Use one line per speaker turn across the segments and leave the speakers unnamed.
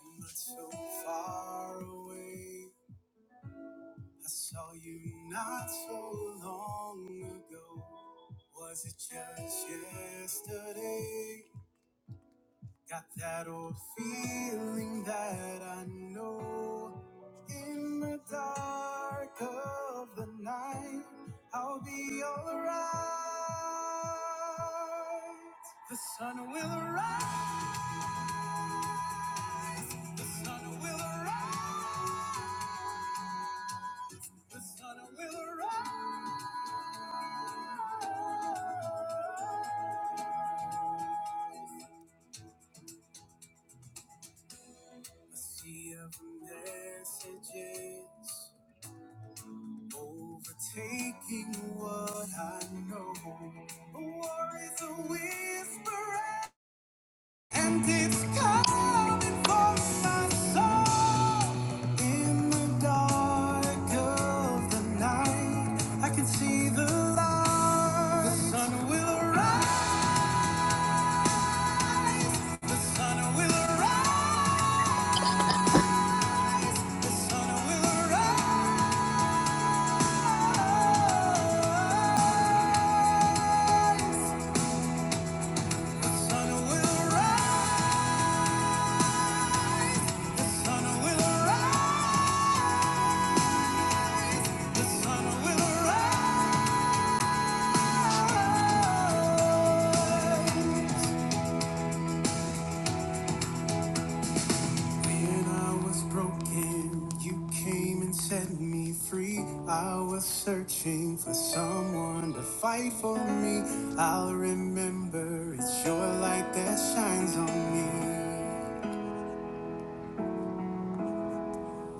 and not so far away. I saw you not so long ago. Was it just yesterday? Got that old feeling that I know. In the dark of the night, I'll be alright. The sun will rise. The sun will rise. The sun will rise. A sea of messages overtaking what I know. A war is a whisper, and it's coming for my soul. In the dark of the night, I can see the light. The sun will arise. The sun will arise. The sun will arise. When I was broken, you came and set me free. I was searching for someone to fight for me. I'll remember it's your light that shines on me.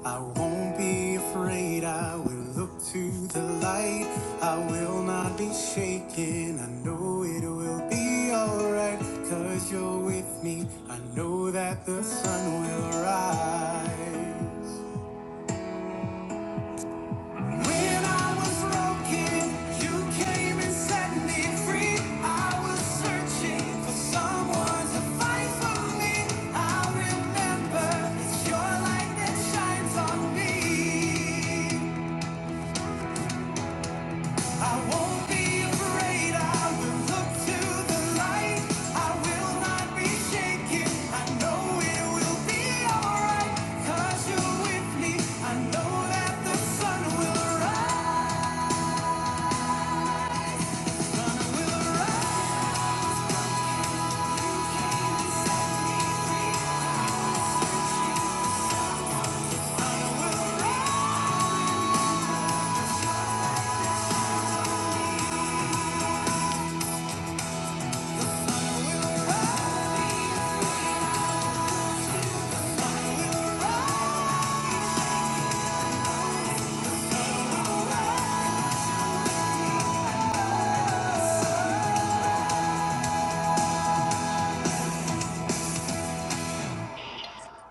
I won't be afraid, I will look to the light. I will not be shaken, I know it will be alright. Cause you're with me, I know that the sun will rise. When I was broken, you came and set me free. I was searching for someone to fight for me. I remember it's your light that shines on me.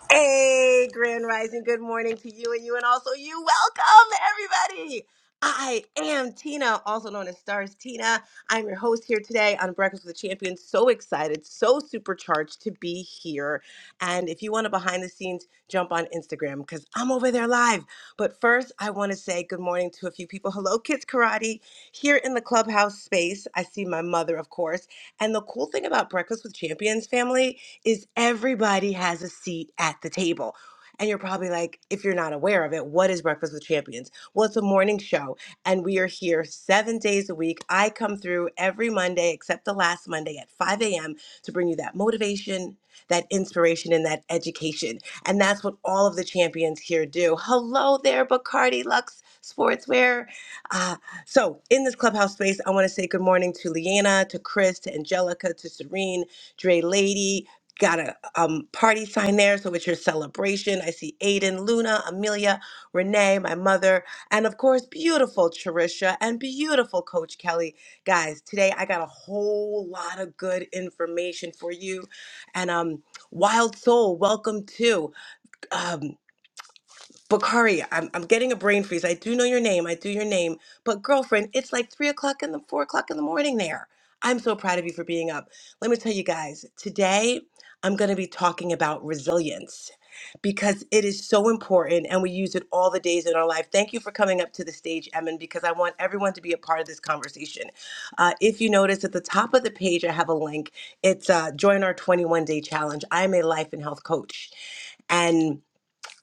Hey, Grand Rising, good morning to you and you, and also you. Welcome, everybody. I am Tina, also known as Stars Tina. I'm your host here today on Breakfast with the Champion. So excited, so supercharged to be here. And if you want to behind the scenes, jump on Instagram because I'm over there live. But first, I want to say good morning to a few people. Hello, Kids Karate, here in the clubhouse space. I see my mother, of course. And the cool thing about Breakfast with Champions family is everybody has a seat at the table. And you're probably like, if you're not aware of it, what is Breakfast with Champions? Well, it's a morning show, and we are here seven days a week. I come through every Monday, except the last Monday at 5 a.m., to bring you that motivation, that inspiration, and that education. And that's what all of the champions here do. Hello there, Bacardi Lux Sportswear. Uh, so, in this clubhouse space, I want to say good morning to Leanna, to Chris, to Angelica, to Serene, Dre Lady, Got a um, party sign there, so it's your celebration. I see Aiden, Luna, Amelia, Renee, my mother, and of course, beautiful Trisha and beautiful Coach Kelly. Guys, today I got a whole lot of good information for you. And um, Wild Soul, welcome to. um, Bakari, I'm, I'm getting a brain freeze. I do know your name. I do your name. But girlfriend, it's like three o'clock in the four o'clock in the morning there. I'm so proud of you for being up. Let me tell you guys, today I'm going to be talking about resilience because it is so important and we use it all the days in our life. Thank you for coming up to the stage, Emin, because I want everyone to be a part of this conversation. Uh, if you notice at the top of the page, I have a link. It's uh, join our 21 day challenge. I am a life and health coach. And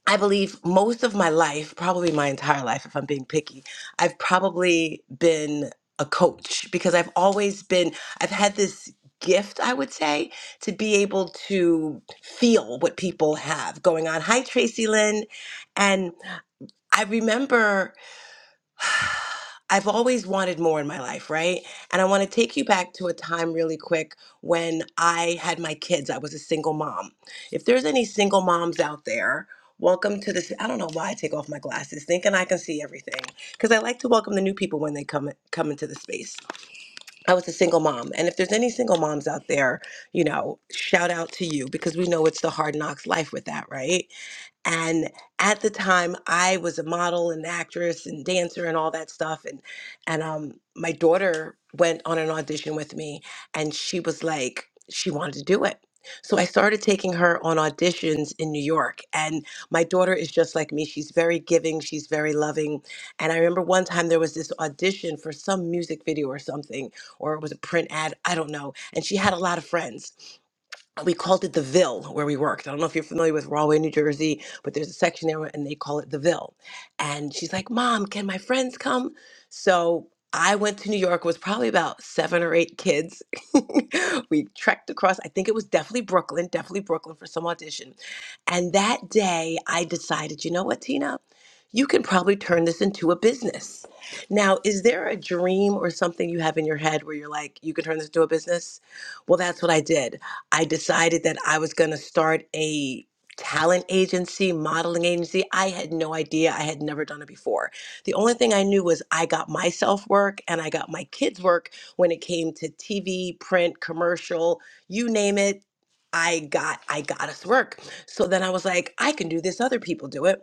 I believe most of my life, probably my entire life, if I'm being picky, I've probably been a coach because I've always been, I've had this gift, I would say, to be able to feel what people have going on. Hi, Tracy Lynn. And I remember. I've always wanted more in my life, right? And I want to take you back to a time really quick when I had my kids. I was a single mom. If there's any single moms out there, welcome to this. I don't know why I take off my glasses, thinking I can see everything, because I like to welcome the new people when they come come into the space. I was a single mom, and if there's any single moms out there, you know, shout out to you because we know it's the hard knocks life with that, right? And at the time, I was a model and actress and dancer and all that stuff. And and um, my daughter went on an audition with me, and she was like, she wanted to do it. So I started taking her on auditions in New York. And my daughter is just like me. She's very giving. She's very loving. And I remember one time there was this audition for some music video or something, or it was a print ad. I don't know. And she had a lot of friends we called it the Ville where we worked. I don't know if you're familiar with Rahway, New Jersey, but there's a section there and they call it the Ville. And she's like, Mom, can my friends come? So I went to New York, it was probably about seven or eight kids. we trekked across, I think it was definitely Brooklyn, definitely Brooklyn for some audition. And that day I decided, you know what, Tina? You can probably turn this into a business. Now, is there a dream or something you have in your head where you're like, you can turn this into a business? Well, that's what I did. I decided that I was going to start a talent agency, modeling agency. I had no idea. I had never done it before. The only thing I knew was I got myself work and I got my kids work when it came to TV, print, commercial, you name it. I got I got us work. So then I was like, I can do this other people do it.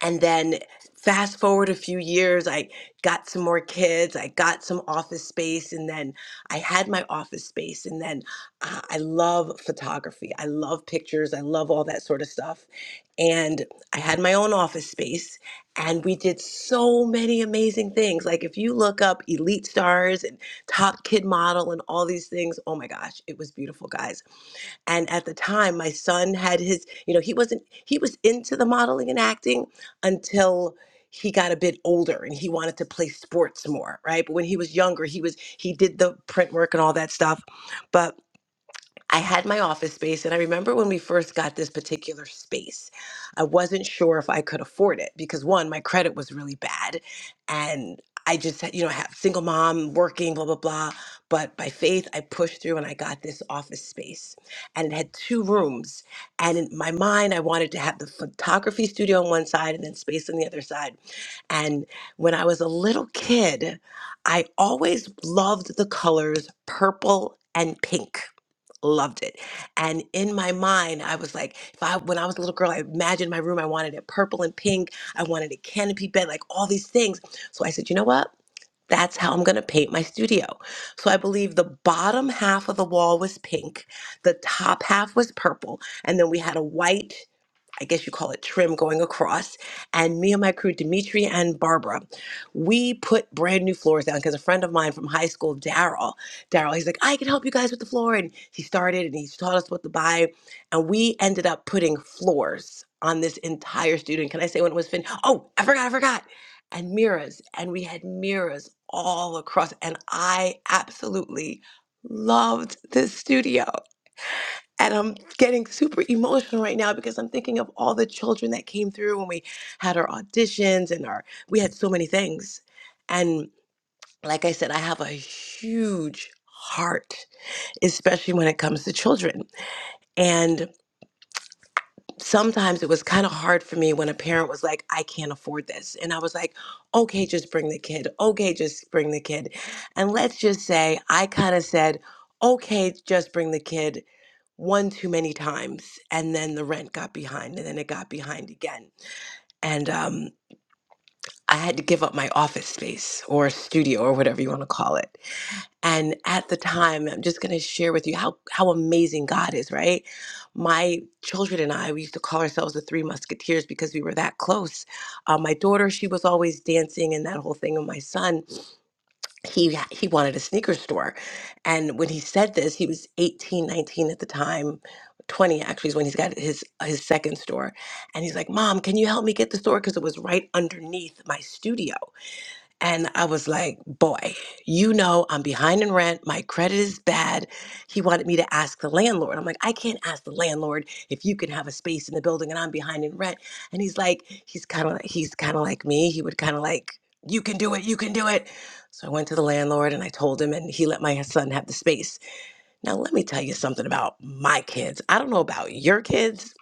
And then fast forward a few years, I got some more kids, I got some office space, and then I had my office space. And then uh, I love photography, I love pictures, I love all that sort of stuff. And I had my own office space, and we did so many amazing things. Like, if you look up Elite Stars and Top Kid Model and all these things, oh my gosh, it was beautiful, guys. And at the time, my son had his, you know, he wasn't, he was into the modeling and acting until he got a bit older and he wanted to play sports more, right? But when he was younger, he was, he did the print work and all that stuff. but. I had my office space, and I remember when we first got this particular space, I wasn't sure if I could afford it because one, my credit was really bad, and I just, had- you know, have single mom working, blah blah blah. But by faith, I pushed through and I got this office space, and it had two rooms. And in my mind, I wanted to have the photography studio on one side and then space on the other side. And when I was a little kid, I always loved the colors purple and pink loved it. And in my mind, I was like, if I when I was a little girl, I imagined my room. I wanted it purple and pink. I wanted a canopy bed, like all these things. So I said, you know what? That's how I'm gonna paint my studio. So I believe the bottom half of the wall was pink, the top half was purple, and then we had a white. I guess you call it trim going across. And me and my crew, Dimitri and Barbara, we put brand new floors down because a friend of mine from high school, Daryl, Daryl, he's like, I can help you guys with the floor. And he started and he taught us what to buy. And we ended up putting floors on this entire student. Can I say when it was finished? Oh, I forgot, I forgot. And mirrors. And we had mirrors all across. And I absolutely loved this studio. And I'm getting super emotional right now because I'm thinking of all the children that came through when we had our auditions and our we had so many things. And like I said, I have a huge heart, especially when it comes to children. And sometimes it was kind of hard for me when a parent was like, I can't afford this. And I was like, okay, just bring the kid. Okay, just bring the kid. And let's just say I kind of said, okay, just bring the kid one too many times and then the rent got behind and then it got behind again and um I had to give up my office space or studio or whatever you want to call it. And at the time, I'm just going to share with you how how amazing God is, right? My children and I, we used to call ourselves the Three Musketeers because we were that close. Uh, my daughter, she was always dancing and that whole thing, and my son he he wanted a sneaker store and when he said this he was 18, 19 at the time 20 actually is when he's got his his second store and he's like mom can you help me get the store because it was right underneath my studio and I was like, boy, you know, I'm behind in rent. My credit is bad. He wanted me to ask the landlord. I'm like, I can't ask the landlord if you can have a space in the building and I'm behind in rent. And he's like, he's kind of, he's kind of like me. He would kind of like, you can do it. You can do it. So I went to the landlord and I told him, and he let my son have the space. Now, let me tell you something about my kids. I don't know about your kids,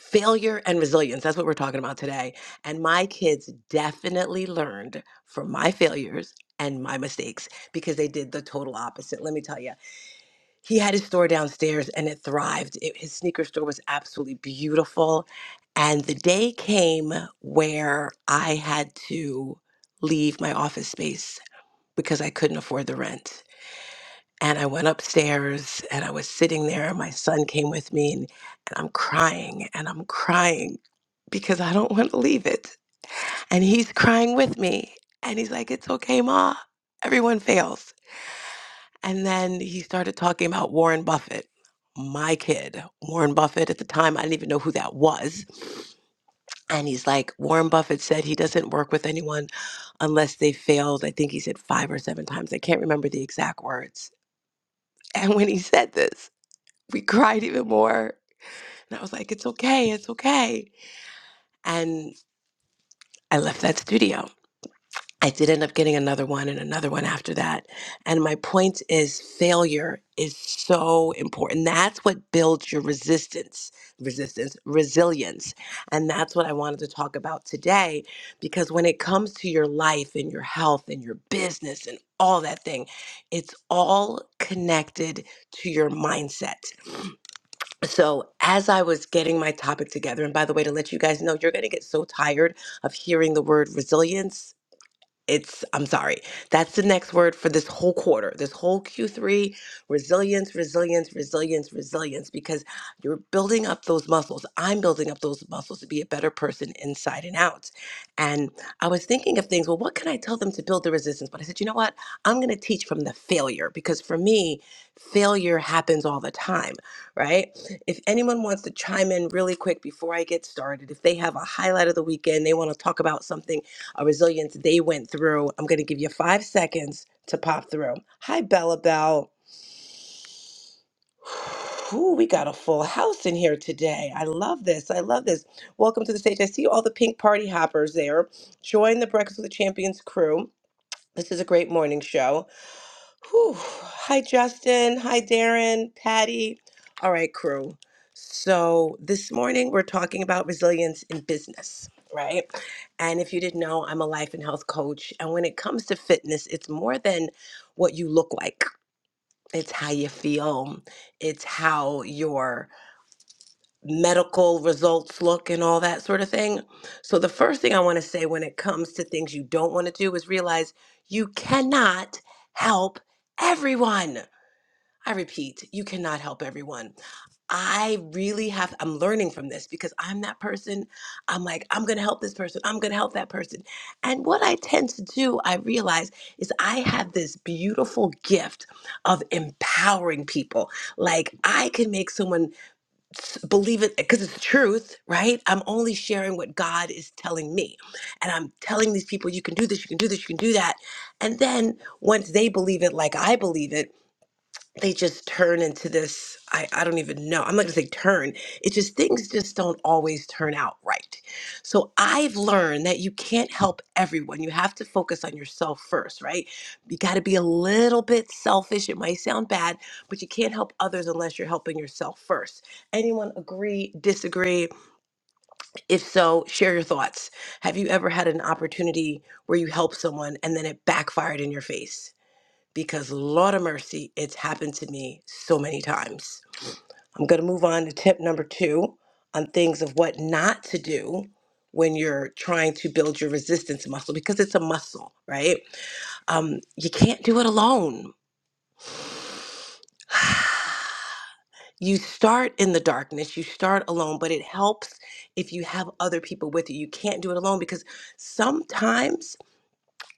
failure and resilience that's what we're talking about today and my kids definitely learned from my failures and my mistakes because they did the total opposite let me tell you he had his store downstairs and it thrived It- his sneaker store was absolutely beautiful and the day came where i had to leave my office space because i couldn't afford the rent and I went upstairs and I was sitting there, and my son came with me, and, and I'm crying and I'm crying because I don't want to leave it. And he's crying with me. And he's like, It's okay, Ma. Everyone fails. And then he started talking about Warren Buffett, my kid, Warren Buffett. At the time, I didn't even know who that was. And he's like, Warren Buffett said he doesn't work with anyone unless they failed. I think he said five or seven times. I can't remember the exact words. And when he said this, we cried even more. And I was like, it's okay, it's okay. And I left that studio. I did end up getting another one and another one after that. And my point is failure is so important. That's what builds your resistance, resistance, resilience. And that's what I wanted to talk about today because when it comes to your life and your health and your business and all that thing, it's all connected to your mindset. so as I was getting my topic together, and by the way, to let you guys know, you're going to get so tired of hearing the word resilience it's i'm sorry that's the next word for this whole quarter this whole q3 resilience resilience resilience resilience because you're building up those muscles i'm building up those muscles to be a better person inside and out and i was thinking of things well what can i tell them to build the resistance but i said you know what i'm going to teach from the failure because for me failure happens all the time right if anyone wants to chime in really quick before i get started if they have a highlight of the weekend they want to talk about something a resilience they went through. I'm going to give you five seconds to pop through. Hi, Bella Bell. Ooh, we got a full house in here today. I love this. I love this. Welcome to the stage. I see all the pink party hoppers there. Join the Breakfast with the Champions crew. This is a great morning show. Whew. Hi, Justin. Hi, Darren, Patty. All right, crew. So, this morning we're talking about resilience in business, right? And if you didn't know, I'm a life and health coach. And when it comes to fitness, it's more than what you look like, it's how you feel, it's how your medical results look, and all that sort of thing. So, the first thing I want to say when it comes to things you don't want to do is realize you cannot help everyone I repeat, you cannot help everyone. I really have, I'm learning from this because I'm that person. I'm like, I'm going to help this person. I'm going to help that person. And what I tend to do, I realize, is I have this beautiful gift of empowering people. Like, I can make someone s- believe it because it's the truth, right? I'm only sharing what God is telling me. And I'm telling these people, you can do this, you can do this, you can do that. And then once they believe it like I believe it, they just turn into this I, I don't even know i'm not going to say turn it's just things just don't always turn out right so i've learned that you can't help everyone you have to focus on yourself first right you got to be a little bit selfish it might sound bad but you can't help others unless you're helping yourself first anyone agree disagree if so share your thoughts have you ever had an opportunity where you helped someone and then it backfired in your face because Lord of mercy, it's happened to me so many times. I'm going to move on to tip number two on things of what not to do when you're trying to build your resistance muscle because it's a muscle, right? Um, you can't do it alone. You start in the darkness, you start alone, but it helps if you have other people with you. You can't do it alone because sometimes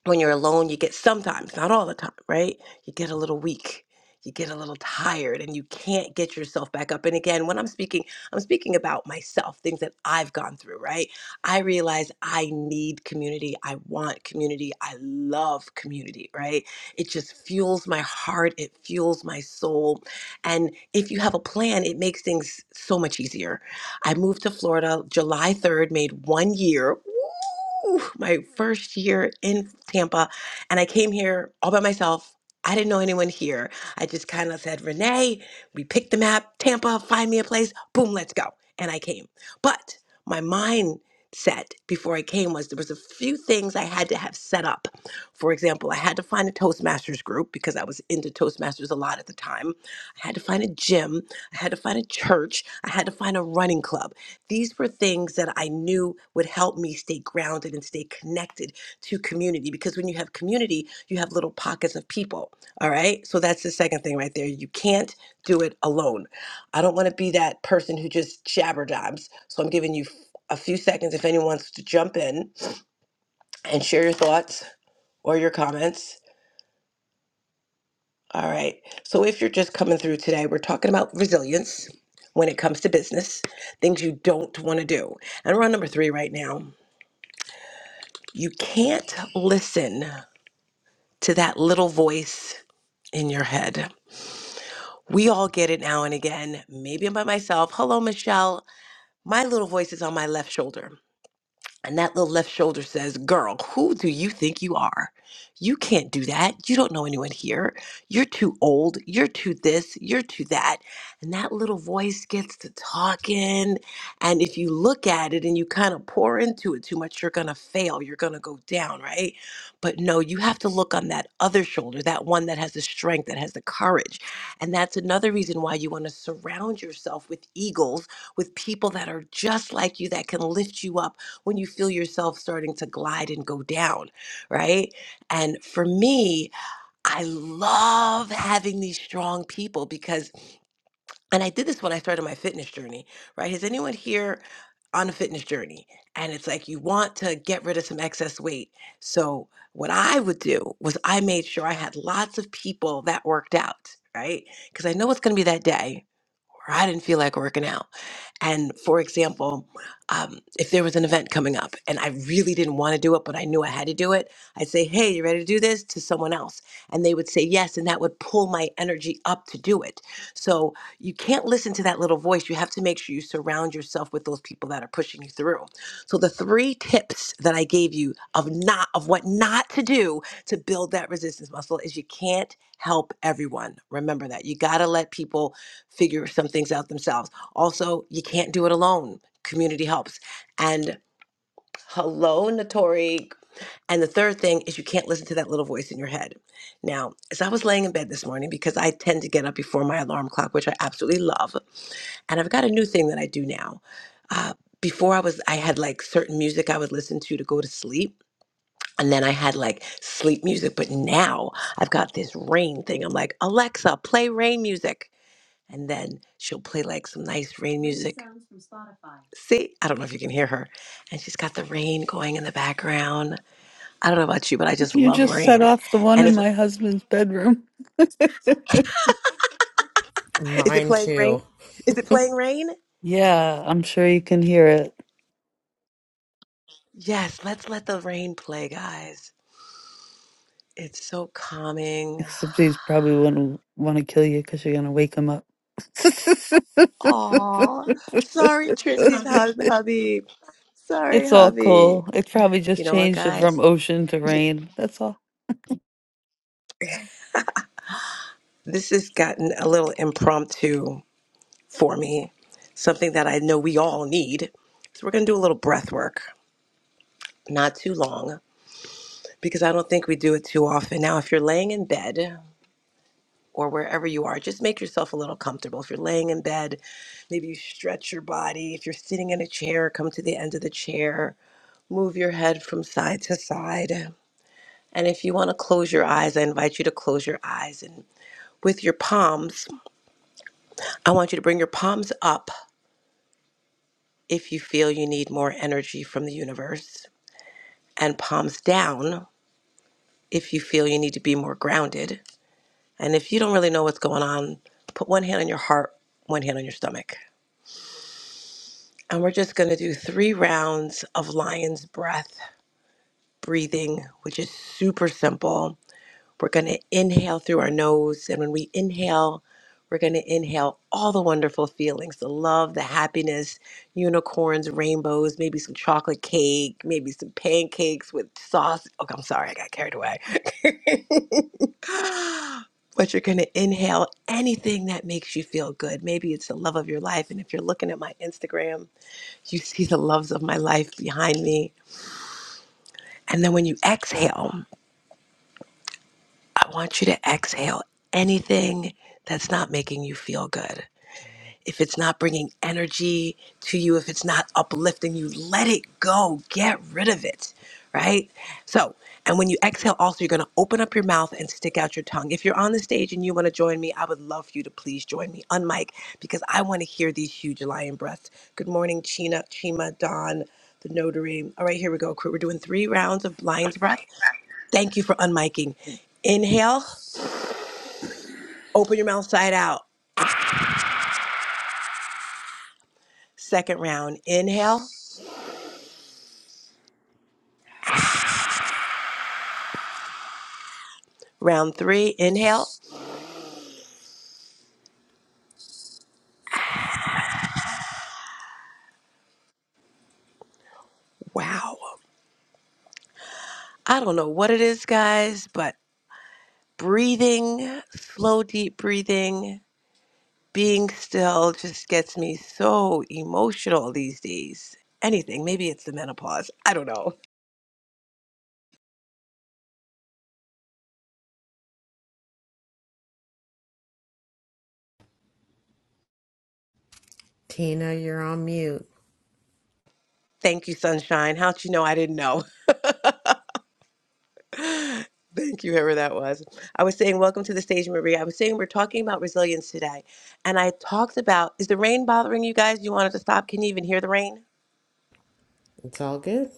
when you're alone, you get sometimes, not all the time, right? You get a little weak. You get a little tired and you can't get yourself back up. And again, when I'm speaking, I'm speaking about myself, things that I've gone through, right? I realize I need community. I want community. I love community, right? It just fuels my heart. It fuels my soul. And if you have a plan, it makes things so much easier I moved to Florida July 3rd, made one year. Woo! My first year in Tampa. And I came here all by myself. I didn't know anyone here. I just kind of said, Renee, we picked the map, Tampa, find me a place, boom, let's go. And I came. But my mindset before I came was there was a few things I had to have set up. For example, I had to find a Toastmasters group because I was into Toastmasters a lot at the time. I had to find a gym. I had to find a church. I had to find a running club. These were things that I knew would help me stay grounded and stay connected to community because when you have community, you have little pockets of people. All right. So that's the second thing right there. You can't do it alone. I don't want to be that person who just jabber jabs. So I'm giving you a few seconds if anyone wants to jump in and share your thoughts or your comments. All right. So if you're just coming through today, we're talking about resilience when it comes to business, things you don't want to do. And we're on number three right now. You can't listen to that little voice in your head. We all get it now and again. Maybe I'm by myself. Hello, Michelle. My little voice is on my left shoulder. And that little left shoulder says, Girl, who do you think you are? You can't do that. You don't know anyone here. You're too old. You're too this. You're too that. And that little voice gets to talking. And if you look at it and you kind of pour into it too much, you're going to fail. You're going to go down, right? But no, you have to look on that other shoulder, that one that has the strength, that has the courage. And that's another reason why you want to surround yourself with eagles, with people that are just like you, that can lift you up when you feel yourself starting to glide and go down, right? And for me, I love having these strong people because, and I did this when I started my fitness journey, right? Has anyone here on a fitness journey? And it's like you want to get rid of some excess weight. So, what I would do was I made sure I had lots of people that worked out, right? Because I know it's going to be that day where I didn't feel like working out. And for example, um, if there was an event coming up and I really didn't want to do it, but I knew I had to do it, I'd say, Hey, you ready to do this to someone else? And they would say yes. And that would pull my energy up to do it. So you can't listen to that little voice. You have to make sure you surround yourself with those people that are pushing you through. So the three tips that I gave you of not, of what not to do to build that resistance muscle is you can't help everyone. Remember that. You got to let people figure some things out themselves. Also, you can't do it alone. Community helps. And hello, Notori. And the third thing is you can't listen to that little voice in your head. Now, as I was laying in bed this morning, because I tend to get up before my alarm clock, which I absolutely love, and I've got a new thing that I do now. Uh, before I was, I had like certain music I would listen to to go to sleep. And then I had like sleep music, but now I've got this rain thing. I'm like, Alexa, play rain music. And then she'll play like some nice rain music. See, I don't know if you can hear her. And she's got the rain going in the background. I don't know about you, but I just
You
love
just set
rain.
off the one
And
in
if,
my husband's bedroom.
is it
Mine
playing rain?
too.
Is it playing rain?
yeah, I'm sure you can hear it.
Yes, let's let the rain play, guys. It's so calming.
Except he's probably wouldn't want to kill you because you're going to wake him up.
Aw, sorry, Trixie's hus- hubby. Sorry,
it's all
hubby.
cool. It probably just
You know what,
changed it from
guys?
ocean to rain. That's all.
This has gotten a little impromptu for me, something that I know we all need. So we're going to do a little breath work, not too long. because I don't think we do it too often. Now, if you're laying in bed or wherever you are, just make yourself a little comfortable. If you're laying in bed, maybe you stretch your body. If you're sitting in a chair, come to the end of the chair, move your head from side to side. And if you want to close your eyes, I invite you to close your eyes. And with your palms, I want you to bring your palms up if you feel you need more energy from the universe, and palms down if you feel you need to be more grounded And if you don't really know what's going on, put one hand on your heart, one hand on your stomach. And we're just going to do three rounds of lion's breath breathing, which is super simple. We're going to inhale through our nose. And when we inhale, we're going to inhale all the wonderful feelings the love, the happiness, unicorns, rainbows, maybe some chocolate cake, maybe some pancakes with sauce. Oh, I'm sorry, I got carried away. but you're going to inhale anything that makes you feel good. Maybe it's the love of your life. And if you're looking at my Instagram, you see the loves of my life behind me. And then when you exhale, I want you to exhale anything that's not making you feel good. if it's not bringing energy to you, if it's not uplifting you, let it go. Get rid of it, right? So, and when you exhale, also, you're going to open up your mouth and stick out your tongue. If you're on the stage and you want to join me, I would love for you to please join me on mic because I want to hear these huge lion breaths. Good morning, Chena, Chima, Don, the notary. All right, here we go, crew. We're doing three rounds of
But
lion's
my
breath. Thank you for unmiking. Inhale, open your mouth side out. Second round, inhale. Round three, inhale. Wow. I don't know what it is, guys, but breathing, slow, deep breathing, being still just gets me so emotional these days. Anything. Maybe it's the menopause. I don't know.
Tina, you're on mute.
Thank you, Sunshine. How'd you know I didn't know? Thank you, whoever that was. I was saying, Welcome to the stage, Marie. I was saying, we're talking about resilience today. And I talked about, is the rain bothering you guys? You wanted to stop? Can you even hear the rain?
It's all good.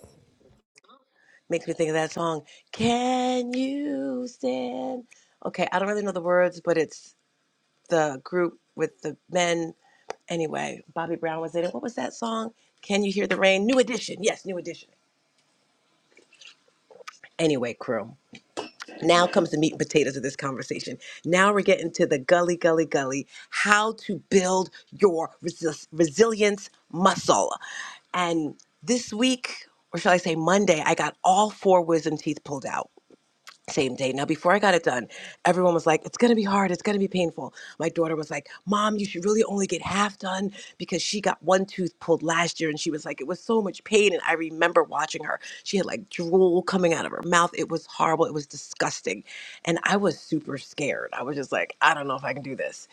Makes me think of that song. Can you stand? Okay, I don't really know the words, but it's the group with the men. Anyway, Bobby Brown was in it. What was that song? Can you hear the rain? New Edition. Yes, New Edition. Anyway, crew. Now comes the meat and potatoes of this conversation. Now we're getting to the gully, gully, gully. How to build your resi- resilience muscle. And this week, or shall I say Monday, I got all four wisdom teeth pulled out. same day. Now, before I got it done, everyone was like, it's going to be hard. It's going to be painful. My daughter was like, Mom, you should really only get half done because she got one tooth pulled last year and she was like, it was so much pain. And I remember watching her. She had like drool coming out of her mouth. It was horrible. It was disgusting. And I was super scared. I was just like, I don't know if I can do this.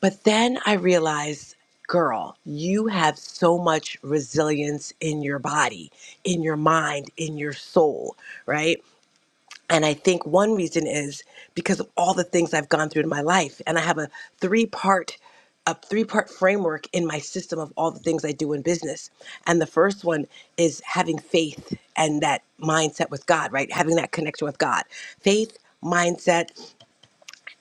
But then I realized, girl, you have so much resilience in your body, in your mind, in your soul, right? And I think one reason is because of all the things I've gone through in my life. And I have a three part a three part framework in my system of all the things I do in business. And the first one is having faith and that mindset with God, right? Having that connection with God. Faith, mindset,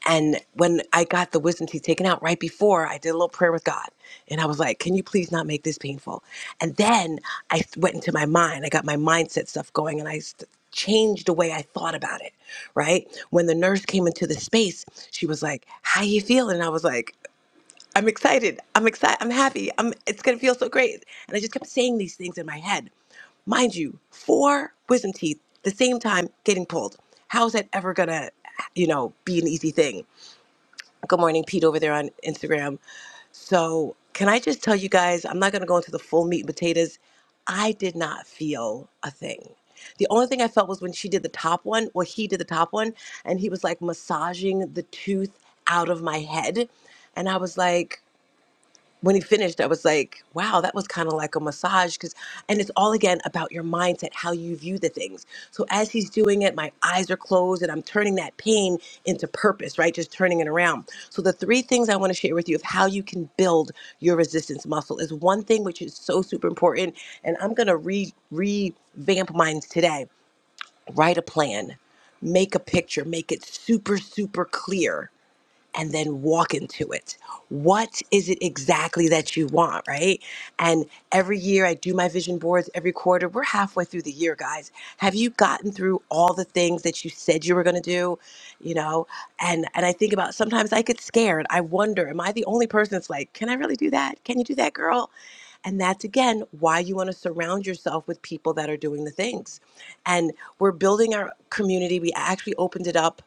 and when I got the wisdom teeth taken out right before, I did a little prayer with God. And I was like, can you please not make this painful? And then I th- went into my mind. I got my mindset stuff going and I st- changed the way I thought about it, right? When the nurse came into the space, she was like, how you feeling? And I was like, I'm excited. I'm excited. I'm happy. I'm, it's going to feel so great. And I just kept saying these things in my head. Mind you, four wisdom teeth, the same time getting pulled. How is that ever going to, you know, be an easy thing? Good morning, Pete, over there on Instagram. So, can I just tell you guys, I'm not going to go into the full meat and potatoes. I did not feel a thing. The only thing I felt was when she did the top one, well, he did the top one, and he was like massaging the tooth out of my head. And I was like, when he finished, I was like, wow, that was kind of like a massage. Cause, and it's all again about your mindset, how you view the things. So as he's doing it, my eyes are closed and I'm turning that pain into purpose, right? Just turning it around. So the three things I want to share with you of how you can build your resistance muscle is one thing, which is so super important. And I'm going to re revamp mine today. Write a plan, make a picture, make it super, super clear and then walk into it. What is it exactly that you want, right? And every year I do my vision boards every quarter. We're halfway through the year, guys. Have you gotten through all the things that you said you were going to do, you know? And and I think about sometimes I get scared. I wonder, am I the only person that's like, "Can I really do that? Can you do that, girl?" And that's again why you want to surround yourself with people that are doing the things. And we're building our community. We actually opened it up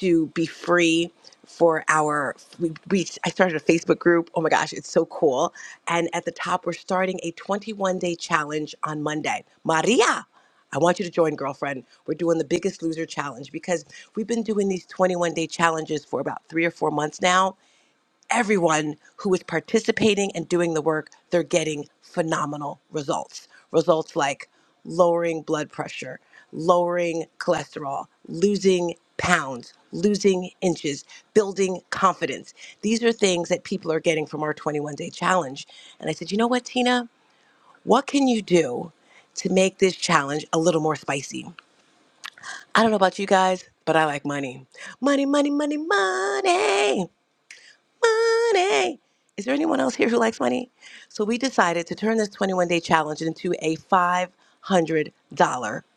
to be free for our we, we I started a Facebook group. Oh my gosh, it's so cool. And at the top we're starting a 21-day challenge on Monday. Maria, I want you to join girlfriend. We're doing the biggest loser challenge because we've been doing these 21-day challenges for about 3 or 4 months now everyone who is participating and doing the work, they're getting phenomenal results. Results like lowering blood pressure, lowering cholesterol, losing pounds, losing inches, building confidence. These are things that people are getting from our 21 day challenge. And I said, you know what, Tina? What can you do to make this challenge a little more spicy? I don't know about you guys, but I like money. Money, money, money, money money. Is there anyone else here who likes money? So we decided to turn this 21 day challenge into a $500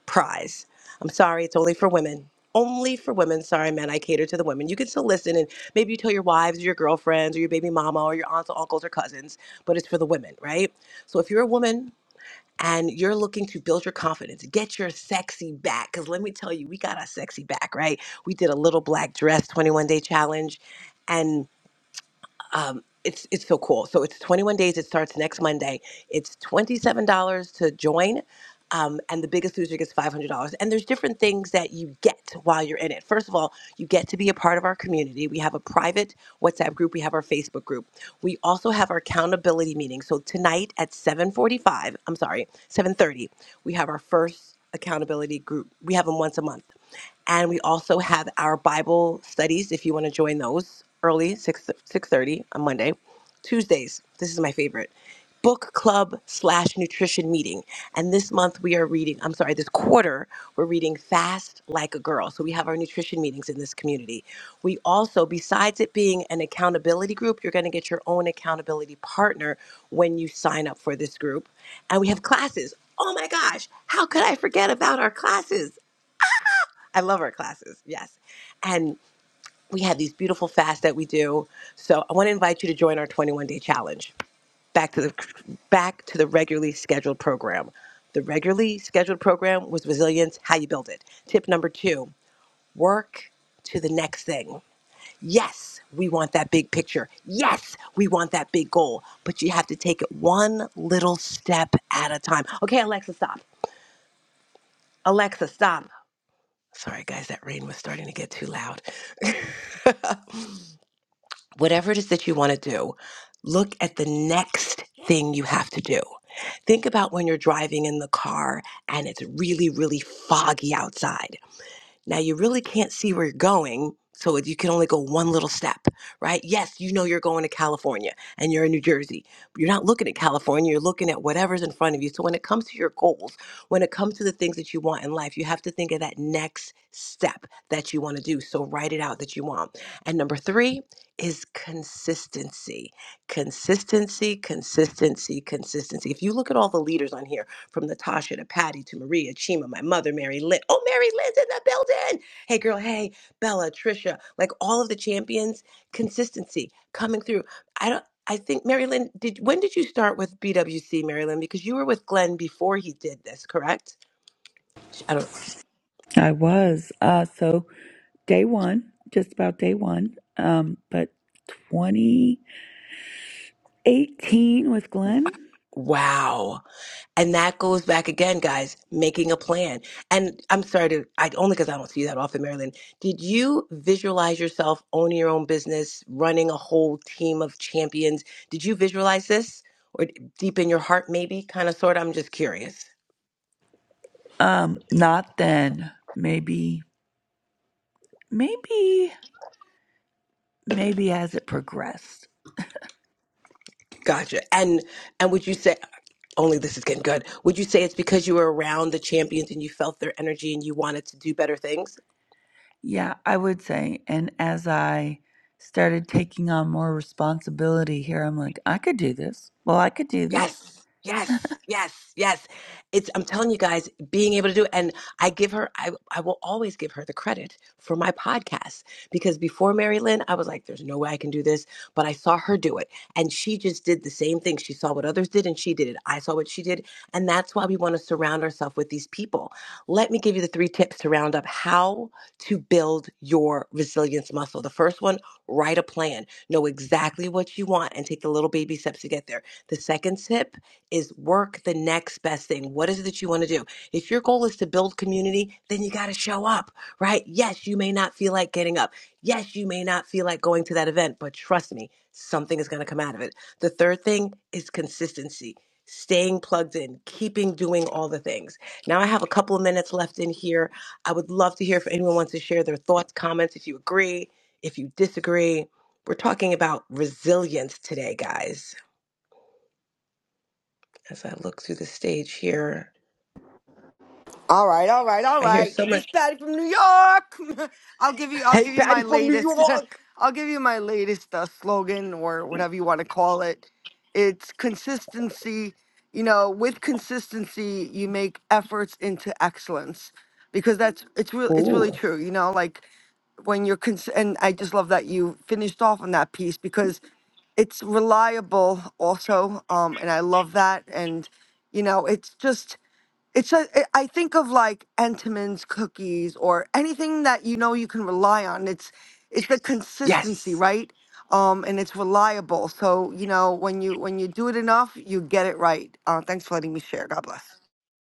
prize. I'm sorry, it's only for women. Only for women. Sorry, men, I cater to the women. You can still listen and maybe you tell your wives or your girlfriends or your baby mama or your aunts or uncles or cousins, but it's for the women, right? So if you're a woman and you're looking to build your confidence, get your sexy back, because let me tell you, we got our sexy back, right? We did a little black dress 21 day challenge and um, it's it's so cool. So it's 21 days. It starts next Monday. It's $27 to join. Um, and the biggest loser gets $500. And there's different things that you get while you're in it. First of all, you get to be a part of our community. We have a private WhatsApp group. We have our Facebook group. We also have our accountability meeting. So tonight at 7:45, I'm sorry, 7:30, we have our first accountability group. We have them once a month and we also have our Bible studies if you want to join those early 6 6:30 on Monday. Tuesdays, this is my favorite. Book club slash nutrition meeting. And this month we are reading, I'm sorry, this quarter, we're reading Fast Like a Girl. So we have our nutrition meetings in this community. We also, besides it being an accountability group, you're going to get your own accountability partner when you sign up for this group. And we have classes. Oh my gosh, how could I forget about our classes? I love our classes, yes. And we have these beautiful fasts that we do. So I want to invite you to join our 21 day challenge. Back to the back to the regularly scheduled program. The regularly scheduled program was resilience, how you build it. Tip number two, work to the next thing. Yes, we want that big picture. Yes, we want that big goal. But you have to take it one little step at a time. Okay, Alexa, stop. Alexa, stop. Sorry, guys, that rain was starting to get too loud. whatever it is that you want to do, look at the next thing you have to do. Think about when you're driving in the car and it's really, really foggy outside. Now you really can't see where you're going, so you can only go one little step, right? Yes, you know you're going to California and you're in New Jersey. You're not looking at California, you're looking at whatever's in front of you. So when it comes to your goals, when it comes to the things that you want in life, you have to think of that next step that you want to do. So write it out that you want. And number 3 is consistency. Consistency, consistency, consistency. If you look at all the leaders on here, from Natasha to Patty to Maria, Chima, my mother, Mary Lynn. Oh, Mary Lynn's in the building. Hey, girl. Hey, Bella, Trisha. Like all of the champions, consistency coming through. I don't. I think Mary Lynn. Did when did you start with BWC, Mary Lynn? Because you were with Glenn before he did this, correct? I don't.
I was. Uh, so day one, just about day one, um, but 2018 with Glenn?
Wow. And that goes back again, guys, making a plan. And I'm sorry to, I only because I don't see that often, Marilyn. Did you visualize yourself owning your own business, running a whole team of champions? Did you visualize this, or deep in your heart, maybe, kind of, sort? of? I'm just curious.
Um, not then. Maybe, maybe, maybe as it progressed.
Gotcha. And and would you say only this is getting good? Would you say it's because you were around the champions and you felt their energy and you wanted to do better things?
Yeah, I would say. And as I started taking on more responsibility here, I'm like, I could do this. Well, I could do this.
Yes, yes, yes, yes. It's I'm telling you guys, being able to do it, and I give her, I I will always give her the credit for my podcast because before Mary Lynn, I was like, there's no way I can do this, but I saw her do it, and she just did the same thing. She saw what others did, and she did it. I saw what she did, and that's why we want to surround ourselves with these people. Let me give you the three tips to round up how to build your resilience muscle. The first one, write a plan, know exactly what you want, and take the little baby steps to get there. The second tip is work the next best thing. What is it that you want to do? If your goal is to build community, then you got to show up, right? Yes, you may not feel like getting up. Yes, you may not feel like going to that event, but trust me, something is going to come out of it. The third thing is consistency. Staying plugged in, keeping doing all the things. Now, I have a couple of minutes left in here. I would love to hear if anyone wants to share their thoughts, comments, if you agree, if you disagree. We're talking about resilience today, guys. As I look through the stage here,
All right, all right, all
I hear
right.
so much.
This Patty from New York. I'll give you. I'll
Hey,
give you
Patty
my
from New
latest.
York.
I'll give you my latest uh, slogan or whatever you want to call it. It's consistency. You know, with consistency, you make efforts into excellence, because that's it's real. It's
Ooh,
really true. You know, like when you're cons- and I just love that you finished off on that piece because it's reliable also um and i love that and you know it's just it's a, it, I think of like Entenmann's cookies or anything that you know you can rely on. It's it's the consistency,
Yes.
right? Um, and it's reliable. So you know when you when you do it enough, you get it right. Uh, thanks for letting me share. God bless.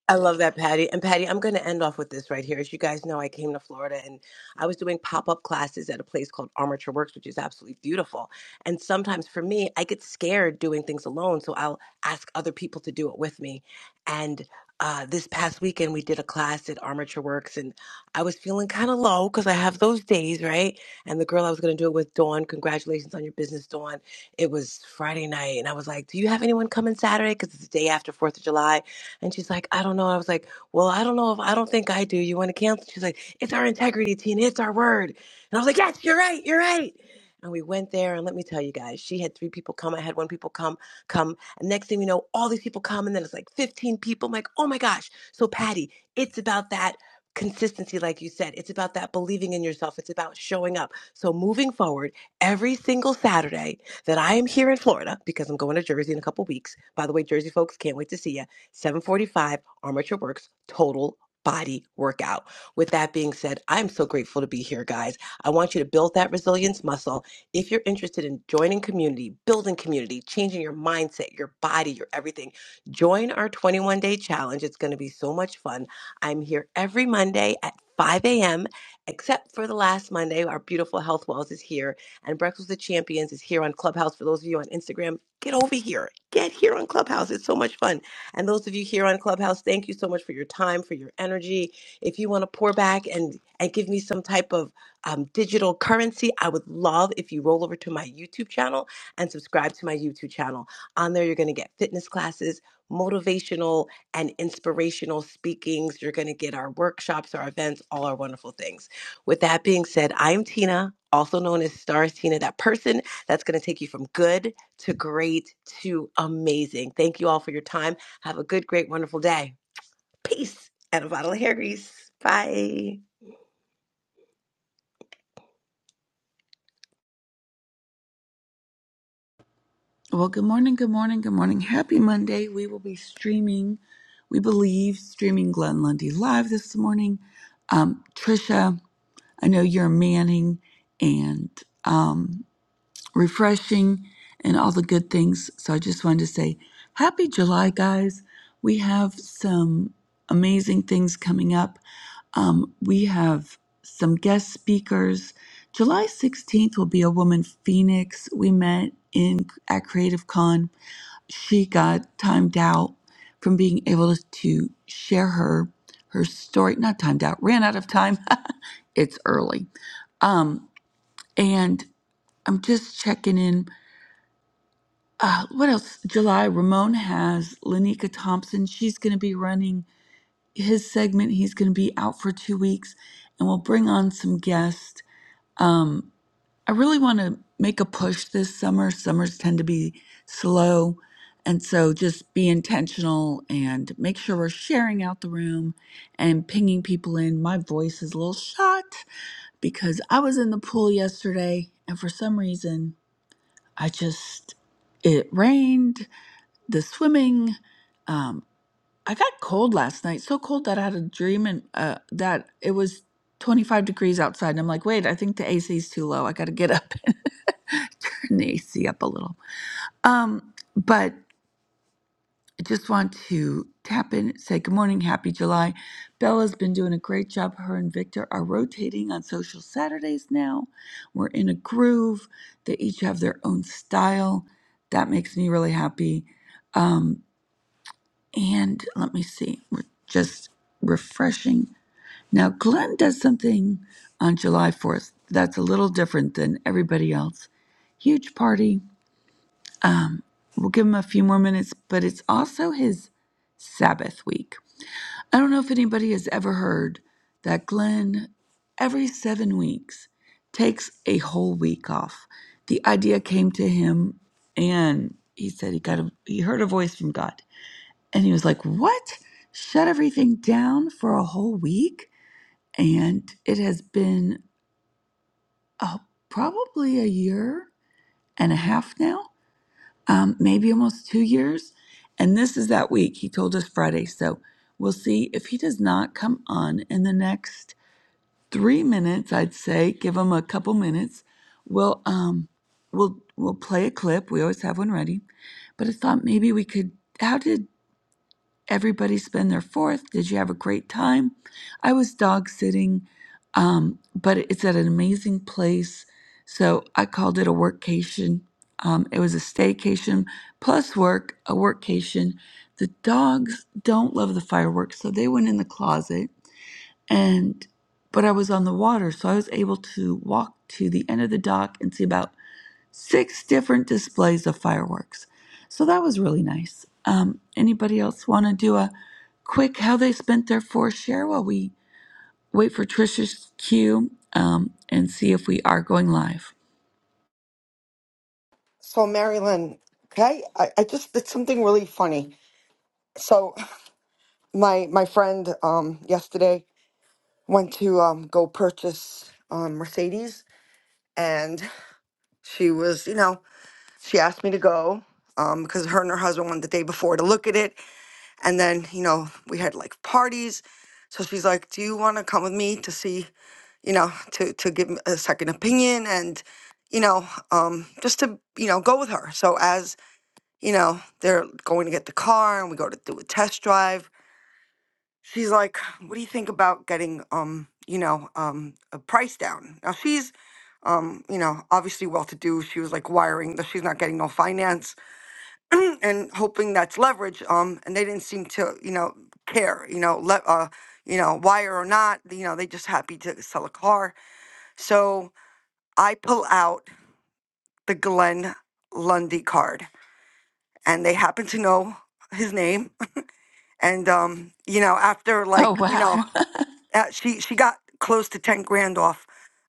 I love that, Patty. And Patty, I'm going to end off with this right here. As you guys know, I came to Florida and I was doing pop up classes at a place called Armature Works, which is absolutely beautiful. And sometimes for me, I get scared doing things alone. So I'll ask other people to do it with me. And uh, this past weekend, we did a class at Armature Works and I was feeling kind of low because I have those days, right? And the girl I was going to do it with, Dawn, congratulations on your business, Dawn. It was Friday night. And I was like, Do you have anyone coming Saturday? Because it's the day after 4th of July and she's like, I don't know. I was like, Well, I don't know if I don't think I do. You want to cancel? She's like, It's our integrity, Tina. It's our word. And I was like, Yes, you're right. You're right. And we went there, and let me tell you guys, she had three people come. I had one people come, come. And next thing you know, all these people come, and then it's like 15 people. I'm like, oh my gosh. So, Patty, it's about that consistency, like you said. It's about that believing in yourself. It's about showing up. So, moving forward, every single Saturday that I am here in Florida, because I'm going to Jersey in a couple weeks. By the way, Jersey folks, can't wait to see you 745 Armature Works Total Body Workout. With that being said, I'm so grateful to be here, guys. I want you to build that resilience muscle. If you're interested in joining community, building community, changing your mindset, your body, your everything, join our 21 day challenge. It's going to be so much fun. I'm here every Monday at 5 a.m., except for the last Monday. Our beautiful Health Wells is here, and Breakfast with Champions is here on Clubhouse. For those of you on Instagram, get over here. Get here on Clubhouse. It's so much fun. And those of you here on Clubhouse, thank you so much for your time, for your energy. If you want to pour back and, and give me some type of um, digital currency, I would love if you roll over to my YouTube channel and subscribe to my YouTube channel. On there, you're going to get fitness classes, motivational and inspirational speakings. You're going to get our workshops, our events, all our wonderful things. With that being said, I'm Tina, also known as Stars Tina, that person that's going to take you from good to great to amazing. Thank you all for your time. Have a good, great, wonderful day. Peace and a bottle of hair grease. Bye.
Well, good morning, good morning, good morning. Happy Monday. We will be streaming, we believe, streaming Glenn Lundy live this morning. Um, Trisha, I know you're manning and um, refreshing and all the good things. So I just wanted to say happy July, guys. We have some amazing things coming up. Um, we have some guest speakers. July 16th will be a woman Phoenix we met in at Creative Con she got timed out from being able to share her her story not timed out ran out of time it's early um and i'm just checking in uh what else july ramon has lanika thompson she's going to be running his segment he's going to be out for two weeks and we'll bring on some guests Um, I really want to make a push this summer. Summers tend to be slow. And so just be intentional and make sure we're sharing out the room and pinging people in. My voice is a little shot because I was in the pool yesterday and for some reason I just, it rained, the swimming. um, I got cold last night, so cold that I had a dream and uh, that it was 25 degrees outside. And I'm like, wait, I think the AC is too low. I got to get up and turn the AC up a little. Um, but I just want to tap in, say good morning, happy July. Bella's been doing a great job. Her and Victor are rotating on social Saturdays now. We're in a groove. They each have their own style. That makes me really happy. Um, and let me see, we're just refreshing. Now, Glenn does something on July 4th that's a little different than everybody else. Huge party. Um, we'll give him a few more minutes, but it's also his Sabbath week. I don't know if anybody has ever heard that Glenn, every seven weeks, takes a whole week off. The idea came to him, and he said he got a, he heard a voice from God and he was like, What? Shut everything down for a whole week? And it has been uh, probably a year and a half now, um, maybe almost two years. And this is that week. He told us Friday. So we'll see if he does not come on in the next three minutes, I'd say, give him a couple minutes. We'll, um, we'll, we'll play a clip. We always have one ready. But I thought maybe we could. How did Everybody's been their fourth. Did you have a great time? I was dog sitting, um, but it's at an amazing place. So I called it a workcation. Um, it was a staycation plus work, a workcation. The dogs don't love the fireworks, so they went in the closet. And but I was on the water, so I was able to walk to the end of the dock and see about six different displays of fireworks. So that was really nice. Um, anybody else want to do a quick how they spent their four share while we wait for Trisha's cue um, and see if we are going live?
So Marilyn, okay, I, I just did something really funny. So my my friend um yesterday went to um go purchase um Mercedes, and she was you know she asked me to go um, because her and her husband went the day before to look at it. And then, you know, we had like parties. So she's like, Do you want to come with me to see, you know, to, to give a a second opinion and, you know, um, just to, you know, go with her. So as, you know, they're going to get the car and we go to do a test drive, she's like, What do you think about getting, um, you know, um, a price down? Now she's, um, you know, obviously well to do. She was like wiring that she's not getting no finance and hoping that's leverage. Um, and they didn't seem to, you know, care, you know, let, uh, you know, wire or not, you know, they just happy to sell a car. So I pull out the Glenn Lundy card, and they happen to know his name. And um, you know, after
Oh,
like, you know,
wow.
Uh, she she got close to 10 grand off.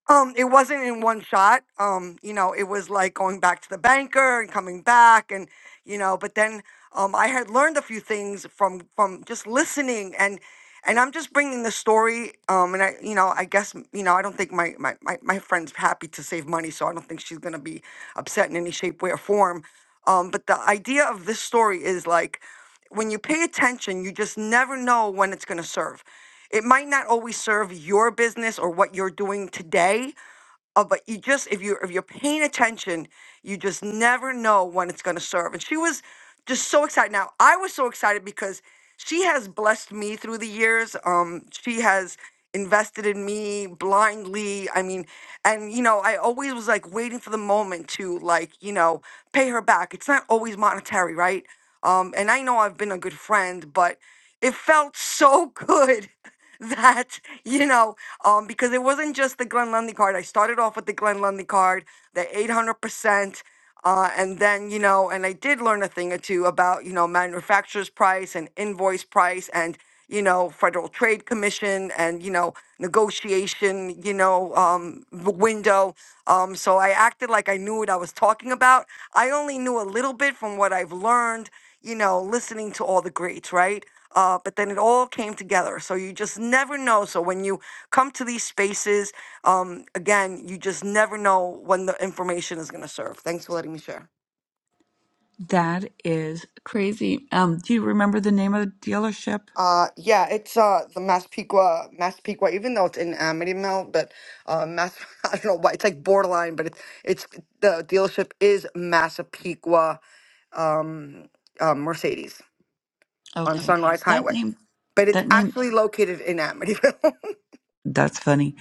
Um, it wasn't in one shot. Um, you know, it was like going back to the banker and coming back and you know, but then um I had learned a few things from from just listening and and I'm just bringing the story um and I you know, I guess m- you know, I don't think my my my, my friend's happy to save money, so I don't think she's going to be upset in any shape way or form. Um, but the idea of this story is like when you pay attention, you just never know when it's going to serve it might not always serve your business or what you're doing today uh, but you just if you if you're paying attention you just never know when it's going to serve and she was just so excited now i was so excited because she has blessed me through the years um she has invested in me blindly i mean and you know i always was like waiting for the moment to like you know pay her back it's not always monetary right um and i know i've been a good friend but it felt so good that you know um because it wasn't just the glenn lundy card i started off with the glenn lundy card the 800% uh, and then you know and i did learn a thing or two about you know manufacturer's price and invoice price and you know federal trade commission and you know negotiation you know um w- window um so i acted like i knew what i was talking about i only knew a little bit from what i've learned you know, listening to all the greats, right? Uh, but then it all came together. So you just never know. So when you come to these spaces, um, again, you just never know when the information is going to serve. Thanks for letting me share.
that is crazy. Um, do you remember the name of the dealership?
Uh, yeah, it's uh, the Massapequa, Massapequa, even though it's in Amityville, but uh, Mass, I don't know why, it's like borderline, but it's, it's the dealership is Massapequa um, uh, Mercedes on
Okay.
Sunrise
That
Highway.
name,
But it's
that name,
actually located in Amityville.
that's funny.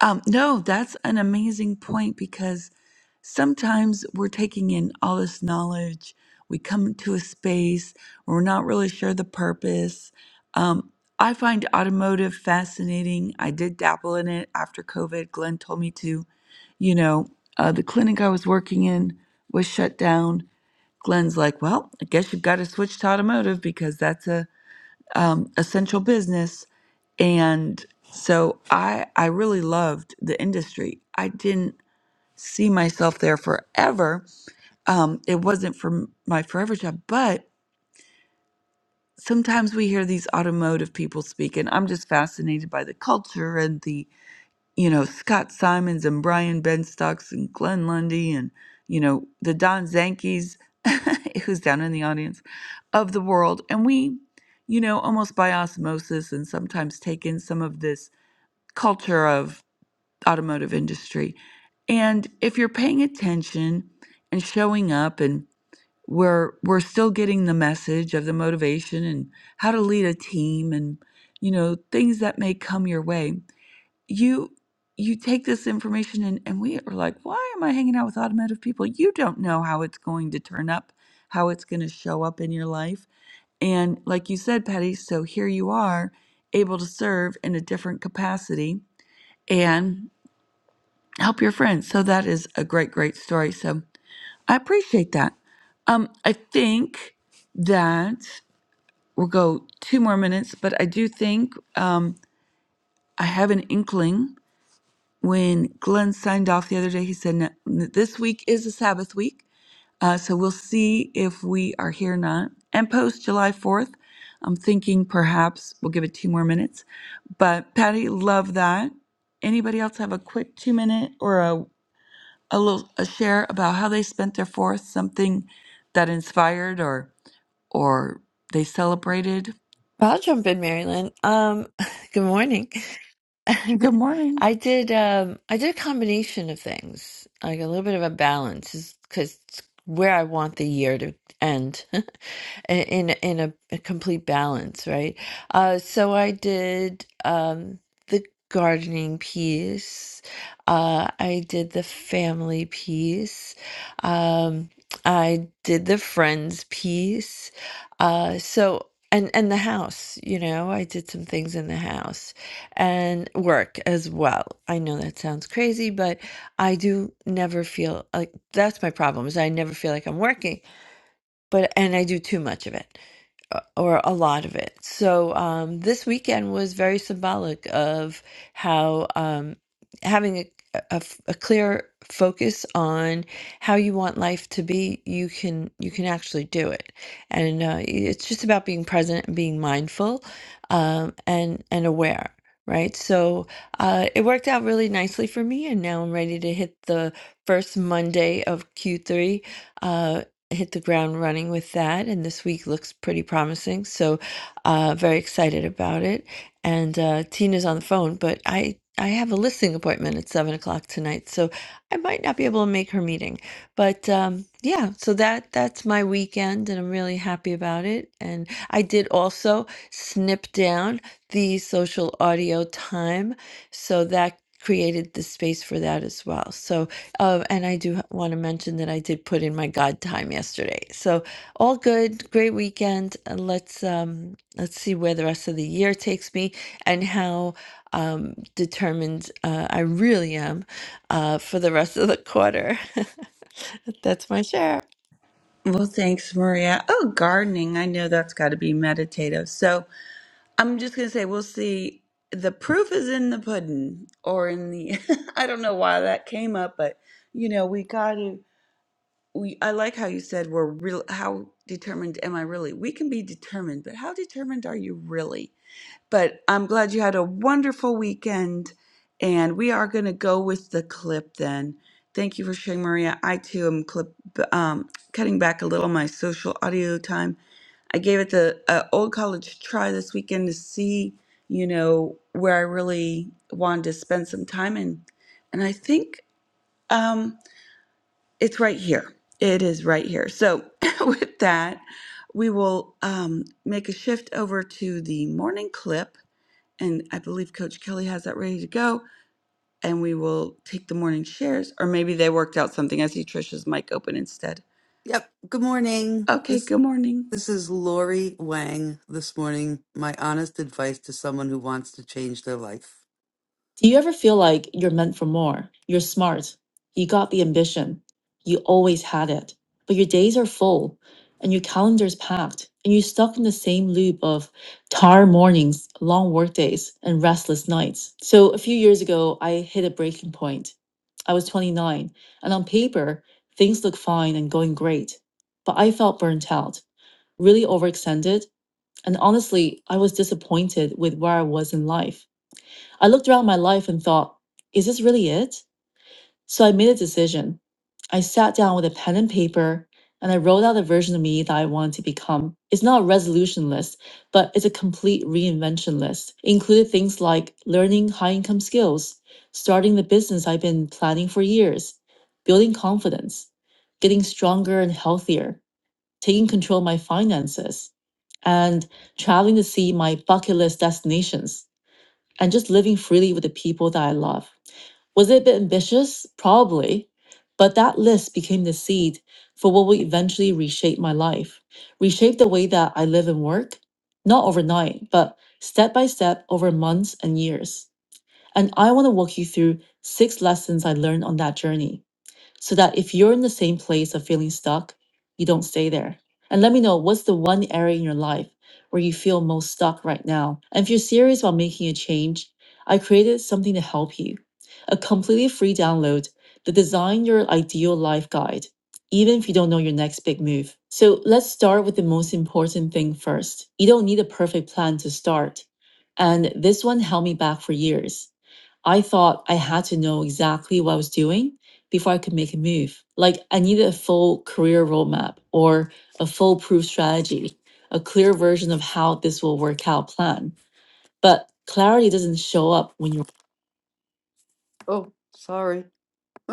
Um, no, that's an amazing point because sometimes we're taking in all this knowledge. We come to a space where we're not really sure the purpose. Um, I find automotive fascinating. I did dabble in it after COVID. Glenn told me to. You know, uh, the clinic I was working in was shut down. Glenn's like, well, I guess you've got to switch to automotive because that's a um, essential business. And so I I really loved the industry. I didn't see myself there forever, um, it wasn't for m- my forever job, but sometimes we hear these automotive people speak, and I'm just fascinated by the culture and the, you know, Scott Simons and Brian Benstocks and Glenn Lundy and, you know, the Don Zankies, who's down in the audience, of the world. And we, you know, almost by osmosis and sometimes take in some of this culture of automotive industry. And if you're paying attention and showing up and we're we're still getting the message of the motivation and how to lead a team and you know things that may come your way you you take this information and, and we are like why am i hanging out with automotive people you don't know how it's going to turn up how it's going to show up in your life and like you said patty so here you are able to serve in a different capacity and help your friends so that is a great great story so I appreciate that. Um, I think that we'll go two more minutes, but I do think um, I have an inkling. When Glenn signed off the other day, he said "No, n- this week is a Sabbath week, uh, so we'll see if we are here or not. And post July Fourth, I'm thinking perhaps we'll give it two more minutes. But Patty, love that. Anybody else have a quick two minute or a a little a share about how they spent their fourth, something that inspired or or they celebrated?
I'll jump in, Marilyn. Um, good morning.
Good morning.
I did um I did a combination of things, like a little bit of a balance, because where I want the year to end. i- in in a, a complete balance, right? Uh, so I did um, the gardening piece. Uh, I did the family piece. Um, I did the friends piece. Uh, so and and the house, you know, I did some things in the house and work as well. I know that sounds crazy, but I do never feel like that's my problem is I never feel like I'm working, but and I do too much of it uh, or a lot of it. So um, this weekend was very symbolic of how um, having a, a f- a clear focus on how you want life to be, you can you can actually do it, and uh, it's just about being present and being mindful um, and and aware. Right, so uh, it worked out really nicely for me, and now I'm ready to hit the first Monday of Q3 hit the ground running with that, and this week looks pretty promising. So, uh, very excited about it. And uh, Tina's on the phone, but I I have a listing appointment at seven o'clock tonight, so I might not be able to make her meeting. But um, yeah, so that that's my weekend, and I'm really happy about it. And I did also snip down the social audio time, so that created the space for that as well. So um, and I do want to mention that I did put in my God time yesterday. So all good, great weekend. And let's um, let's see where the rest of the year takes me and how um, determined uh, I really am uh, for the rest of the quarter. That's my share.
Well, thanks, Maria. Oh, gardening. I know that's got to be meditative. So I'm just going to say we'll see. The proof is in the pudding or in the, I don't know why that came up, but you know, we got to, we, I like how you said we're real, how determined am I really? We can be determined, but how determined are you really? But I'm glad you had a wonderful weekend. And we are going to go with the clip then. Thank you for sharing, Maria. I too am clip um, cutting back a little my social audio time. I gave it the uh, old college try this weekend to see, you know, where I really wanted to spend some time in. And I think um, it's right here. It is right here. So with that, we will um, make a shift over to the morning clip and I believe Coach Kelly has that ready to go. And we will take the morning shares, or maybe they worked out something. I see Trisha's mic open instead.
Yep. Good morning.
Okay,
This
good morning,
this is Lori Wang this morning. My honest advice to someone who wants to change their life. Do you ever feel like you're meant for more? You're smart. You got the ambition. You always had it. But your days are full and your calendar's packed and you're stuck in the same loop of tired mornings, long workdays, and restless nights. So a few years ago, I hit a breaking point. I was 29 and on paper, things looked fine and going great. But I felt burnt out, really overextended. And honestly, I was disappointed with where I was in life. I looked around my life and thought, is this really it? So I made a decision. I sat down with a pen and paper and I wrote out the version of me that I wanted to become. It's not a resolution list, but it's a complete reinvention list. It included things like learning high income skills, starting the business I've been planning for years, building confidence, getting stronger and healthier, taking control of my finances, and traveling to see my bucket list destinations and just living freely with the people that I love. Was it a bit ambitious? Probably. But that list became the seed for what will eventually reshape my life, reshape the way that I live and work, not overnight, but step by step over months and years. And I want to walk you through six lessons I learned on that journey so that if you're in the same place of feeling stuck, you don't stay there. And let me know what's the one area in your life where you feel most stuck right now. And if you're serious about making a change, I created something to help you a completely free download, the Design Your Ideal Life Guide, even if you don't know your next big move. So let's start with the most important thing first. You don't need a perfect plan to start. And this one held me back for years. I thought I had to know exactly what I was doing before I could make a move. Like I needed a full career roadmap or a foolproof strategy, a clear version of how this will work out plan. But clarity doesn't show up when you're Oh, sorry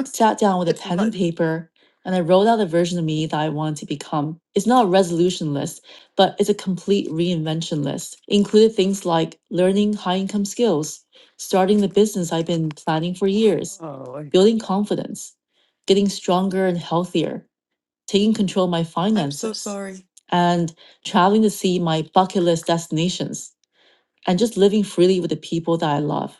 sat down with a It's pen and fun. paper and I wrote out a version of me that I wanted to become. It's not a resolution list, but it's a complete reinvention list. It included things like learning high income skills, starting the business I've been planning for years, Oh, I- building confidence, getting stronger and healthier, taking control of my I'm so finances, sorry. and traveling to see my bucket list destinations, and just living freely with the people that I love.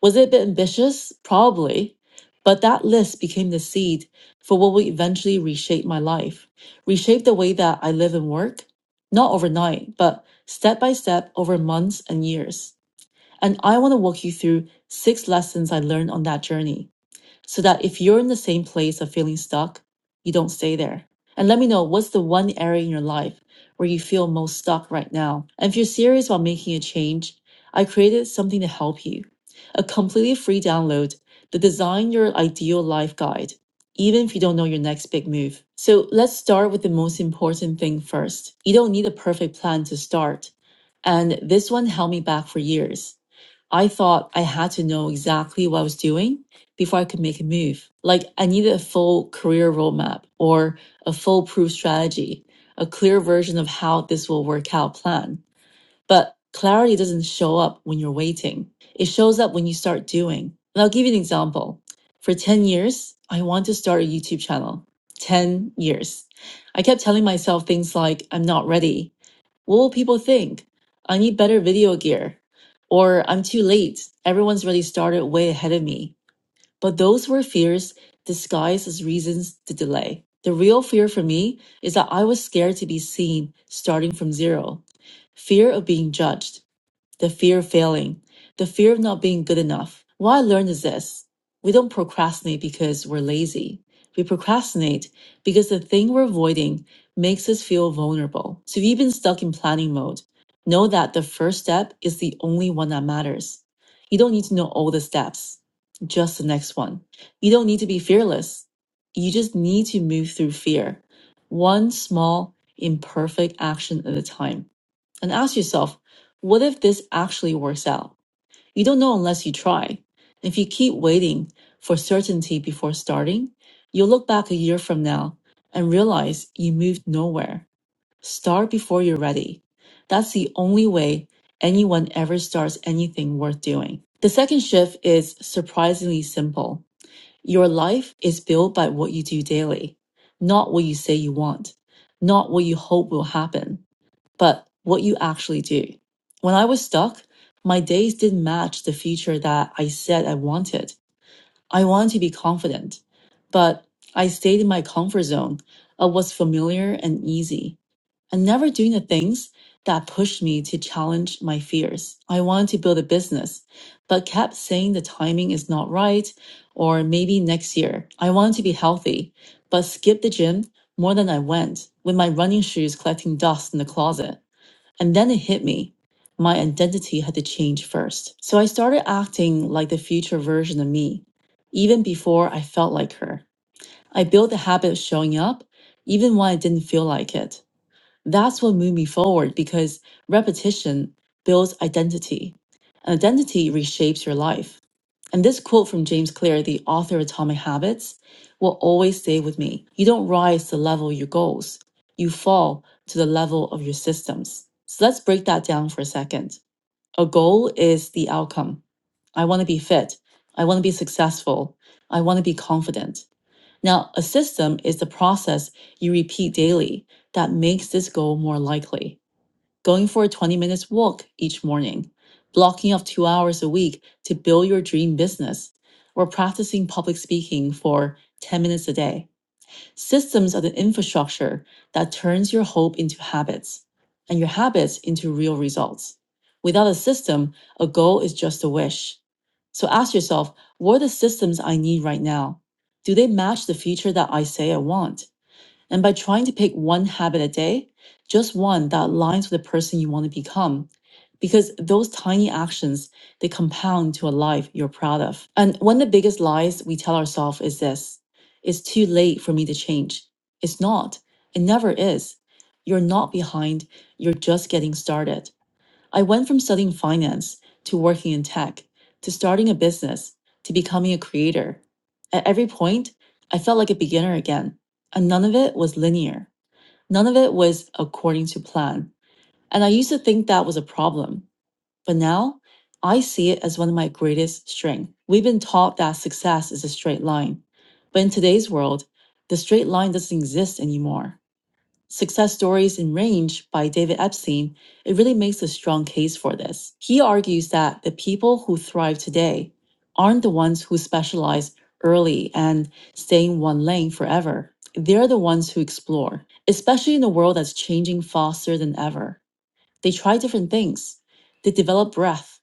Was it a bit ambitious? Probably. But that list became the seed for what would eventually reshape my life, reshape the way that I live and work, not overnight, but step by step over months and years. And I want to walk you through six lessons I learned on that journey so that if you're in the same place of feeling stuck, you don't stay there. And let me know what's the one area in your life where you feel most stuck right now. And if you're serious about making a change, I created something to help you a completely free download, the Design Your Ideal Life Guide, even if you don't know your next big move. So let's start with the most important thing first. You don't need a perfect plan to start. And this one held me back for years. I thought I had to know exactly what I was doing before I could make a move. Like I needed a full career roadmap or a foolproof strategy, a clear version of how this will work out plan. But clarity doesn't show up when you're waiting. It shows up when you start doing. And I'll give you an example. For 10 years, I want to start a YouTube channel. 10 years. I kept telling myself things like, I'm not ready. What will people think? I need better video gear. Or I'm too late. Everyone's already started way ahead of me. But those were fears disguised as reasons to delay. The real fear for me is that I was scared to be seen starting from zero. Fear of being judged the fear of failing, the fear of not being good enough. What I learned is this we don't procrastinate because we're lazy. We procrastinate because the thing we're avoiding makes us feel vulnerable. So if you've been stuck in planning mode, know that the first step is the only one that matters. You don't need to know all the steps, just the next one. You don't need to be fearless. You just need to move through fear, one small, imperfect action at a time and ask yourself, what if this actually works out? You don't know unless you try. If you keep waiting for certainty before starting, you'll look back a year from now and realize you moved nowhere. Start before you're ready. That's the only way anyone ever starts anything worth doing. The second shift is surprisingly simple. Your life is built by what you do daily, not what you say you want, not what you hope will happen but what you actually do. When I was stuck, my days didn't match the future that I said I wanted. I wanted to be confident, but I stayed in my comfort zone of what's familiar and easy and never doing the things that pushed me to challenge my fears. I wanted to build a business, but kept saying the timing is not right or maybe next year. I wanted to be healthy, but skipped the gym more than I went with my running shoes collecting dust in the closet. And then it hit me. My identity had to change first. So I started acting like the future version of me, even before I felt like her. I built the habit of showing up, even when I didn't feel like it. That's what moved me forward because repetition builds identity. and Identity reshapes your life. And this quote from James Clear, the author of Atomic Habits, will always stay with me. You don't rise to the level of your goals, you fall to the level of your systems. So let's break that down for a second. A goal is the outcome. I want to be fit. I want to be successful. I want to be confident. Now, a system is the process you repeat daily that makes this goal more likely going for a 20 minutes walk each morning, blocking off two hours a week to build your dream business, or practicing public speaking for 10 minutes a day. Systems are the infrastructure that turns your hope into habits and your habits into real results. Without a system, a goal is just a wish. So ask yourself what are the systems I need right now? Do they match the future that I say I want? And by trying to pick one habit a day, just one that aligns with the person you want to become, because those tiny actions, they compound to a life you're proud of. And one of the biggest lies we tell ourselves is this it's too late for me to change. It's not. It never is. You're not behind. You're just getting started. I went from studying finance to working in tech to starting a business to becoming a creator. At every point, I felt like a beginner again, and none of it was linear. None of it was according to plan. And I used to think that was a problem, but now I see it as one of my greatest strengths. We've been taught that success is a straight line, but in today's world, the straight line doesn't exist anymore. Success Stories in Range by David Epstein, it really makes a strong case for this. He argues that the people who thrive today aren't the ones who specialize early and stay in one lane forever. They're the ones who explore, especially in a world that's changing faster than ever. They try different things. They develop breadth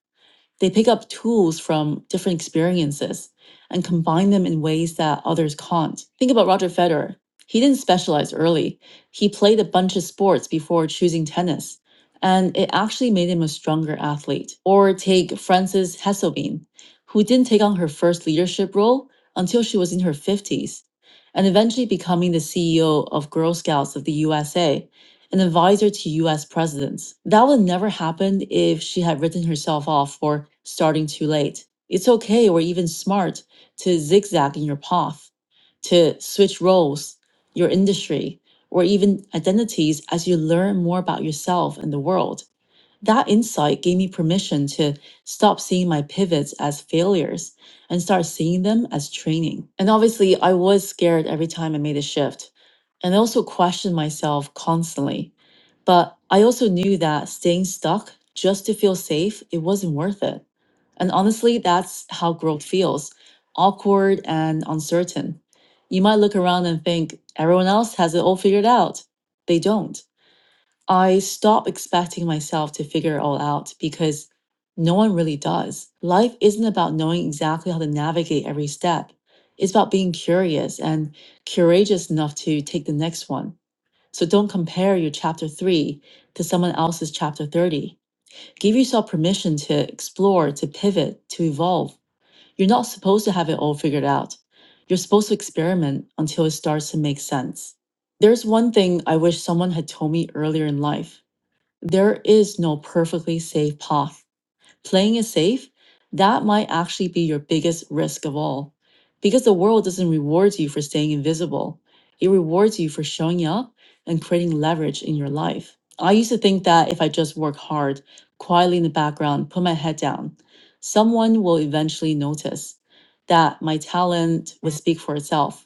they pick up tools from different experiences and combine them in ways that others can't. Think about Roger Federer. He didn't specialize early. He played a bunch of sports before choosing tennis, and it actually made him a stronger athlete. Or take Frances Hesselbein, who didn't take on her first leadership role until she was in her 50s, and eventually becoming the CEO of Girl Scouts of the USA an advisor to US presidents. That would never happen if she had written herself off for starting too late. It's okay or even smart to zigzag in your path, to switch roles, your industry, or even identities as you learn more about yourself and the world. That insight gave me permission to stop seeing my pivots as failures and start seeing them as training. And obviously, I was scared every time I made a shift. And I also questioned myself constantly. But I also knew that staying stuck just to feel safe, it wasn't worth it. And honestly, that's how growth feels awkward and uncertain. You might look around and think everyone else has it all figured out. They don't. I stop expecting myself to figure it all out because no one really does. Life isn't about knowing exactly how to navigate every step. It's about being curious and courageous enough to take the next one. So don't compare your chapter 3 to someone else's chapter 30. Give yourself permission to explore, to pivot, to evolve. You're not supposed to have it all figured out. You're supposed to experiment until it starts to make sense. There's one thing I wish someone had told me earlier in life there is no perfectly safe path. Playing it safe, that might actually be your biggest risk of all. Because the world doesn't reward you for staying invisible, it rewards you for showing up and creating leverage in your life. I used to think that if I just work hard, quietly in the background, put my head down, someone will eventually notice that my talent would speak for itself.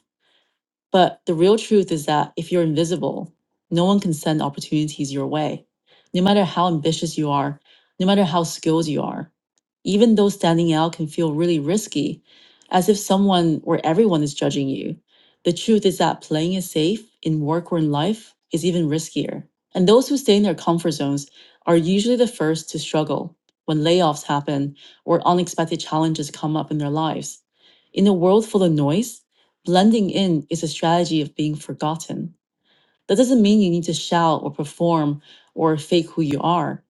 But the real truth is that if you're invisible, no one can send opportunities your way. No matter how ambitious you are, no matter how skilled you are, even though standing out can feel really risky, as if someone or everyone is judging you, the truth is that playing it safe in work or in life is even riskier. And those who stay in their comfort zones are usually the first to struggle when layoffs happen or unexpected challenges come up in their lives. In a world full of noise, Blending in is a strategy of being forgotten. That doesn't mean you need to shout or perform or fake who you are.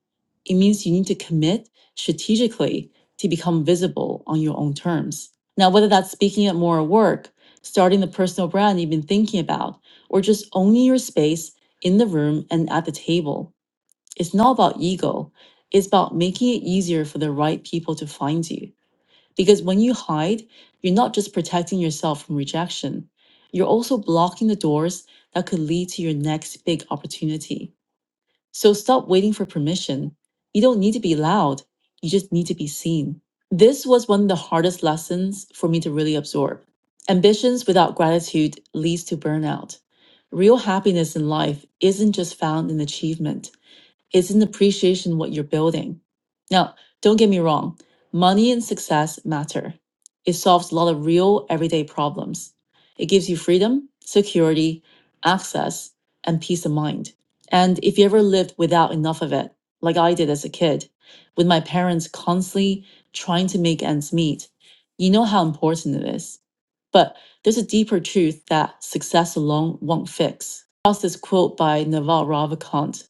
It means you need to commit strategically to become visible on your own terms. Now, whether that's speaking at more work, starting the personal brand you've been thinking about, or just owning your space in the room and at the table, it's not about ego. It's about making it easier for the right people to find you. Because when you hide, you're not just protecting yourself from rejection, you're also blocking the doors that could lead to your next big opportunity. So stop waiting for permission. You don't need to be loud, you just need to be seen. This was one of the hardest lessons for me to really absorb. Ambitions without gratitude leads to burnout. Real happiness in life isn't just found in achievement. It's an appreciation of what you're building. Now, don't get me wrong, money and success matter. It solves a lot of real everyday problems. It gives you freedom, security, access, and peace of mind. And if you ever lived without enough of it, like I did as a kid, with my parents constantly trying to make ends meet, you know how important it is. But there's a deeper truth that success alone won't fix. How's this quote by Naval Ravikant?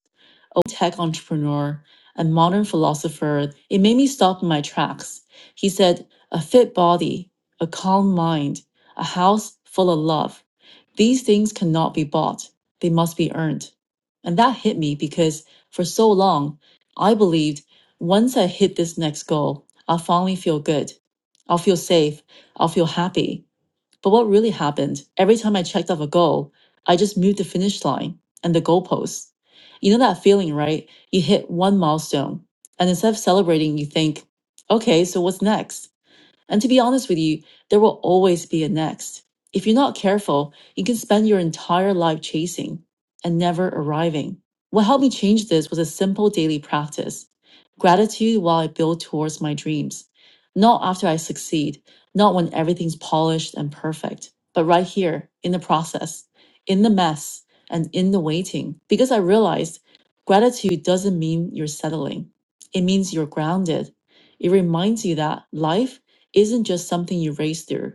a tech entrepreneur, a modern philosopher, it made me stop in my tracks. He said, A fit body, a calm mind, a house full of love. These things cannot be bought, they must be earned. And that hit me because for so long, I believed once I hit this next goal, I'll finally feel good. I'll feel safe. I'll feel happy. But what really happened, every time I checked off a goal, I just moved the finish line and the goalposts. You know that feeling, right? You hit one milestone, and instead of celebrating, you think, okay, so what's next? And to be honest with you, there will always be a next. If you're not careful, you can spend your entire life chasing and never arriving. What helped me change this was a simple daily practice gratitude while I build towards my dreams. Not after I succeed, not when everything's polished and perfect, but right here in the process, in the mess, and in the waiting. Because I realized gratitude doesn't mean you're settling, it means you're grounded. It reminds you that life isn't just something you race through,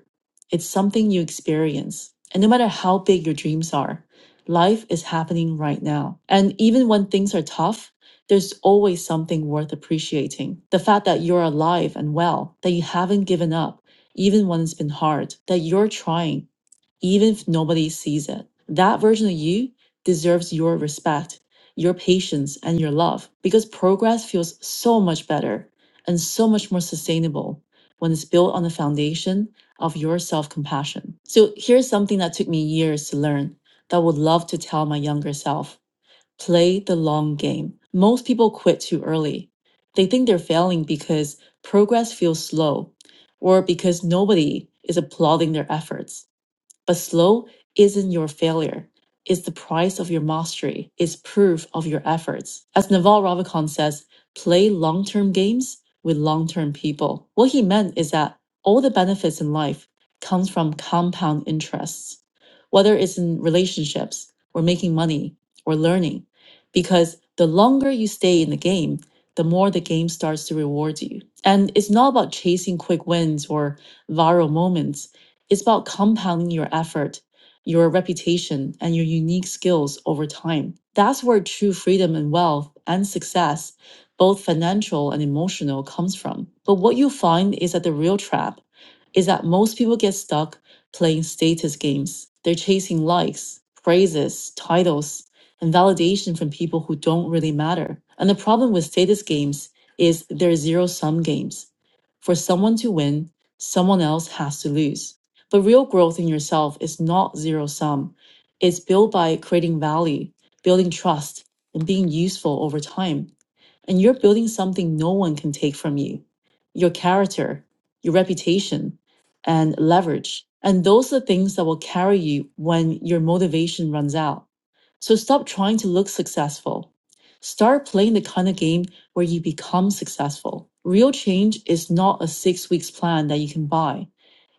it's something you experience. And no matter how big your dreams are, life is happening right now. And even when things are tough, there's always something worth appreciating. The fact that you're alive and well, that you haven't given up, even when it's been hard, that you're trying, even if nobody sees it. That version of you deserves your respect, your patience, and your love because progress feels so much better and so much more sustainable when it's built on the foundation of your self compassion. So here's something that took me years to learn that I would love to tell my younger self play the long game. Most people quit too early. They think they're failing because progress feels slow or because nobody is applauding their efforts. But slow isn't your failure. It's the price of your mastery. It's proof of your efforts. As Naval Ravikant says, play long-term games with long-term people. What he meant is that all the benefits in life comes from compound interests, whether it's in relationships or making money or learning, because the longer you stay in the game, the more the game starts to reward you. And it's not about chasing quick wins or viral moments it's about compounding your effort, your reputation, and your unique skills over time. That's where true freedom and wealth and success, both financial and emotional, comes from. But what you find is that the real trap is that most people get stuck playing status games. They're chasing likes, praises, titles, and validation from people who don't really matter. And the problem with status games is they're zero sum games. For someone to win, someone else has to lose. But real growth in yourself is not zero sum. It's built by creating value, building trust, and being useful over time. And you're building something no one can take from you your character, your reputation, and leverage. And those are the things that will carry you when your motivation runs out. So stop trying to look successful. Start playing the kind of game where you become successful. Real change is not a six weeks plan that you can buy.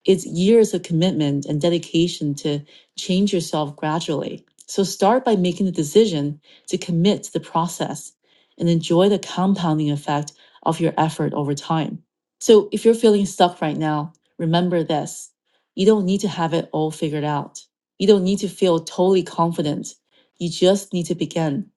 It's years of commitment and dedication to change yourself gradually. So start by making the decision to commit to the process and enjoy the compounding effect of your effort over time. So if you're feeling stuck right now, remember this. You don't need to have it all figured out. You don't need to feel totally confident. You just need to begin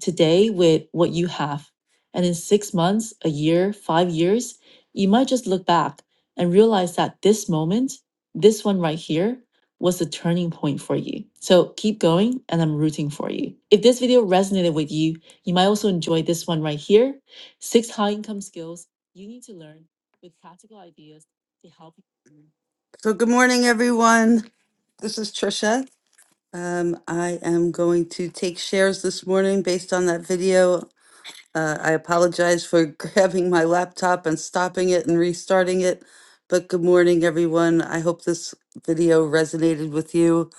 today with what you have. And in six months, a year, five years, you might just look back and realize that this moment, this one right here, was the turning point for you. So keep going, and I'm rooting for you. If this video resonated with you, you might also enjoy this one right here six high income skills you need to learn with practical ideas to help you. So, good morning, everyone. This is Trisha. Um, I am going to take shares this morning based on that video. Uh, I apologize for grabbing my laptop and stopping it and restarting it. But good morning, everyone. I hope this video resonated with you.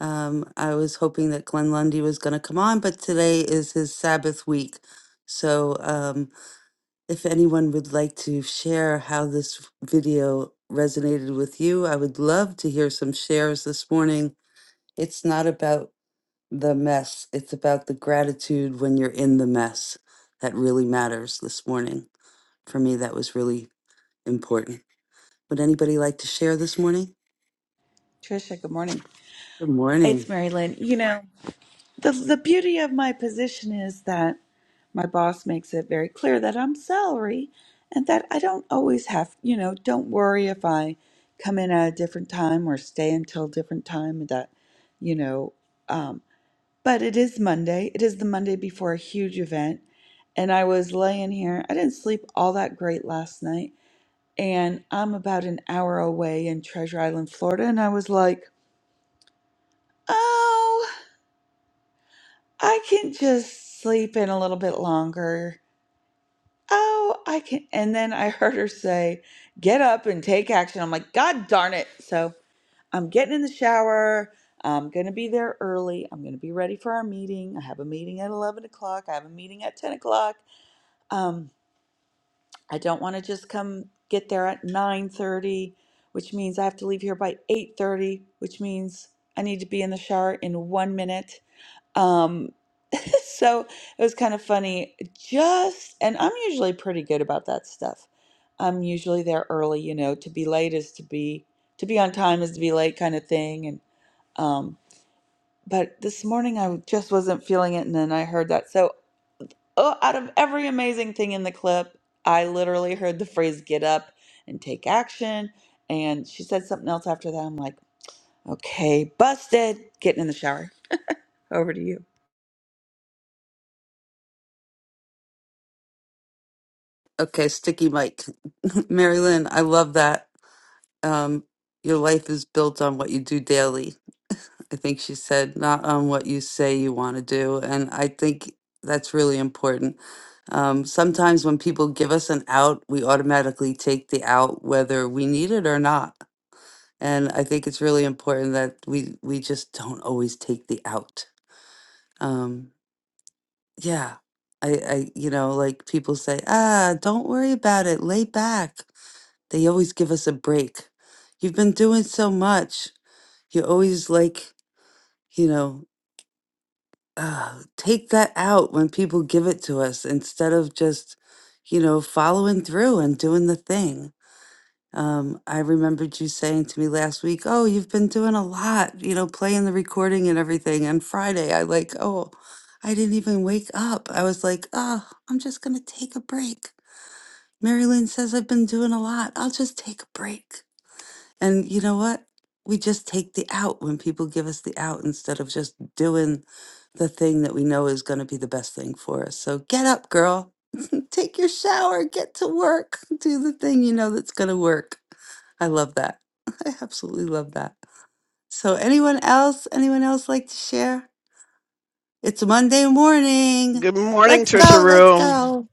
Um, I was hoping that Glenn Lundy was going to come on, but today is his Sabbath week. So um, if anyone would like to share how this video resonated with you, I would love to hear some shares this morning. It's not about the mess. It's about the gratitude when you're in the mess that really matters this morning. For me, that was really important. Would anybody like to share this morning?
Trisha. Good morning.
Good
It's
morning.
Mary Lynn. You know, the the beauty of my position is that my boss makes it very clear that I'm salary, and that I don't always have. You know, don't worry if I come in at a different time or stay until different time. That, you know. um, But it is Monday. It is the Monday before a huge event. And I was laying here. I didn't sleep all that great last night. And I'm about an hour away in Treasure Island, Florida. And I was like, oh, I can just sleep in a little bit longer. Oh, I can. And then I heard her say, get up and take action. I'm like, God darn it. So I'm getting in the shower. I'm going to be there early. I'm going to be ready for our meeting. I have a meeting at 11 o'clock. I have a meeting at 10 o'clock Um, I don't want to just come get there at 9:30, which means I have to leave here by 8:30, which means I need to be in the shower in 1 minute. Um, so it was kind of funny. Just and I'm usually pretty good about that stuff. I'm usually there early, you know, to be late is to be to be on time is to be late kind of thing and um but this morning I just wasn't feeling it and then I heard that. so. Oh, out of every amazing thing in the clip, I literally heard the phrase get up and take action. And she said something else after that. I'm like, okay, busted. Getting in the shower. Over to you.
Okay, sticky Mike. Mary Lynn, I love that. Um, your life is built on what you do daily. I think she said, not on what you say you want to do. And I think that's really important. Um, sometimes when people give us an out, we automatically take the out whether we need it or not And I think it's really important that we we just don't always take the out. Um, yeah, I, I you know like people say, ah, don't worry about it, lay back. They always give us a break. You've been doing so much. You always like you know uh, take that out when people give it to us instead of just you know following through and doing the thing Um, I remembered you saying to me last week, "Oh, you've been doing a lot, you know, playing the recording and everything." And Friday, I like, oh, I didn't even wake up. I was like, oh, I'm just gonna take a break. Marilyn says I've been doing a lot. I'll just take a break. And you know what? We just take the out when people give us the out instead of just doing the thing that we know is going to be the best thing for us. So get up, girl. Take your shower, get to work, do the thing you know that's going to work. I love that. I absolutely love that. So anyone else, anyone else like to share? It's Monday morning.
Good morning,
Let's
Trisha
go, let's
Rue.
go.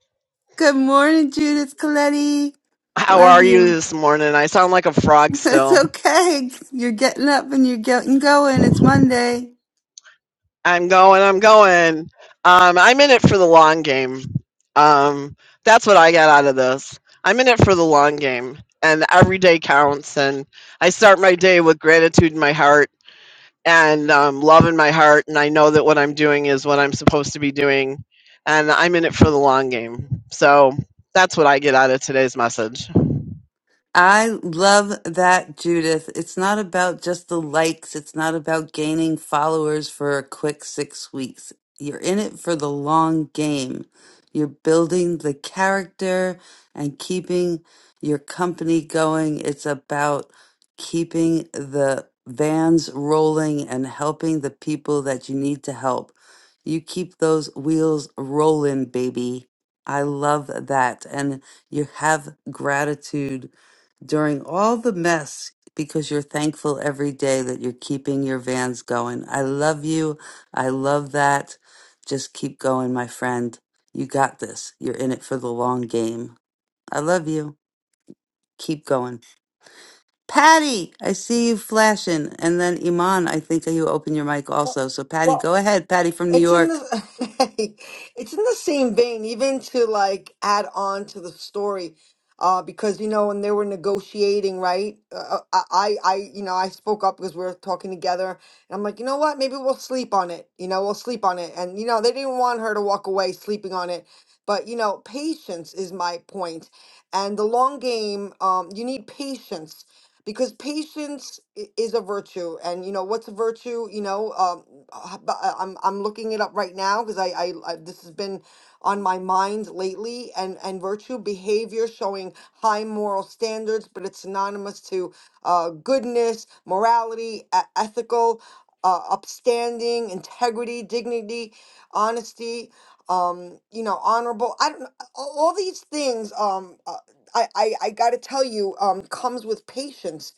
Good morning, Judith Coletti.
How
Love
are you
you.
this morning? I sound like a frog
It's
still.
okay. You're getting up and you're getting going. It's Monday.
I'm going, I'm going. Um, I'm in it for the long game. Um, that's what I got out of this. I'm in it for the long game, and every day counts. And I start my day with gratitude in my heart and um, love in my heart. And I know that what I'm doing is what I'm supposed to be doing, and I'm in it for the long game. So that's what I get out of today's message.
I love that, Judith. It's not about just the likes. It's not about gaining followers for a quick six weeks. You're in it for the long game. You're building the character and keeping your company going. It's about keeping the vans rolling and helping the people that you need to help. You keep those wheels rolling, baby. I love that. And you have gratitude during all the mess because you're thankful every day that you're keeping your vans going. I love you. I love that. Just keep going, my friend. You got this. You're in it for the long game. I love you. Keep going. Patty, I see you flashing. And then Iman, I think you open your mic also. So Patty,
Well,
go ahead. Patty from New
it's in
York.
the it's in the same vein, even to like add on to the story, uh, because you know when they were negotiating, right? Uh, uh, I, I, I, you know, I spoke up because we were talking together, and I'm like, you know what? Maybe we'll sleep on it. You know, we'll sleep on it, and you know, they didn't want her to walk away sleeping on it, but you know, patience is my point, and the long game. Um, you need patience because patience i- is a virtue and you know what's a virtue you know um h- b- uh, i'm i'm looking it up right now because I, I i this has been on my mind lately and and virtue behavior showing high moral standards but it's synonymous to uh goodness morality e- ethical uh, upstanding integrity dignity honesty um you know honorable i don't know all all these things um uh, I, I, I got to tell you, um, comes with patience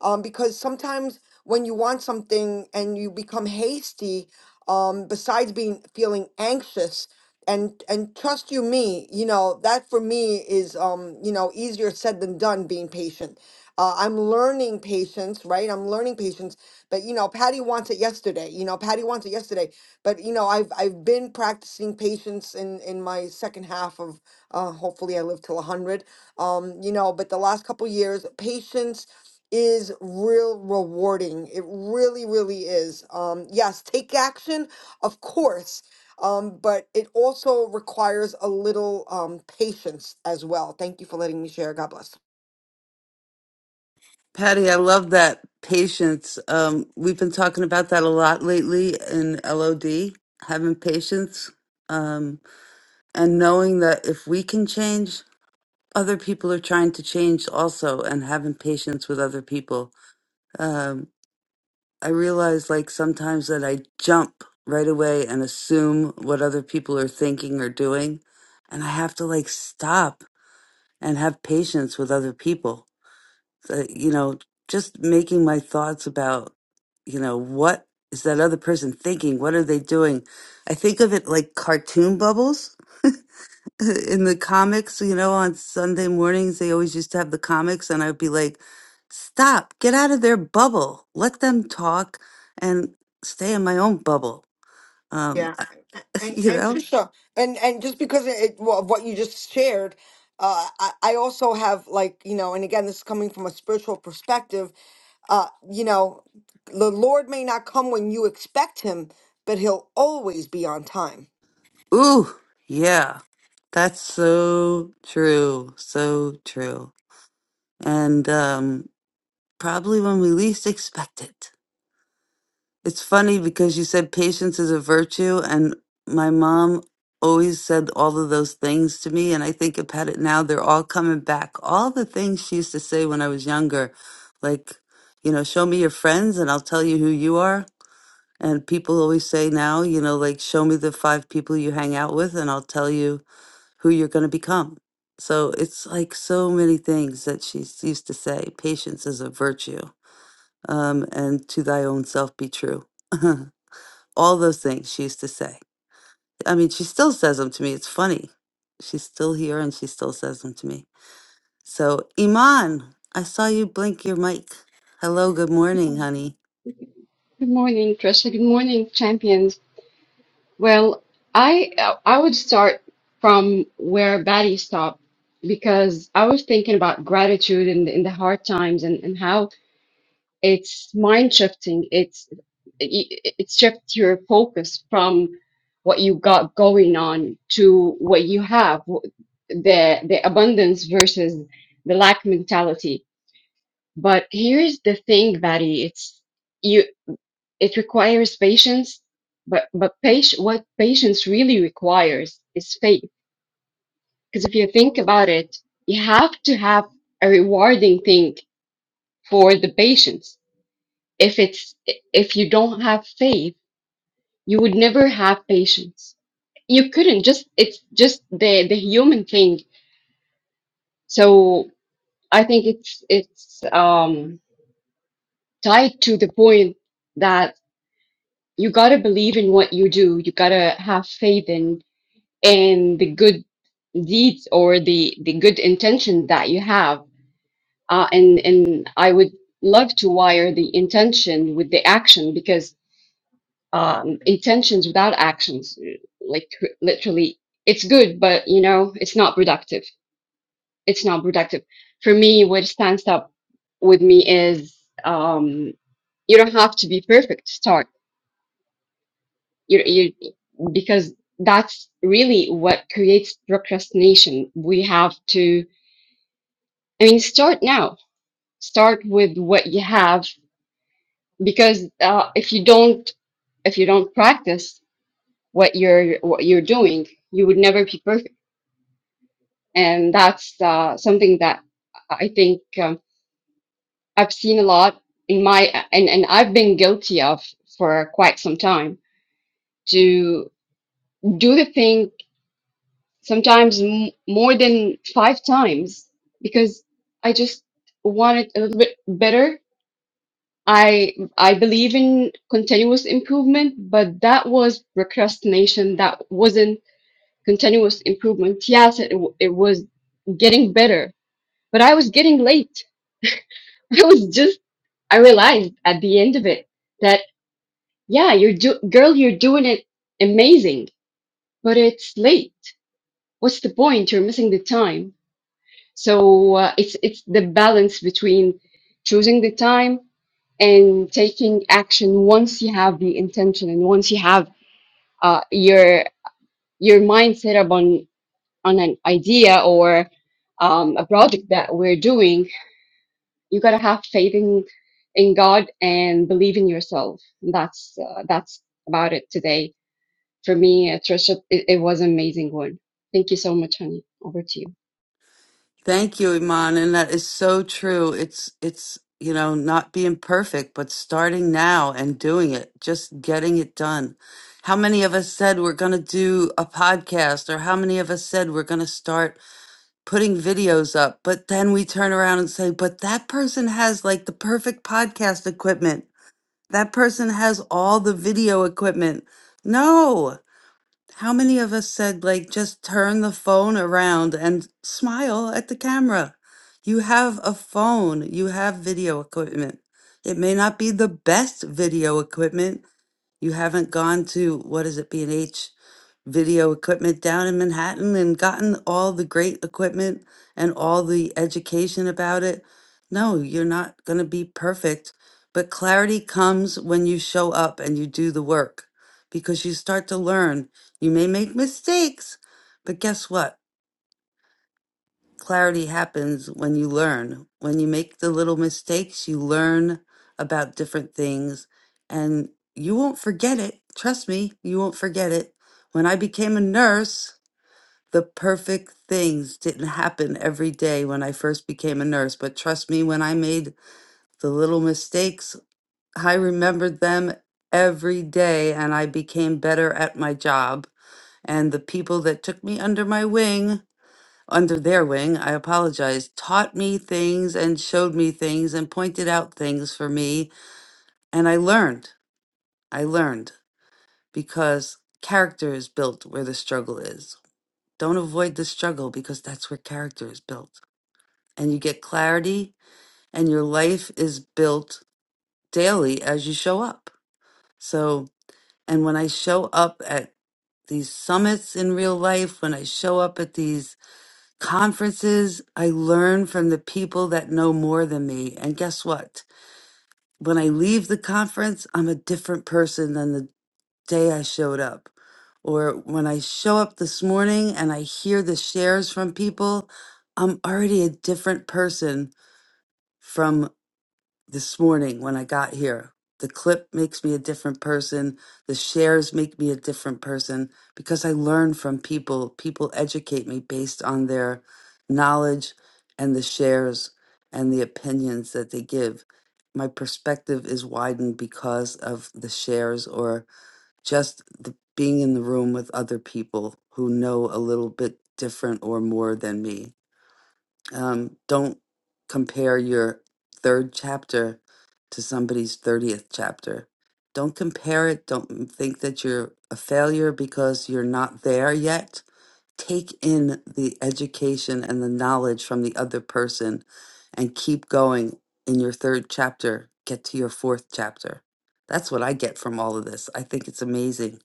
um, because sometimes when you want something and you become hasty, um, besides being feeling anxious, and and trust you me, you know that for me is um, you know easier said than done. Being patient, uh, I'm learning patience, right? I'm learning patience, but you know Patty wants it yesterday. You know Patty wants it yesterday, but you know I've I've been practicing patience in in my second half of uh, hopefully I live till a hundred um, you know, but the last couple years, patience is real rewarding. It really, really is. Um, yes, take action, of course, um, but it also requires a little um, patience as well. Thank you for letting me share. God bless.
Patty, I love that patience. Um, we've been talking about that a lot lately in LOD, having patience. Um, and knowing that if we can change, other people are trying to change also, and having patience with other people. Um, I realize like sometimes that I jump right away and assume what other people are thinking or doing, and I have to like stop and have patience with other people. So, you know, just making my thoughts about, you know, what is that other person thinking? What are they doing? I think of it like cartoon bubbles. in the comics, you know, on Sunday mornings, they always used to have the comics, and I'd be like, stop, get out of their bubble, let them talk and stay in my own bubble. Um,
Yeah, a- and
you
and
know,
Trisha, and and just because it, it- well, of what you just shared, uh, I, I also have like you know, and again, this is coming from a spiritual perspective. Uh, you know, the Lord may not come when you expect Him, but He'll always be on time
ooh, yeah, that's so true, so true. And um, probably when we least expect it. It's funny because you said patience is a virtue, and my mom always said all of those things to me. And I think about it now, they're all coming back. All the things she used to say when I was younger, like, you know, show me your friends and I'll tell you who you are. And people always say now, you know, like, show me the five people you hang out with and I'll tell you who you're going to become. So it's like so many things that she used to say. Patience is a virtue, um, and to thy own self be true. all those things she used to say. I mean, she still says them to me. It's funny. She's still here and she still says them to me. So, Iman, I saw you blink your mic. Hello, good morning, honey.
Good morning, Trisha. Good morning, champions. Well, I I would start from where Batty stopped because I was thinking about gratitude in the, in the hard times and, and how it's mind shifting. It's it, it shifts your focus from what you got going on to what you have, the the abundance versus the lack mentality. But here's the thing, Batty. It's you. It requires patience, but but pati- what patience really requires is faith. Because if you think about it, you have to have a rewarding thing for the patience. If it's if you don't have faith, you would never have patience. You couldn't just it's just the the human thing. So I think it's it's um, tied to the point that you gotta believe in what you do. You gotta have faith in and the good deeds or the the good intention that you have uh, and and i would love to wire the intention with the action because um, intentions without actions like literally it's good but you know it's not productive it's not productive for me what stands up with me is um, you don't have to be perfect to start you, you because that's really what creates procrastination we have to I mean, start now. Start with what you have, because uh, if you don't, if you don't practice what you're what you're doing, you would never be perfect. And that's uh, something that I think um, I've seen a lot in my and and I've been guilty of for quite some time to do the thing sometimes m- more than five times because I just want it a little bit better I I believe in continuous improvement, but that was procrastination. That wasn't continuous improvement. Yes, it w- it was getting better, but I was getting late. I was just I realized at the end of it that yeah, you're do girl, you're doing it amazing, but it's late. What's the point? You're missing the time. So uh, it's it's the balance between choosing the time and taking action once you have the intention and once you have uh, your your mindset upon on an idea or um, a project that we're doing, you gotta have faith in in God and believe in yourself. That's uh, that's about it today for me, uh, Trisha. It, it was an amazing one. Thank you so much, honey. Over to you.
Thank you, Iman, and that is so true. It's it's, you know, not being perfect, but starting now and doing it, just getting it done. How many of us said we're going to do a podcast or how many of us said we're going to start putting videos up, but then we turn around and say, but that person has like the perfect podcast equipment. That person has all the video equipment. No. How many of us said, like, just turn the phone around and smile at the camera? You have a phone, you have video equipment. It may not be the best video equipment, you haven't gone to, what is it, B&H Video Equipment down in Manhattan and gotten all the great equipment and all the education about it? No, you're not going to be perfect, but clarity comes when you show up and you do the work because you start to learn. You may make mistakes, but guess what? Clarity happens when you learn. When you make the little mistakes, you learn about different things and you won't forget it. Trust me, you won't forget it. When I became a nurse, the perfect things didn't happen every day when I first became a nurse. But trust me, when I made the little mistakes, I remembered them every day and I became better at my job. And the people that took me under my wing under their wing, I apologize, taught me things and showed me things and pointed out things for me. And I learned. I learned because character is built where the struggle is. Don't avoid the struggle because that's where character is built. And you get clarity, and your life is built daily as you show up. So, and when I show up at these summits in real life, when I show up at these conferences, I learn from the people that know more than me. And guess what? When I leave the conference, I'm a different person than the day I showed up. Or when I show up this morning and I hear the shares from people, I'm already a different person from this morning when I got here. The clip makes me a different person. The shares make me a different person because I learn from people. People educate me based on their knowledge and the shares and the opinions that they give. My perspective is widened because of the shares or just the, being in the room with other people who know a little bit different or more than me. Um, don't compare your third chapter to somebody's 30th chapter. Don't compare it. Don't think that you're a failure because you're not there yet. Take in the education and the knowledge from the other person and keep going in your third chapter. Get to your fourth chapter. That's what I get from all of this. I think it's amazing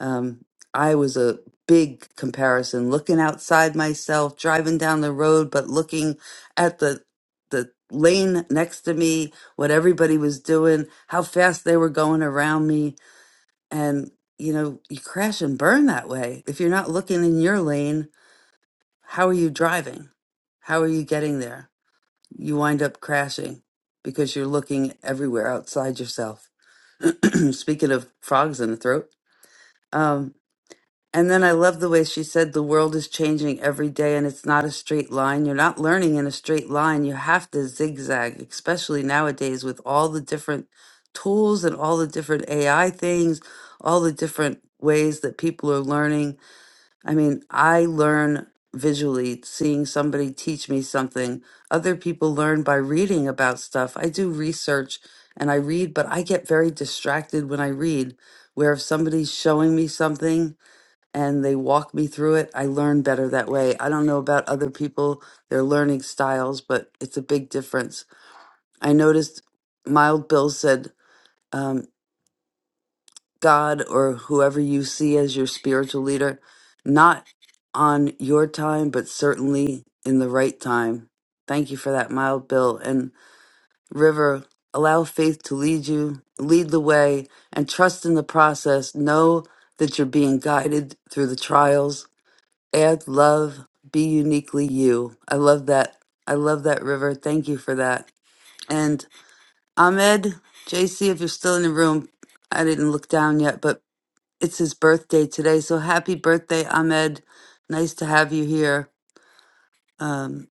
um, I was a big comparison, looking outside myself, driving down the road, but looking at the the lane next to me, what everybody was doing, how fast they were going around me, and you know, you crash and burn that way. If you're not looking in your lane, how are you driving? How are you getting there? You wind up crashing because you're looking everywhere outside yourself. Speaking of frogs in the throat, um, and then I love the way she said the world is changing every day and it's not a straight line. You're not learning in a straight line. You have to zigzag, especially nowadays with all the different tools and all the different AI things, all the different ways that people are learning. I mean, I learn visually, seeing somebody teach me something. Other people learn by reading about stuff. I do research and I read, but I get very distracted when I read, where if somebody's showing me something, and they walk me through it. I learn better that way. I don't know about other people, their learning styles, but it's a big difference. I noticed Mild Bill said, um, God or whoever you see as your spiritual leader, not on your time, but certainly in the right time. Thank you for that, Mild Bill. And River, allow faith to lead you, lead the way, and trust in the process. Know that you're being guided through the trials Add love, be uniquely you. I love that. I love that, River. Thank you for that. And Ahmed, JC, if you're still in the room, I didn't look down yet, but it's his birthday today. So happy birthday, Ahmed. Nice to have you here. Um,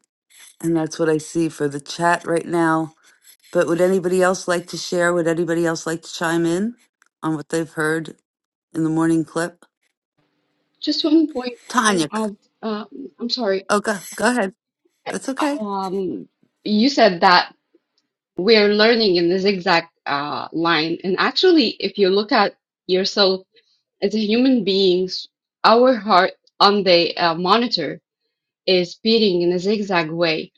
and that's what I see for the chat right now. But would anybody else like to share? Would anybody else like to chime in on what they've heard in the morning clip?
Just one point I
Tanya.
want
c-
to add. Um, I'm sorry.
Oh, go, go ahead. That's okay.
Um, you said that we're learning in the zigzag uh, line, and actually, if you look at yourself As a human beings, our heart on the uh, monitor is beating in a zigzag way.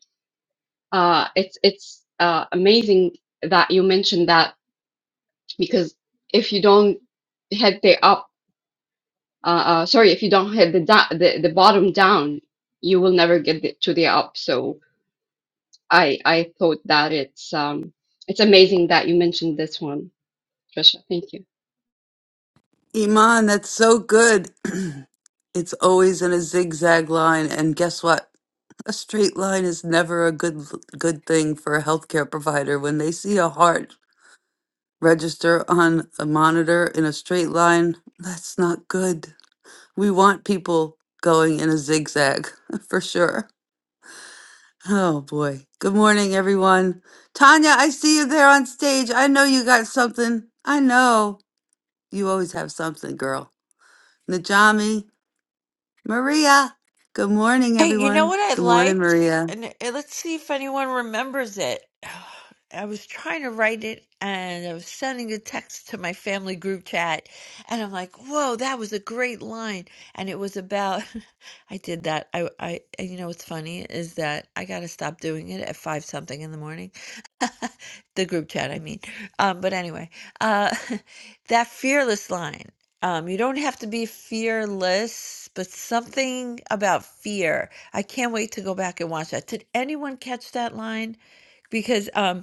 Uh, it's it's uh, amazing that you mentioned that because if you don't hit the up, uh, uh, sorry, if you don't hit the, da- the the bottom down, you will never get the, to the up. So I I thought that it's um it's amazing that you mentioned this one, Trisha. Thank you.
Iman, that's so good. it's always in a zigzag line, and guess what? A straight line is never a good good thing for a healthcare provider. When they see a heart register on a monitor in a straight line, that's not good. We want people going in a zigzag for sure. Oh boy. Good morning, everyone. Tanya, I see you there on stage. I know you got something. I know you always have something, girl. Najami, Maria. Good morning,
Hey, you know
everyone.
what I
Good morning,
liked?
Maria.
And uh, let's see if anyone remembers it. I was trying to write it and I was sending a text to my family group chat. And I'm like, whoa, that was a great line. And it was about, I did that. I, I, and you know what's funny is that I got to stop doing it at five something in the morning the group chat i mean um but anyway uh that fearless line um you don't have to be fearless but something about fear i can't wait to go back and watch that did anyone catch that line because um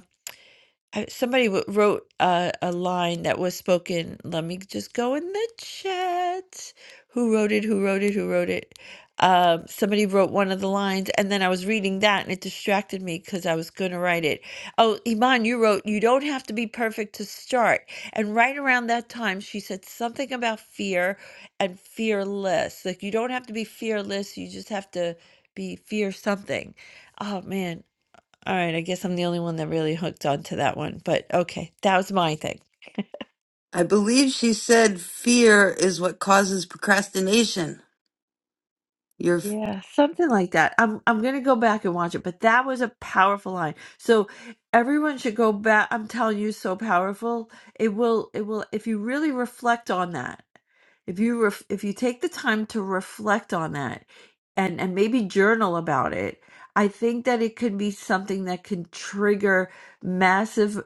I, somebody w- wrote uh, a line that was spoken. Let me just go in the chat. Who wrote it? Who wrote it? Who wrote it? Um, somebody wrote one of the lines, and then I was reading that, and it distracted me because I was going to write it. Oh, Iman, you wrote, "You don't have to be perfect to start." And right around that time, she said something about fear and fearless. Like you don't have to be fearless; you just have to be fear something. Oh man, all right, I guess I'm the only one that really hooked on to that one, but okay, that was my thing.
I believe she said fear is what causes procrastination. You're f-
Yeah, something like that. I'm I'm gonna go back and watch it, but that was a powerful line. So everyone should go back. I'm telling you, so powerful. It will it will if you really reflect on that. If you ref, if you take the time to reflect on that and and maybe journal about it, I think that it could be something that can trigger massive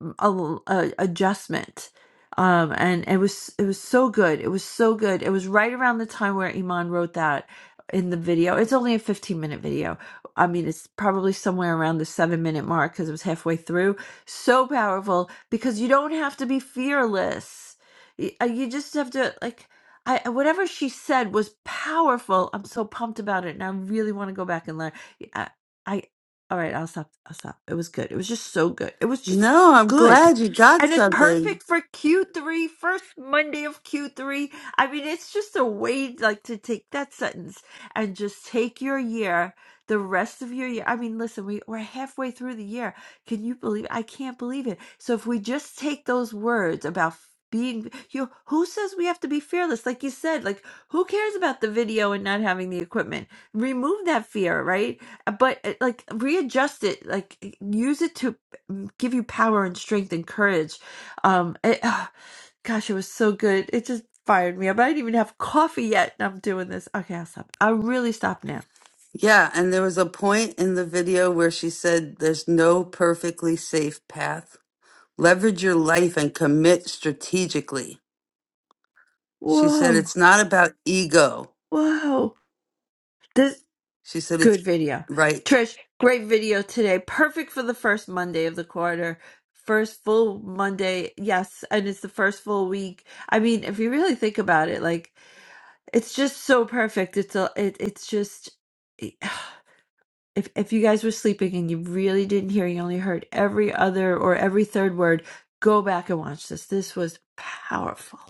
a, l- a- adjustment um and it was it was so good it was so good it was right around the time where iman wrote that in the video it's only a 15 minute video i mean it's probably somewhere around the seven minute mark because it was halfway through so powerful because you don't have to be fearless Y- uh, you just have to like I, I- whatever she said was powerful. I'm so pumped about it, and I really want to go back and learn. I, I, all right, I'll stop. I'll stop. It was good. It was just so good. It was just
no, I'm
good.
glad you got
And it's
something.
perfect for q three, first Monday of Q3. I mean, it's just a way like to take that sentence and just take your year, the rest of your year. I mean, listen, we, we're halfway through the year. Can you believe I can't believe it. So if we just take those words about being you who says we have to be fearless like you said like who cares about the video and not having the equipment remove that fear right but uh, like readjust it like use it to mm, give you power and strength and courage. Um, it, ah, gosh, it was so good. It just fired me up. I didn't even have coffee yet, and I'm doing this. Okay, I'll stop. I really stop now.
Yeah, and there was a point in the video where she said there's no perfectly safe path. Leverage your life and commit strategically. She said
Whoa,
it's not about ego.
whoa! This
She said
good
it's
video,
right.
Trish. Great video today. Perfect for the first Monday of the quarter. First full Monday, yes, and it's the first full week. I mean, if you really think about it, like it's just so perfect. It's a, it, it's just. if if you guys were sleeping and you really didn't hear, you only heard every other or every third word, go back and watch this. This was powerful.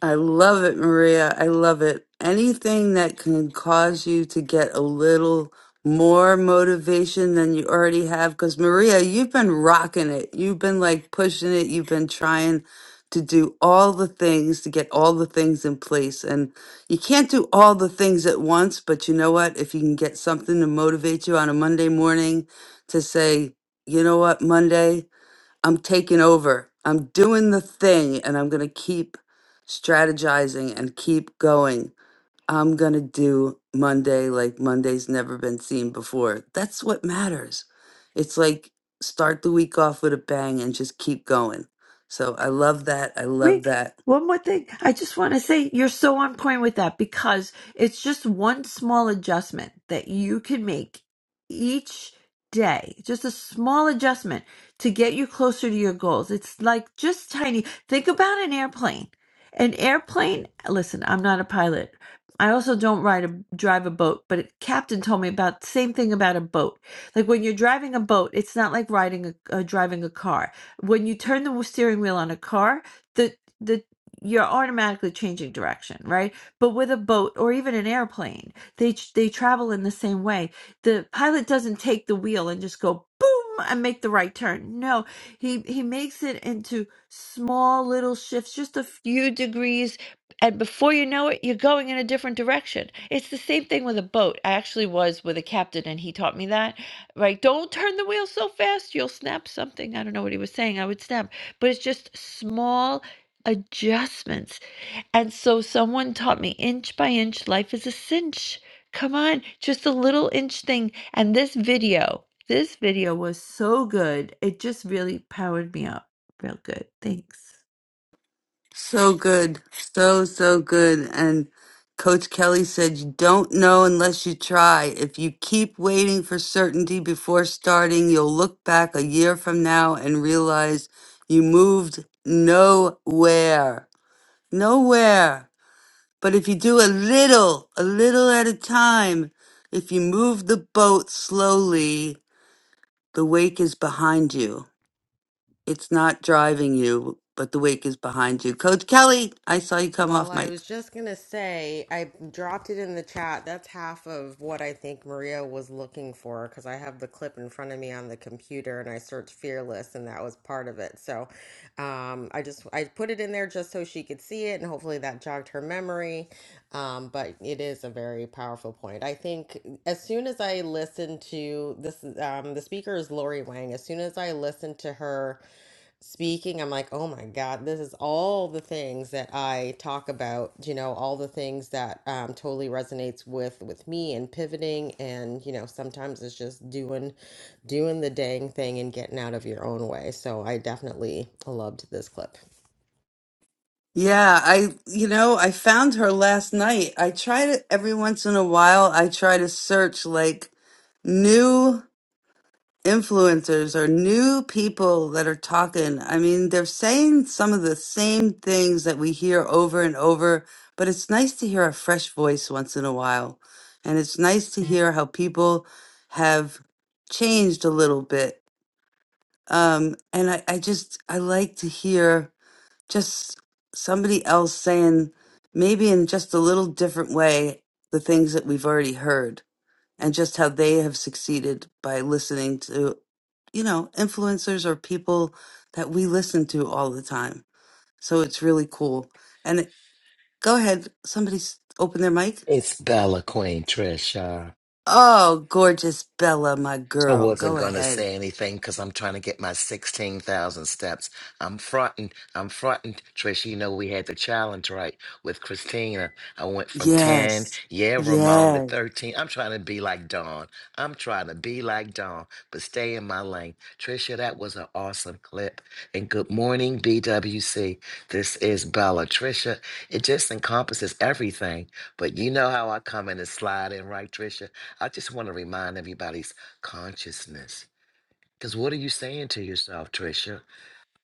I love it, Maria. I love it. Anything that can cause you to get a little more motivation than you already have. Because, Maria, you've been rocking it. You've been like pushing it. You've been trying to do all the things to get all the things in place. And you can't do all the things at once. But you know what? If you can get something to motivate you on a Monday morning to say, you know what, Monday? I'm taking over. I'm doing the thing and I'm going to keep strategizing and keep going. I'm going to do Monday like Monday's never been seen before. That's what matters. It's like start the week off with a bang and just keep going. So I love that. I love
Wait,
that.
one more thing. I just want to say you're so on point with that because it's just one small adjustment that you can make each day, just a small adjustment to get you closer to your goals. It's like just tiny. Think about an airplane. An airplane, listen, I'm not a pilot. I also don't ride a drive a boat, but a captain told me about the same thing about a boat. Like when you're driving a boat, it's not like riding a, uh, driving a car. When you turn the steering wheel on a car, the the you're automatically changing direction right but with a boat or even an airplane they tr- they travel in the same way the pilot doesn't take the wheel and just go boom and make the right turn no he he makes it into small little shifts just a few degrees and before you know it you're going in a different direction it's the same thing with a boat i actually was with a captain and he taught me that right don't turn the wheel so fast you'll snap something i don't know what he was saying i would snap but it's just small adjustments. And so someone taught me inch by inch, life is a cinch. Come on, just a little inch thing. And this video, this video was so good. It just really powered me up real good. Thanks.
So good. So, so good. And Coach Kelly said, You don't know unless you try. If you keep waiting for certainty before starting, you'll look back a year from now and realize you moved nowhere. Nowhere. But if you do a little, a little at a time, if you move the boat slowly, the wake is behind you. It's not driving you, but the wake is behind you. Coach Kelly, I saw you come
Well,
off
I
mic.
was just going to say, I dropped it in the chat. That's half of what I think Maria was looking for because I have the clip in front of me on the computer and I searched fearless and that was part of it. So um, I just, I put it in there just so she could see it and hopefully that jogged her memory. Um, but it is a very powerful point. I think mm, as soon as I listened to this, um, the speaker is Lori Wang. As soon as I listened to her, speaking, I'm like, oh my God, this is all the things that I talk about, you know, all the things that um, totally resonates with with me and pivoting and, you know, sometimes it's just doing doing the dang thing and getting out of your own way. So I definitely loved this clip.
Yeah, I, you know, I found her last night. I try to, every once in a while, I try to search like new influencers or new people that are talking. I mean, they're saying some of the same things that we hear over and over, but it's nice to hear a fresh voice once in a while. And it's nice to hear how people have changed a little bit. Um, and I, I just, I like to hear just somebody else saying maybe in just a little different way the things that we've already heard and just how they have succeeded by listening to you know influencers or people that we listen to all the time so it's really cool and it, go ahead somebody s- open their mic
It's Bella Queen Trisha.
oh gorgeous bella my
I
girl
wasn't
go
gonna
ahead
say anything because I'm trying to get my sixteen thousand steps. I'm fronting. I'm fronting, Trish. You know we had the challenge right with Christina. I went from ten,
yes
yeah, Ramon to
Yes.
thirteen. I'm trying to be like Dawn. I'm trying to be like Dawn, but stay in my lane. Trisha, that was an awesome clip. And good morning, BWC. This is Bella. Trisha, it just encompasses everything. But you know how I come in and slide in, right, Trisha? I just want to remind everybody consciousness. Because what are you saying to yourself, Trisha?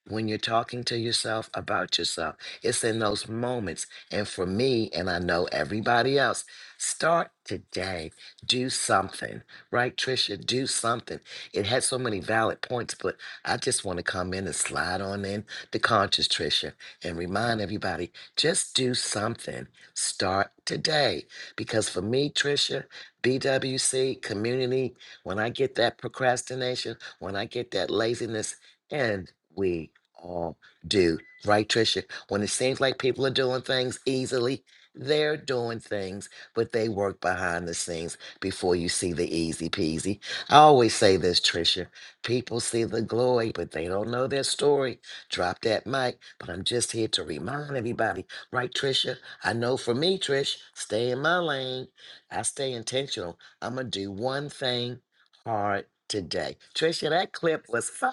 when you're talking to yourself about yourself. It's in those moments. And for me, and I know everybody else, start today. Do something, right, Trisha? Do something. It had so many valid points, but I just want to come in and slide on in the conscious, Trisha, and remind everybody just do something. Start today. Because for me, Trisha, BWC, community, when I get that procrastination, when I get that laziness, and we all do. Right, Trisha? When it seems like people are doing things easily, they're doing things, but they work behind the scenes before you see the easy peasy. I always say this, Trisha. People see the glory, but they don't know their story. Drop that mic, but I'm just here to remind everybody. Right, Trisha? I know for me, Trish, stay in my lane. I stay intentional. I'm going to do one thing hard today. Tricia, that clip was fire.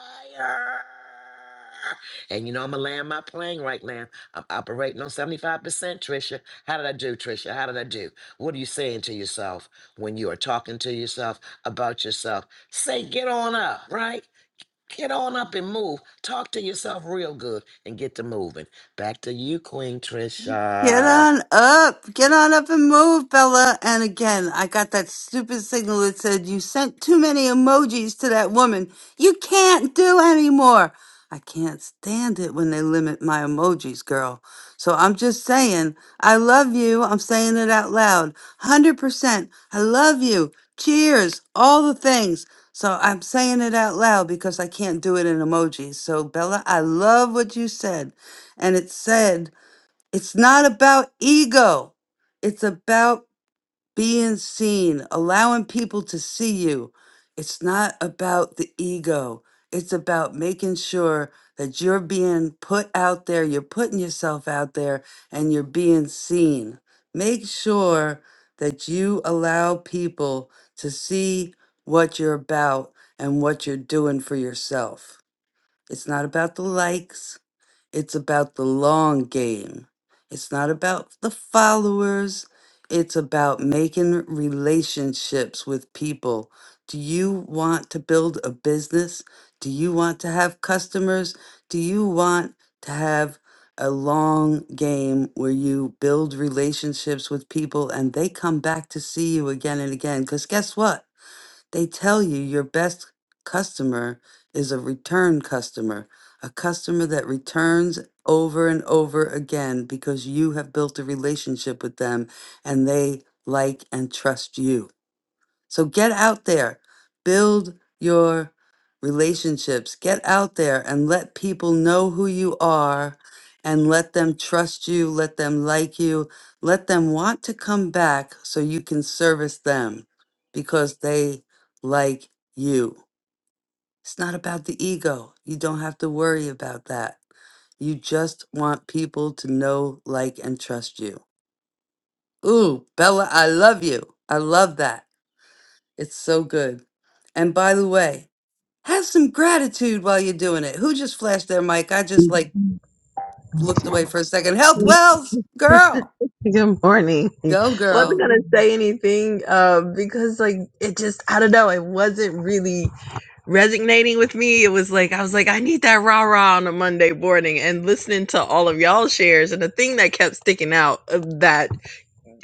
And you know I'm gonna land my plane right now. I'm operating on 75%, Tricia. How did I do, Tricia? How did I do? What are you saying to yourself when you are talking to yourself about yourself? Say get on up, right? Get on up and move. Talk to yourself real good and get to moving. Back to you, Queen
Get
Trisha.
on up. Get on up and move, Bella. And again, I got that stupid signal that said you sent too many emojis to that woman. You can't do anymore. I can't stand it when they limit my emojis, girl. So I'm just saying, I love you. I'm saying it out loud. 100%. I love you. Cheers. All the things. So I'm saying it out loud because I can't do it in emojis. So Bella, I love what you said. And it said, it's not about ego. It's about being seen, allowing people to see you. It's not about the ego. It's about making sure that you're being put out there, you're putting yourself out there, and you're being seen. Make sure that you allow people to see what you're about and what you're doing for yourself. It's not about the likes. It's about the long game. It's not about the followers. It's about making relationships with people. Do you want to build a business? Do you want to have customers? Do you want to have a long game where you build relationships with people and they come back to see you again and again? Because guess what? They tell you your best customer is a return customer, a customer that returns over and over again because you have built a relationship with them and they like and trust you. So get out there, build your relationships, get out there and let people know who you are and let them trust you, let them like you, let them want to come back so you can service them because they like you. It's not about the ego. You don't have to worry about that. You just want people to know, like, and trust you. Ooh, Bella, I love you. I love that. It's so good. And by the way, have some gratitude while you're doing it. Who just flashed their mic? I just like looked away for a second. Health Wells, girl,
Good morning.
go
wasn't
girl.
gonna say anything uh, because like it just I don't know, it wasn't really resonating with me. It was like I was like, I need that rah-rah on a Monday morning and listening to all of y'all shares and the thing that kept sticking out of that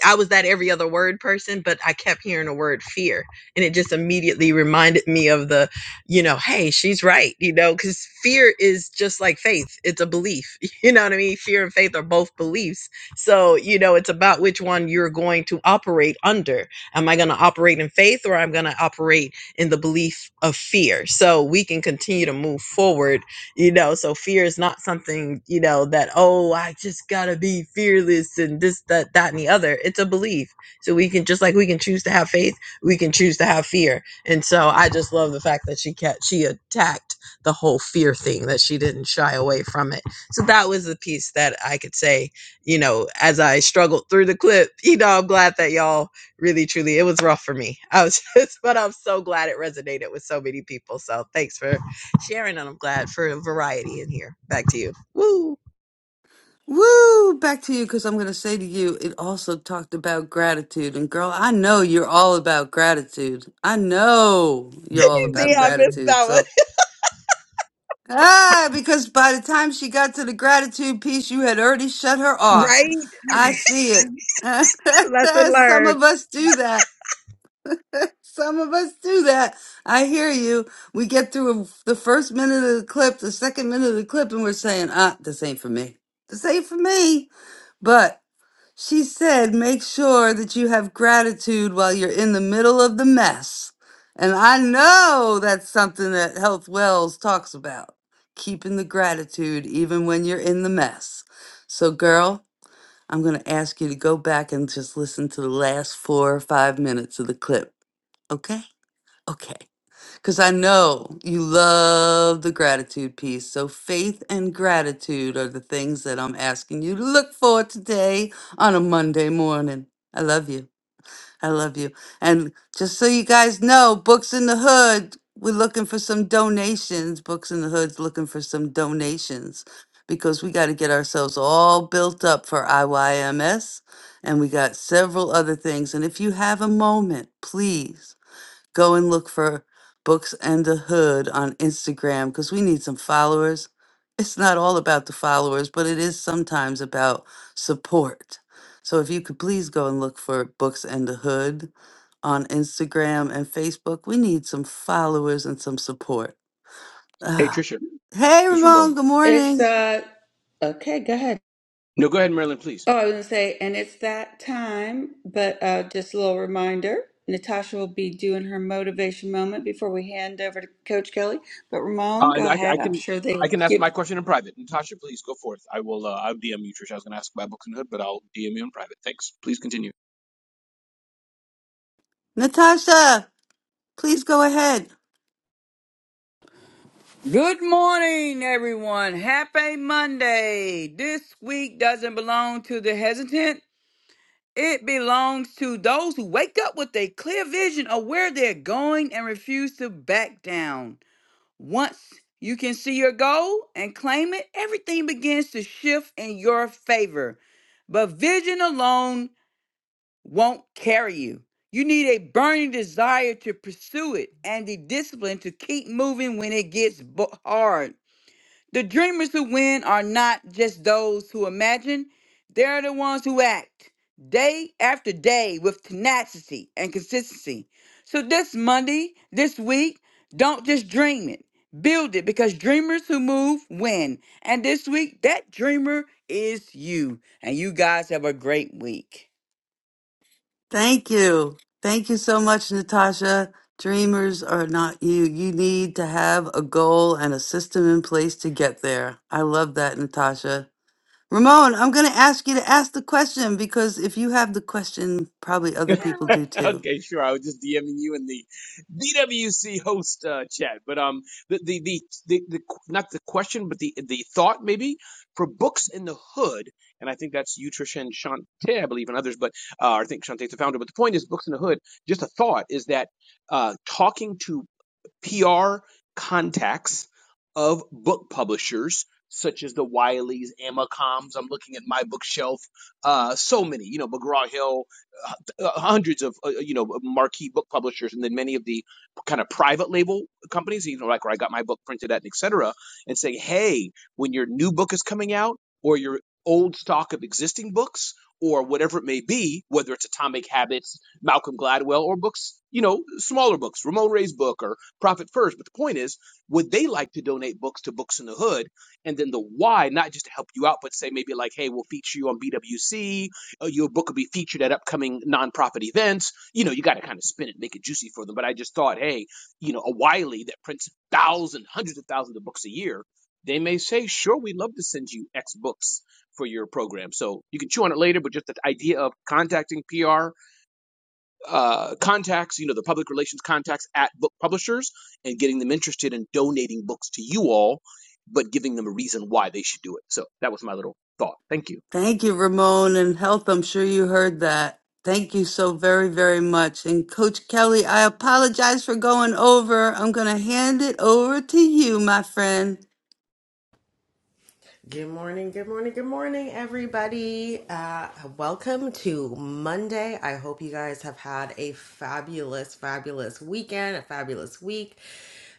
I was that every other word person, but I kept hearing the word fear. And it just immediately reminded me of the, you know, hey, she's right, you know, because fear is just like faith. It's a belief. You know what I mean? Fear and faith are both beliefs. So, you know, it's about which one you're going to operate under. Am I going to operate in faith or I'm going to operate in the belief of fear? So we can continue to move forward you know so fear is not something you know that oh i just gotta be fearless and this that that and the other it's a belief so we can just like we can choose to have faith we can choose to have fear and so i just love the fact that she kept she attacked the whole fear thing that she didn't shy away from it so that was the piece that i could say you know as i struggled through the clip you know i'm glad that y'all really truly it was rough for me i was just but i'm so glad it resonated with so many people so thanks for sharing, and I'm glad for a variety in here. Back to you. Woo!
Woo! Back to you because I'm going to say to you, it also talked about gratitude. And girl, I know you're all about gratitude. I know you're all
See,
about
I missed
gratitude.
that
So,
one.
ah, because by the time she got to the gratitude piece, you had already shut her off.
Right?
I see it.
Lesson
Some
learned.
of us do that. Some of us do that. I hear you. We get through the first minute of the clip, the second minute of the clip, and we're saying, ah, this ain't for me. This ain't for me. But she said, make sure that you have gratitude while you're in the middle of the mess. And I know that's something that Health Wells talks about keeping the gratitude even when you're in the mess. So, girl, I'm going to ask you to go back and just listen to the last four or five minutes of the clip. Okay? Okay. Because I know you love the gratitude piece. So, faith and gratitude are the things that I'm asking you to look for today on a Monday morning. I love you. I love you. And just so you guys know, Books in the Hood, we're looking for some donations. Books in the Hood's looking for some donations because we got to get ourselves all built up for IYMS. And we got several other things. And if you have a moment, please Go and look for Books and the Hood on Instagram because we need some followers. It's not all about the followers, but it is sometimes about support. So if you could please go and look for Books and the Hood on Instagram and Facebook, we need some followers and some support.
Hey,
Ah.
Trisha,
Hey,
this is
Ramon,
Ramon.
good
It's
morning.
uh okay, go ahead.
No, go ahead, Marilyn, please.
Oh, I was gonna say, and it's that time, but uh just a little reminder. Natasha will be doing her motivation moment before we hand over to Coach Kelly. But Ramon,
Uh,
go
no, I, I
ahead. I'm
can
sure
I
they
can
give.
ask my question in private. Natasha, please go forth. I will. Uh, I'll DM you, Trisha. I was going to ask about books and hood, but I'll DM you in private. Thanks. Please continue.
Natasha, please go ahead.
Good morning, everyone. Happy Monday. This week doesn't belong to the hesitant. It belongs to those who wake up with a clear vision of where they're going and refuse to back down. Once you can see your goal and claim it, everything begins to shift in your favor. But vision alone won't carry you. You need a burning desire to pursue it and the discipline to keep moving when it gets bo- hard. The dreamers who win are not just those who imagine, they're the ones who act day after day with tenacity and consistency. So this Monday, this week, don't just dream it, build it because dreamers who move win. And this week, that dreamer is you. And you guys have a great week.
Thank you. Thank you so much, Natasha. Dreamers are not you. You need to have a goal and a system in place to get there. I love that, Natasha. Ramon, I'm going to ask you to ask the question because if you have the question, probably other people do too.
okay, sure. I was just DMing you in the DWC host uh, chat, but um, the the, the the the not the question, but the the thought maybe for books in the hood, and I think that's you, Trisha, and Shantae, I believe, and others, but uh, I think Shantae's the founder. But the point is, books in the hood. Just a thought is that uh, talking to PR contacts of book publishers such as the Wileys, Amacoms. I'm looking at my bookshelf. Uh, so many, you know, McGraw Hill, uh, uh, hundreds of, uh, you know, marquee book publishers, and then many of the kind of private label companies, you know, like where I got my book printed at, and et cetera, and saying, hey, when your new book is coming out or your old stock of existing books or whatever it may be, whether it's Atomic Habits, Malcolm Gladwell, or books, you know, smaller books, Ramon Ray's book or profit first. But the point is, would they like to donate books to Books in the Hood? And then the why, not just to help you out, but say maybe like, hey, we'll feature you on BWC. Or your book will be featured at upcoming nonprofit events. You know, you got to kind of spin it, make it juicy for them. But I just thought, hey, you know, a Wiley that prints thousands, hundreds of thousands of books a year, they may say, sure, we'd love to send you X books for your program. So you can chew on it later, but just the idea of contacting PR uh, contacts, you know, the public relations contacts at book publishers and getting them interested in donating books to you all, but giving them a reason why they should do it. So that was my little thought. Thank you.
Thank you, Ramon and Health. I'm sure you heard that. Thank you so very, very much. And Coach Kelly, I apologize for going over. I'm going to hand it over to you, my friend.
Good morning, good morning, good morning, everybody. Uh, welcome to Monday. I hope you guys have had a fabulous, fabulous weekend, a fabulous week.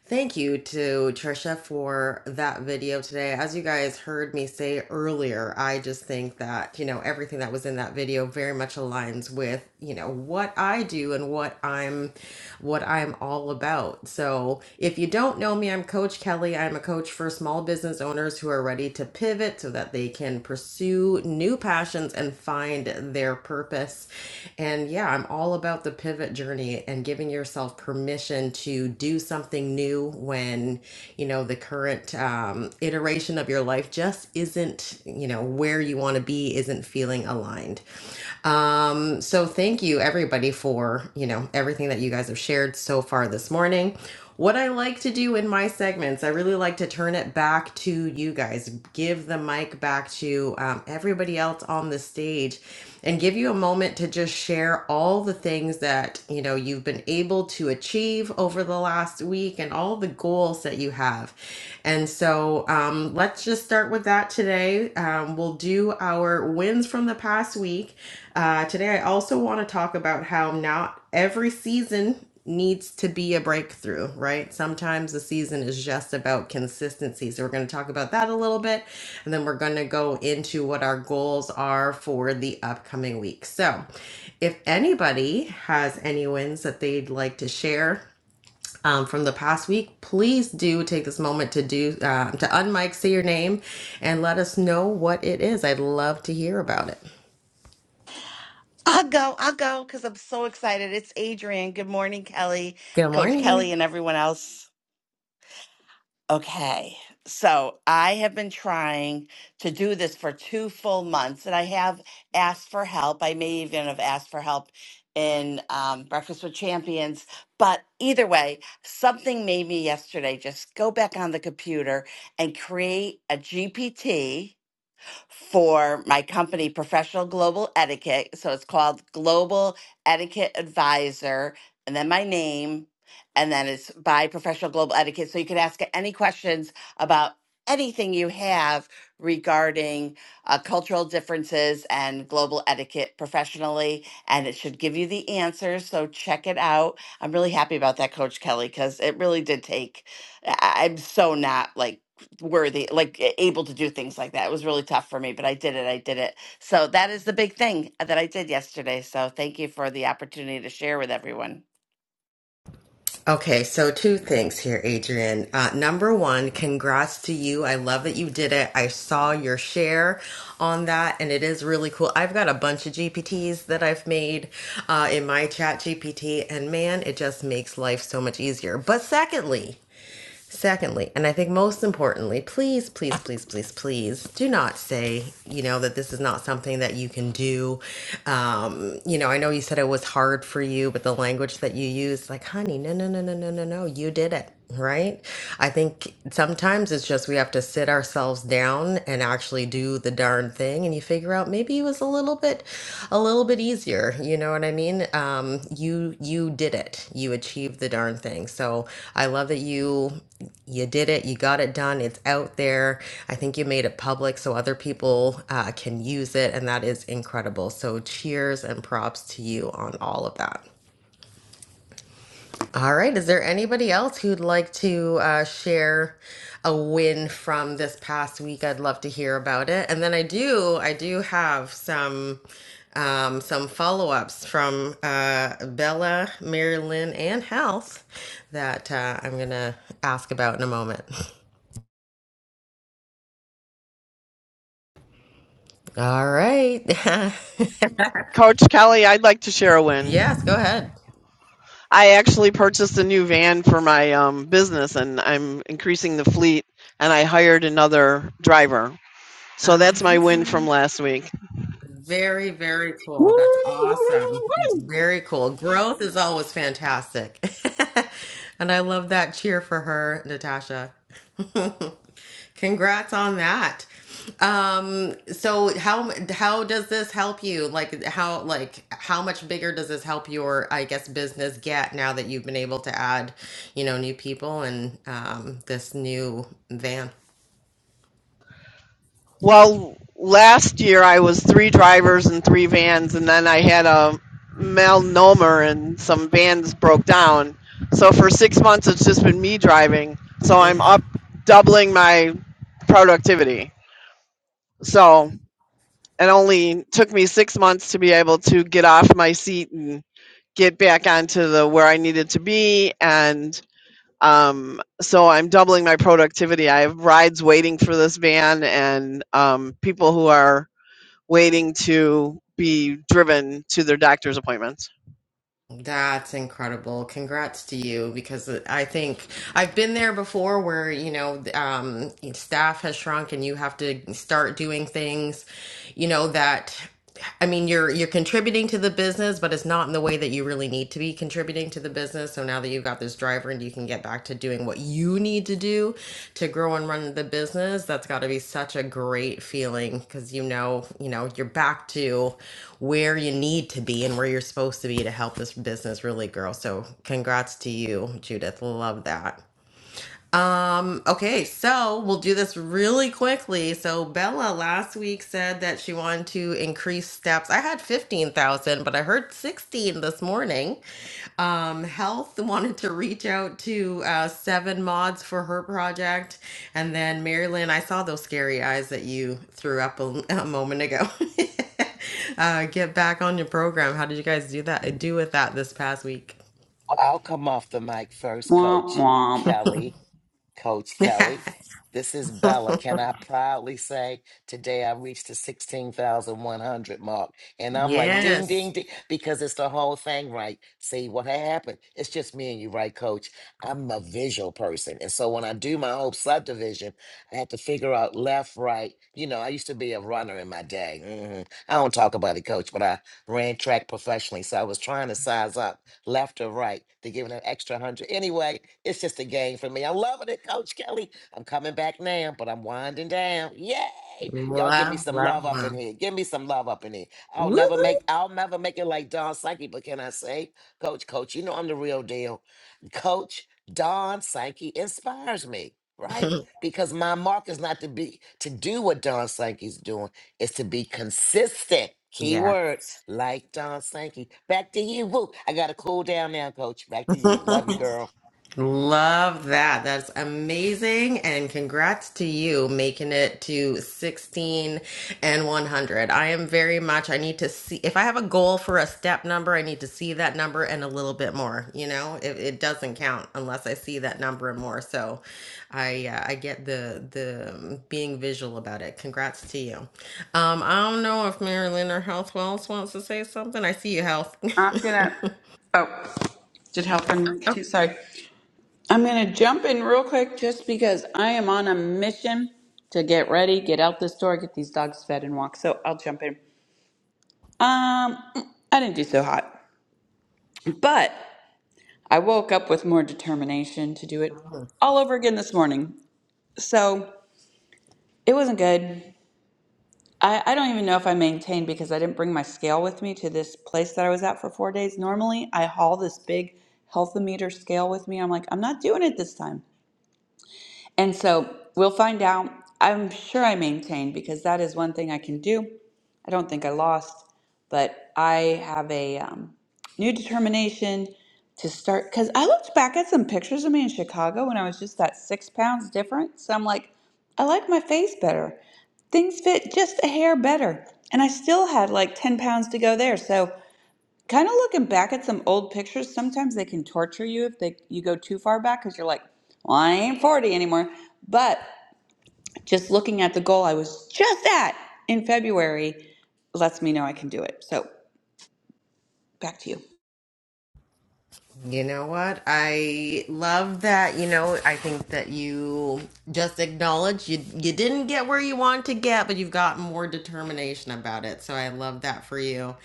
Thank you to Trisha for that video today. As you guys heard me say earlier, I just think that, you know, everything that was in that video very much aligns with, you know, what I do and what I'm what I'm all about. So, if you don't know me, I'm Coach Kelly. I'm a coach for small business owners who are ready to pivot so that they can pursue new passions and find their purpose. And yeah, I'm all about the pivot journey and giving yourself permission to do something something new when you know the current um, iteration of your life just isn't you know where you want to be isn't feeling aligned um, so thank you everybody for you know everything that you guys have shared so far this morning what I like to do in my segments, I really like to turn it back to you guys, give the mic back to um, everybody else on the stage, and give you a moment to just share all the things that you know you've been able to achieve over the the last week and all the goals that you have. And so um, let's just start with that today. Um, we'll do our wins from the past week. Uh, today, I also want to talk about how not every season needs to be a breakthrough, right? Sometimes the season is just about consistency. So, we're going to talk about that a little bit, and then we're going to go into what our goals are for the upcoming week. So, if anybody has any wins that they'd like to share, um, from the past week, please do take this moment to do uh, to unmic, say your name, and let us know what it is. I'd love to hear about it.
I'll go. I'll go because I'm so excited. It's Adrian. Good morning, Kelly,
Good
Coach Kelly,
morning.
and everyone else. Okay. So I have been trying to do this for two full months, and I have asked for help. I may even have asked for help in um, Breakfast with Champions. But either way, something made me yesterday just go back on the computer and create a GPT for my company, Professional Global Etiquette. So it's called Global Etiquette Advisor, and then my name, and then it's by Professional Global Etiquette. So you can ask any questions about anything you have regarding uh, cultural differences and global etiquette professionally, and it should give you the answers. So check it out. I'm really happy about that, Coach Kelly, because it really did take. I- I'm so not like worthy, like able to do things like that. It was really tough for me, but I did it. I did it. So that is the big thing that I did yesterday. So thank you for the opportunity to share with everyone.
Okay, so two things here, Adrian. Uh, number one, congrats to you. I love that you did it. I saw your share on that, and it is really cool. I've got a bunch of GPTs that I've made uh, in my chat GPT, and man, it just makes life so much easier. But secondly, Secondly, and I think most importantly, please, please, please, please, please do not say, you know, that this is not something that you can do. Um, you know, I know you said it was hard for you, but the language that you use, like, honey, no, no, no, no, no, no, no, you did it, right? I think sometimes it's just we have to sit ourselves down and actually do the darn thing thing and you figure out maybe it was a little bit a little bit easier you know what i mean um, you you did it you achieved the darn thing so i love that you you did it you got it done it's out there i think you made it public so other people uh, can use it and that is incredible so cheers and props to you on all of that all right. Is there anybody else who'd like to uh, share a win from this past week? I'd love to hear about it. And then I do, I do have some um, some follow ups from uh, Bella, Marilyn, and Health that uh, I'm gonna ask about in a moment. All right.
Coach Kelly, I'd like to share a
yes. Go
win.
ahead.
I actually purchased a new van for my um, business and I'm increasing the fleet and I hired another driver. So that's my win
Um,
from last week.
Very, very cool. That's awesome. Very cool. Growth is always fantastic. and I love that cheer for her, Natasha. Congrats on that. Um, so how how does this help you? Like how like how much bigger does this help your I guess business get now that you've been able to add, you know, new people and um this new van?
Well, last year I was three drivers and three vans and then I had a malnomer and some vans broke down. So for six months it's just been me driving. So I'm
Mm-hmm.
up doubling my productivity. So It only took me six months to be able to get off my seat and get back onto the where I needed to be. And um, so I'm doubling my productivity. I have rides waiting for this van and um, people who are waiting to be driven to their doctor's appointments.
That's incredible. Congrats to you because I think I've been there before where, you know, um, staff has shrunk and you have to start doing things, you know, that I mean, you're you're contributing to the business, but it's not in the way that you really need to be contributing to the business. So now now that you've got this driver and you can get back to doing what you need to do to grow and run the business, that's got to be such a great feeling because you know, you know, you're back to where you need to be and where you're supposed to be to help this business really grow. So, congrats to you, Judith. Love that. Um, okay, so we'll do this really quickly. So Bella last week said that she wanted to increase steps. I had 15,000, but I heard 16 this morning. Um, Health wanted to reach out to uh, seven mods for her project. And then Marilyn, I saw those scary eyes that you threw up a, a moment ago. uh, get back on your program. How did you guys do that? Do with that this past week?
Well, I'll come off the mic first, Coach Kelly. Coach Kelly, this is Bella. Can I proudly say today I reached the 16,100 mark? And I'm like, ding,
yes.
ding, ding, because it's the whole thing, right? See what happened? It's just me and you, right, Coach? I'm a visual person. And so when I do my whole subdivision, I have to figure out left, right. You know, I used to be a runner in my day. hmm I don't talk about it, Coach, but I ran track professionally. So I was trying to size up left or right. They're giving an extra hundred. Anyway, it's just a game for me. I'm loving it, Coach Kelly. I'm coming back now, but I'm winding down. Yay! Y'all give
Love,
me some love
love,
up in
love.
here. Give me some love up in here. I'll never make
Woo!
I'll never make it like Don Sankey, but can I say, Coach, Coach, you know I'm the real deal. Coach Don Sankey inspires me, right? Because my mark is not to be to do what Don Sankey's doing, is to be consistent.
yeah.
Keyword like John Sankey. Back to you. Woo. I got to cool down now, coach. Back to you. Love you, girl.
Love that. That's amazing. And congrats to you making it to 16 and 100. I am very much, I need to see, if I have a goal for a step number, I need to see that number and a little bit more. You know, it, it doesn't count unless I see that number and more. So I, uh, I get the, the um, being visual about it. Congrats to you. Um, I don't know if Marilyn or Health Wells wants to say something. I see you, Health.
I'm gonna. Oh, did help in too. Sorry. I'm gonna jump in real quick just because I am on a mission to get ready, get out this door, get these dogs fed and walked. So I'll jump in. Um, I didn't do so hot, but I woke up with more determination to do it all over again this morning. So it wasn't good. I, I don't even know if I maintained because I didn't bring my scale with me to this place that I was at for four days. Normally, I haul this big healthometer scale with me. I'm like, I'm not doing it this time. And so we'll find out. I'm sure I maintained because that is one thing I can do. I don't think I lost, but I have a um, new determination to start. Because I looked back at some pictures of me in Chicago when I was just that six pounds different. So I'm like, I like my face better things fit just a hair better. And I still had like 10 pounds to go there. So, kind of looking back at some old pictures, sometimes they can torture you if they you go too far back cuz you're like, "Well, I ain't 40 anymore." But just looking at the goal I was just at in February lets me know I can do it. So, back to you.
You know what? I love that. You know, I think that you just acknowledge you you didn't get where you want to get, but you've got more determination about it. So I love that for you.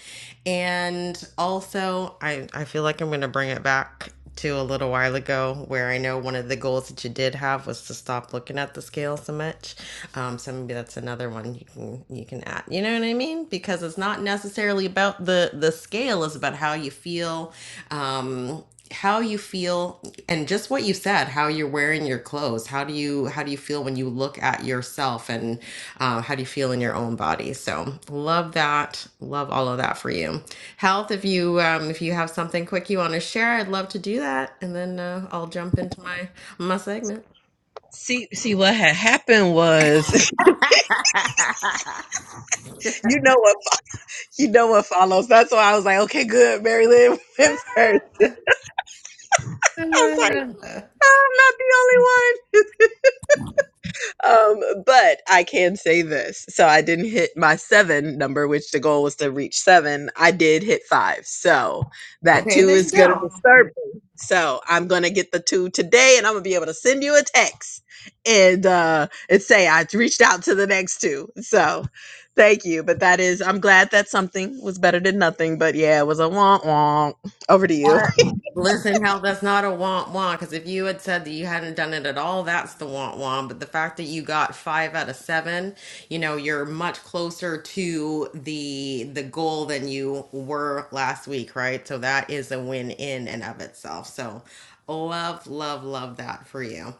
And also, I I feel like I'm going to bring it back to a little while ago, where I know one of the goals that you did have was to stop looking at the scale so much. Um, so maybe that's another one you can you can add. You know what I mean? Because it's not necessarily about the the scale; it's about how you feel, um, how you feel, and just what what you said how you're wearing your clothes how do you how do you feel when you look at yourself and uh, how do you feel in your own body so love that love all of that for you health if you um, if you have something quick you want to share i'd love to do that and then uh, i'll jump into my my segment
See, see what had happened was, you know what, you know what follows. That's why I was like, okay, good. Mary Lynn went first. I was like, no, I'm not the only one. um, but I can say this. So I didn't hit my seven number, which the goal was to reach seven. I did hit five. So that
okay
two
there you
is going to
go
disturb me. So I'm going to get the two today and I'm going to be able to send you a text and, uh, and say I reached out to the next two. So thank you. But that is, I'm glad that something was better than nothing. But yeah, it was a wonk wonk. Over to you.
What? Listen, hell, that's not a want want. Because if you had said that you hadn't done it at all, that's the want want. But the fact that you got five out of seven, you know, you're much closer to the the goal than you were last week, right? So that is a win in and of itself. So love, love, love that for you.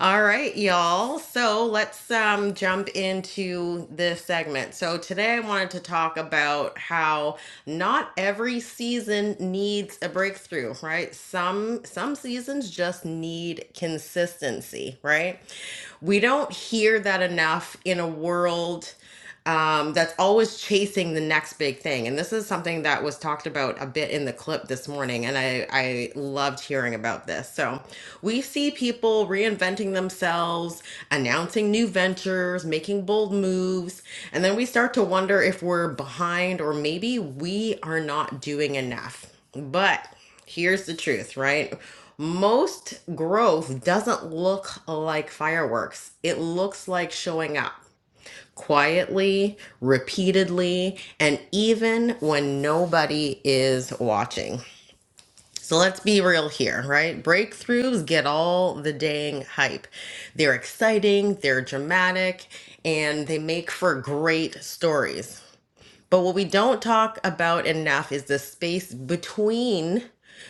All right, y'all. So let's um, jump into this segment. So today I wanted to talk about how not every season needs a breakthrough, right? Some some seasons just need consistency, right? We don't hear that enough in a world um, that's always chasing the next big thing. And this is something that was talked about a bit in the clip this morning, and I, I loved hearing about this. So we see people reinventing themselves, announcing new ventures, making bold moves, and then we start to wonder if we're behind or maybe we are not doing enough. But here's the truth, right? Most growth doesn't look like fireworks. It looks like showing up quietly, repeatedly, and even when nobody is watching. So let's be real here, right? Breakthroughs get all the dang hype. They're exciting, they're dramatic, and they make for great stories. But what we don't talk about enough is the space between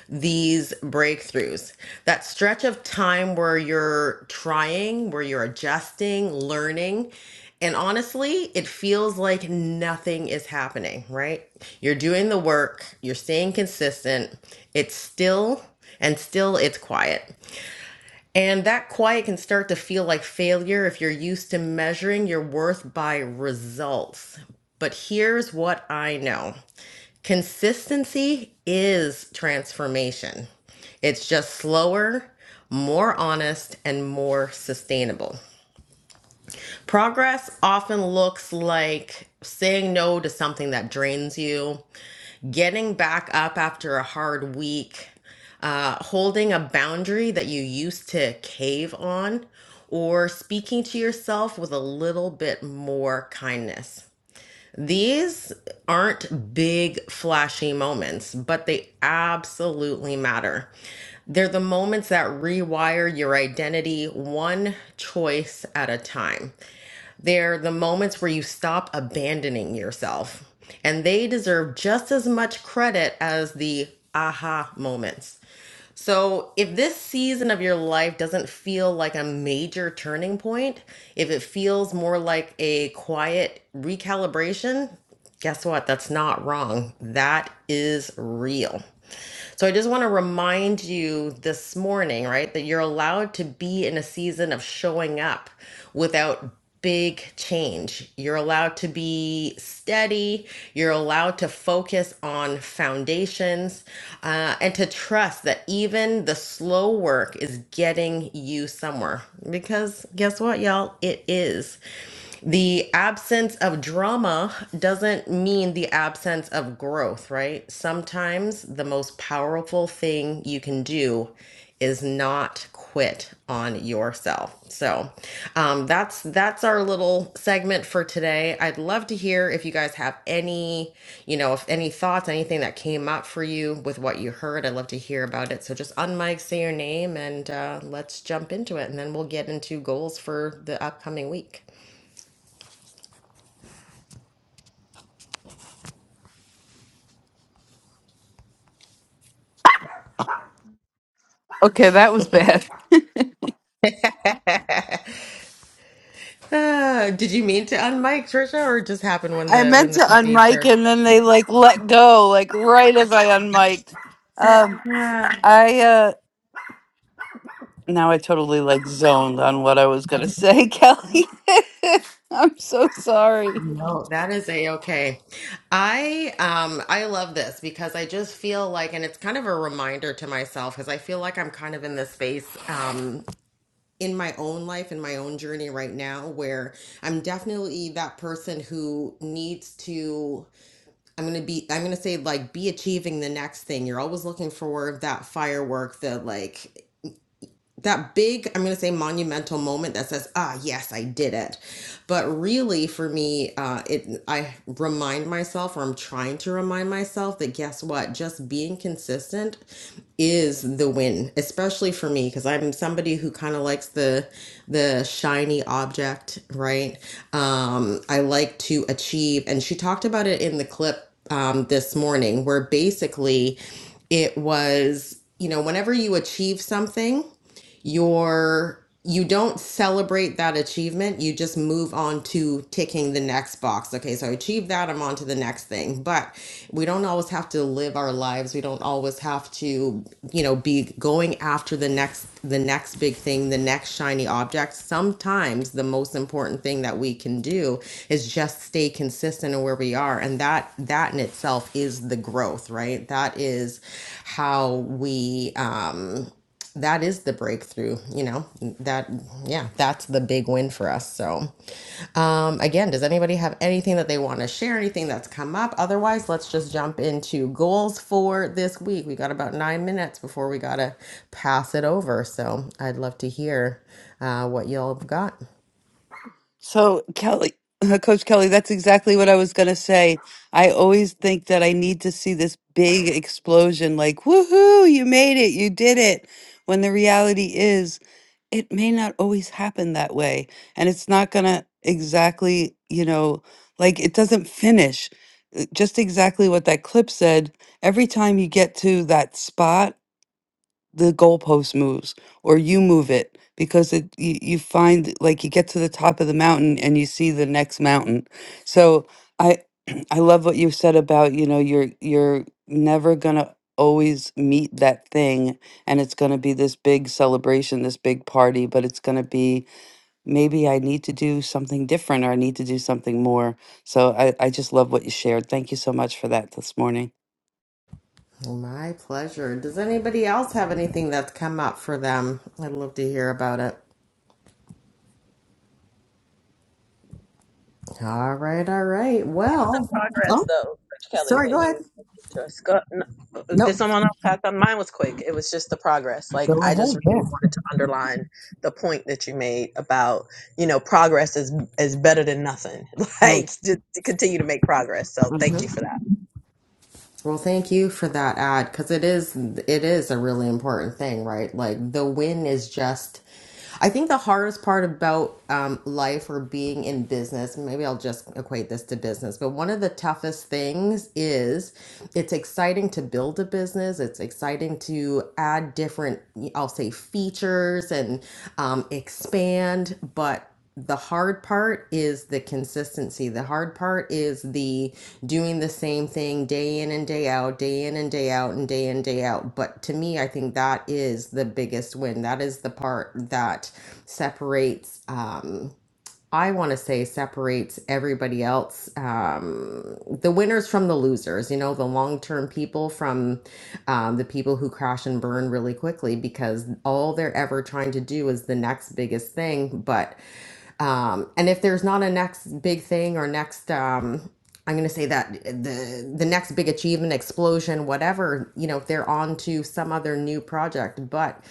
these breakthroughs. That stretch of time where you're trying, where you're adjusting, learning. And honestly, it feels like nothing is happening, right? You're doing the work, you're staying consistent. It's still and still it's quiet. And that quiet can start to feel like failure if you're used to measuring your worth by results. But here's what I know consistency is transformation, it's just slower, more honest, and more sustainable. Progress often looks like saying no to something that drains you getting back up after a hard week, uh, holding a boundary that you used to cave on, or speaking to yourself with a little bit more kindness. These aren't big, flashy moments, but they absolutely matter. They're the moments that rewire your identity one choice at a time. They're the moments where you stop abandoning yourself. And they deserve just as much credit as the aha moments. So, if this season of your life doesn't feel like a major turning point, if it feels more like a quiet recalibration, guess what? That's not wrong. That is real. So I just want to remind you this morning, right, that you're allowed to be in a season of showing up without big change. You're allowed to be steady, you're allowed to focus on foundations, uh, and to trust that even the slow work is getting you somewhere. Because guess what, y'all? It is. The absence of drama doesn't mean the absence of growth, right? Sometimes the most powerful thing you can do is not quit on yourself. So um, that's that's our little segment for today. I'd love to hear if you guys have any, you know, if any thoughts, anything that came up for you with what you heard. I'd love to hear about it. So just unmic, say your name, and uh, let's jump into it, and then we'll get into goals for the upcoming week.
Okay, that was bad.
Ah, did you mean to unmic, Trisha, or it just happened when
I
the when
meant
the
to
puppy
unmic
started?
and then they like let go, like right as I unmiked. Um, I uh now I totally like zoned on what I was gonna say, Kelly. I'm so sorry.
No, that is a okay. I um I love this because I just feel like and it's kind of a reminder to myself because I feel like I'm kind of in this space um in my own life in my own journey right now where I'm definitely that person who needs to I'm going to be I'm going to say like be achieving the next thing. You're always looking for that firework, the like that big i'm going to say monumental moment that says ah yes i did it but really for me uh it i remind myself or i'm trying to remind myself that guess what just being consistent is the win especially for me because i'm somebody who kind of likes the the shiny object right um i like to achieve and she talked about it in the clip um this morning where basically it was you know whenever you achieve something your you do not celebrate that achievement you just move on to ticking the next box okay so i achieved that i'm on to the next thing but we don't always have to live our lives we don't always have to you know be going after the next the next big thing the next shiny object sometimes the most important thing that we can do is just stay consistent in where we are and that that in itself is the growth right that is how we um that is the breakthrough you know that yeah that's the big win for us so um again does anybody have anything that they want to share anything that's come up otherwise let's just jump into goals for this week we got about nine minutes before we gotta pass it over so i'd love to hear uh, what y'all have got
So Kelly, uh, Coach Kelly, that's exactly what I was gonna say. I always think that I need to see this big explosion, like woohoo, you made it, you did it. When the reality is it may not always happen that way and it's not going to exactly you know like it doesn't finish uh, just exactly what that clip said every time you get to that spot the goalpost moves or you move it because it you, you find like you get to the top of the mountain and you see the next mountain so i i love what you said about you know you're you're never gonna always meet that thing and it's gonna be this big celebration this big party but it's gonna be maybe i need to do something different or i need to do something more so i, I just love what you shared thank you so much for that this morning
my pleasure does anybody else have anything that's come up for them i'd love to hear about it all right all right
the
well
progress
oh
though, Coach Kelly,
sorry
that
go ahead
you just got. n-
Nope.
Did someone else have something? Mine was quick. It was just the progress. Like
Go
I just
ahead. Yeah.
really wanted to underline the point that you made about you know progress is is better than nothing. Like to, to continue to make progress. So
Well,
thank
uh
you for that.
well, thank you for that ad because it is it is a really important thing, right? Like the win is just. I think the hardest part about um, life or being in business, maybe I'll just equate this to business, but one of the toughest things is it's exciting to build a business. It's exciting to add different, I'll say, features and um, expand, but the hard part is the consistency. The hard part is the doing the same thing day in and day out, day in and day out, and day in and day out. But to me, I think that is the biggest win. That is the part that separates. Um, I want to say separates everybody else, um, the winners from the losers, you know, the long term people from um, the people who crash and burn really quickly because all they're ever trying to do is the next biggest thing. But, um, and if there's not a next big thing or next, um, I'm going to say that the the next big achievement, explosion, whatever, you know, they're on to some other new project. But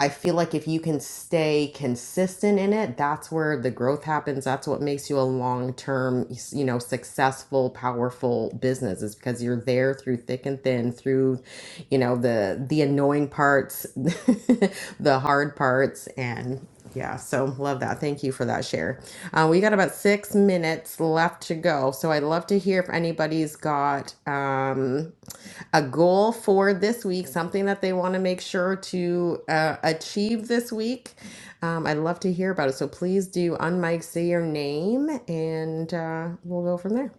I feel like if you can stay consistent in it, that's where the growth happens. That's what makes you a long-term, you know, successful, powerful business is because you're there through thick and thin, through, you know, the the annoying parts, the hard parts, and yeah, so love that. Thank you for that share. Uh, we got about six minutes left to go. So I'd love to hear if anybody's got um, a goal for this week, something that they want to make sure to uh, achieve this week. Um, I'd love to hear about it. So please do unmic, say your name, and uh, we'll go from there.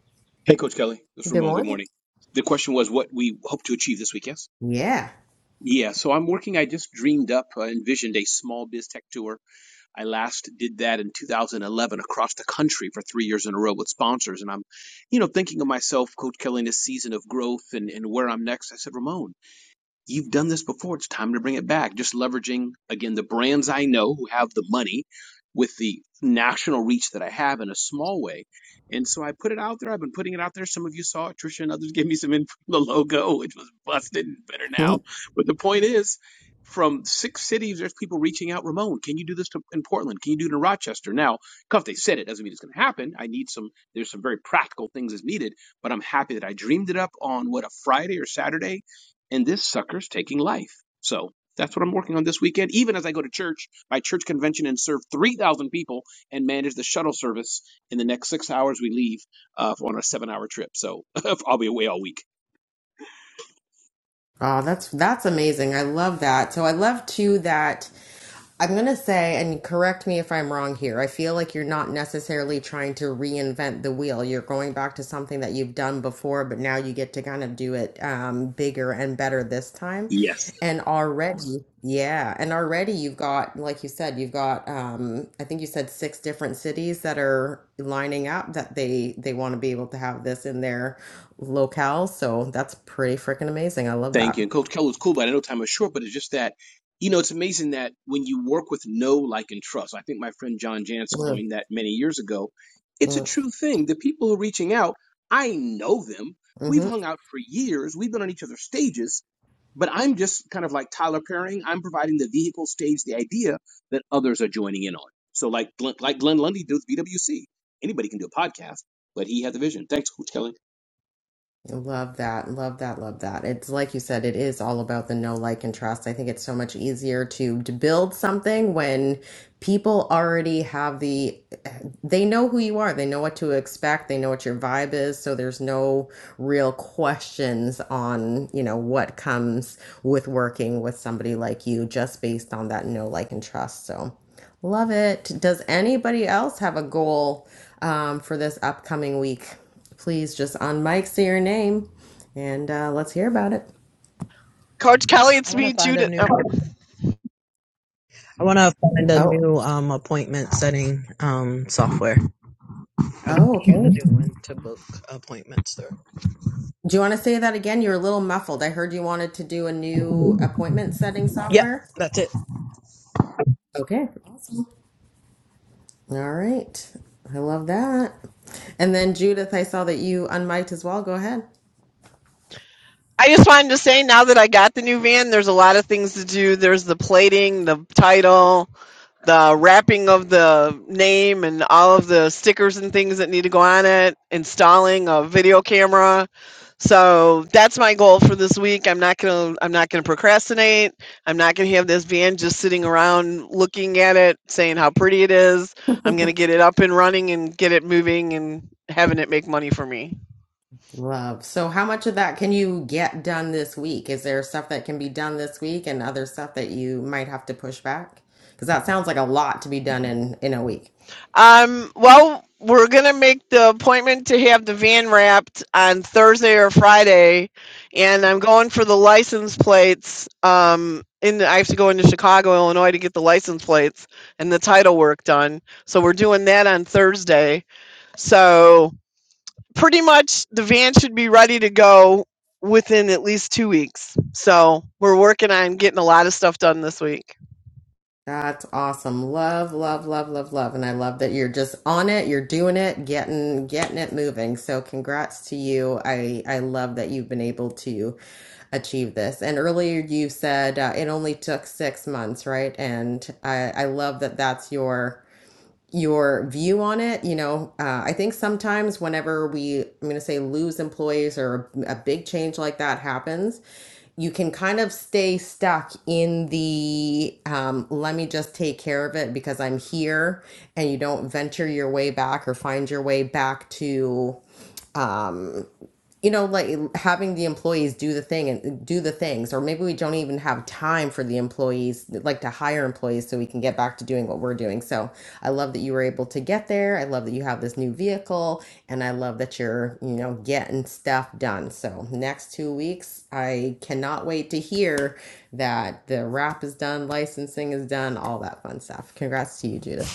Hey, Coach Kelly. This is
Good
Ramon. Good
morning.
morning. The question was what we hope to achieve this week, yes?
Yeah.
Yeah, so I'm working. I just dreamed up, uh, envisioned a small biz tech tour I last did that in 2011 across the country for three years in a row with sponsors. And I'm, you know, thinking of myself, Coach Kelly, in a season of growth and, and where I'm next. I said, Ramon, You've done this before. It's time to bring it back. Just leveraging, again, the brands I know who have the money with the national reach that I have in a small way. And so I put it out there. I've been putting it out there. Some of you saw it. Trisha and others gave me some info on the logo, which was busted and better now.
Oh,
But the point is, from six cities, there's people reaching out. Ramon, can you do this to, in Portland? Can you do it in Rochester? Now, because they said it doesn't mean it's going to happen. I need some. There's some very practical things as needed. But I'm happy that I dreamed it up on what a Friday or Saturday and this sucker's taking life. So that's what I'm working on this weekend. Even as I go to church, my church convention and serve 3,000 people and manage the shuttle service in the next six hours we leave uh, on a seven hour trip. So I'll be away all week.
that's that's amazing. I love that. So I love too that. I'm going to say, and correct me if I'm wrong here, I feel like you're not necessarily trying to reinvent the wheel. You're going back to something that you've done before, but now you get to kind of do it um, bigger and better this time.
Yes.
And already, yeah, and already you've got, like you said, you've got, um, I think you said six different cities that are lining up that they they want to be able to have this in their locale. So that's pretty freaking amazing. I love
Thank you.
that.
And Coach Keller's cool, but I know time is short, but it's just that, you know, it's amazing that when you work with know, like, and trust, I think my friend John Jantz
Mm,
coined that many years ago. It's a true thing. The people who are reaching out, I know them.
mm,
We've hung out for years. We've been on each other's stages But I'm just kind of like Tyler Perrying. I'm providing the vehicle stage, the idea that others are joining in on. So like like Glenn Lundy does BWC. Anybody can do a podcast, but he had the vision. Thanks, Coach Kelly.
Love that. Love that. Love that. It's like you said, it is all about the know, like, and trust. I think it's so much easier to, to build something when people already have the, they know who you are. They know what to expect. They know what your vibe is. So there's no real questions on, you know, what comes with working with somebody like you just based on that know, like, and trust. So. Love it. Does anybody else have a goal um, for this upcoming week? Please just on mic say your name and uh, let's hear about it.
Coach Kelly,
I
it's
want to
me,
find a
Judith.
new
Oh,
word. I want to find a
Oh,
new um, appointment setting um, software. I want to
Oh,
use a
okay.
new one to book appointments through.
do you want to say that again? You're a little muffled. I heard you wanted to do a new appointment setting
Yep,
software.
that's it.
okay. Awesome. All right. I love that. And then Judith, I saw that you unmiked as well. Go ahead.
I just wanted to say now that I got the new van, there's a lot of things to do. There's the plating, the title, the wrapping of the name and all of the stickers and things that need to go on it, installing a video camera. So that's my goal for this week. I'm not gonna I'm not gonna procrastinate. I'm not gonna have this van just sitting around looking at it, saying how pretty it is. I'm gonna get it up and running and get it moving and having it make money for me.
Love. So, how much of that can you get done this week? Is there stuff that can be done this week and other stuff that you might have to push back? Because that sounds like a lot to be done in in a week.
Um, well, we're gonna make the appointment to have the van wrapped on Thursday or Friday, and I'm going for the license plates. Um, in the, I have to go into Chicago, Illinois, to get the license plates and the title work done. So we're doing that on Thursday. So pretty much the van should be ready to go within at least two weeks. So we're working on getting a lot of stuff done this week.
That's awesome. Love, love, love, love, love. And I love that you're just on it, you're doing it, getting getting it moving. So, congrats to you. I I love that you've been able to achieve this. And earlier you said uh, it only took 6 months, right? And I I love that that's your your view on it. You know, uh, I think sometimes whenever we, I'm going to say, lose employees or a, a big change like that happens, you can kind of stay stuck in the um, let me just take care of it because I'm here, and you don't venture your way back or find your way back to um, you know, like having the employees do the thing and do the things, or maybe we don't even have time for the employees, like to hire employees so we can get back to doing what we're doing. So I love that you were able to get there. I love that you have this new vehicle and I love that you're, you know, getting stuff done. So next two weeks, I cannot wait to hear that the wrap is done, licensing is done, all that fun stuff. Congrats to you, Judith.